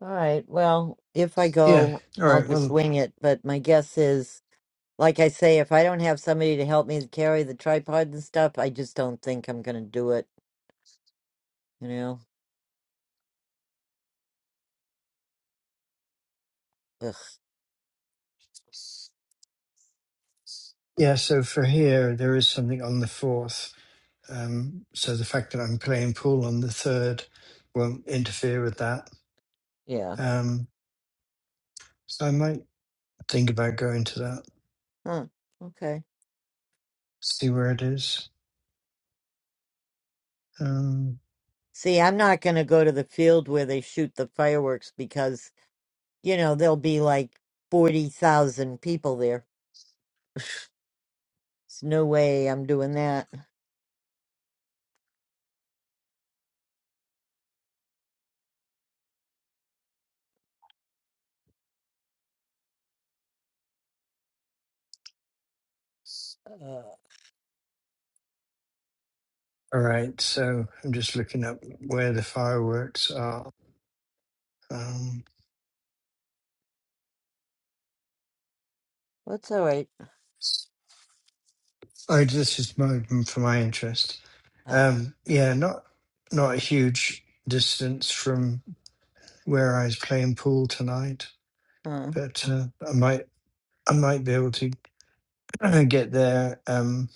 Speaker 5: All right. Well, if I
Speaker 12: yeah,
Speaker 5: go,
Speaker 12: all
Speaker 5: I'll
Speaker 12: right.
Speaker 5: just
Speaker 12: Well,
Speaker 5: wing it. But my guess is Like I say, if I don't have somebody to help me carry the tripod and stuff, I just don't think I'm gonna do it, you know? Ugh.
Speaker 12: yeah. So for here, there is something on the fourth. Um, so the fact that I'm playing pool on the third won't interfere with that.
Speaker 5: Yeah.
Speaker 12: Um, so I might think about going to that.
Speaker 5: Huh. Okay.
Speaker 12: See where it is. Um,
Speaker 5: See, I'm not gonna go to the field where they shoot the fireworks because, you know, there'll be like 40,000 people there. There's no way I'm doing that. Uh,
Speaker 12: all right. So I'm just looking up where the fireworks are. Um,
Speaker 5: that's all right.
Speaker 12: Oh, this is more for my interest.
Speaker 5: Ah.
Speaker 12: Um, yeah, not not a huge distance from where I was playing pool tonight,
Speaker 5: Huh.
Speaker 12: but uh, I might I might be able to get there um,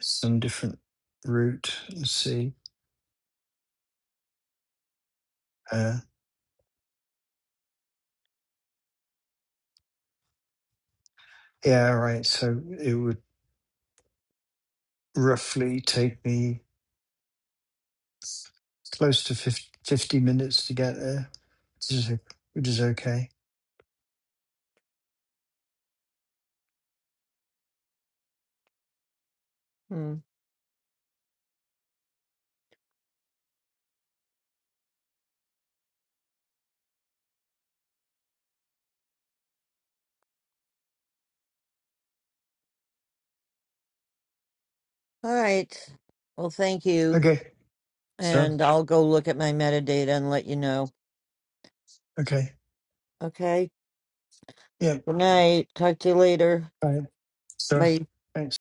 Speaker 12: some different route and see. Uh, yeah, all right. So it would roughly take me close to 50, fifty minutes to get there, which is which is okay.
Speaker 5: Hmm. All right. Well, thank you.
Speaker 12: Okay, so
Speaker 5: And I'll go look at my metadata and let you know.
Speaker 12: okay,
Speaker 5: Okay.
Speaker 12: yeah,
Speaker 5: Good night. Talk to you later.
Speaker 12: all right, so
Speaker 5: Bye.
Speaker 12: thanks.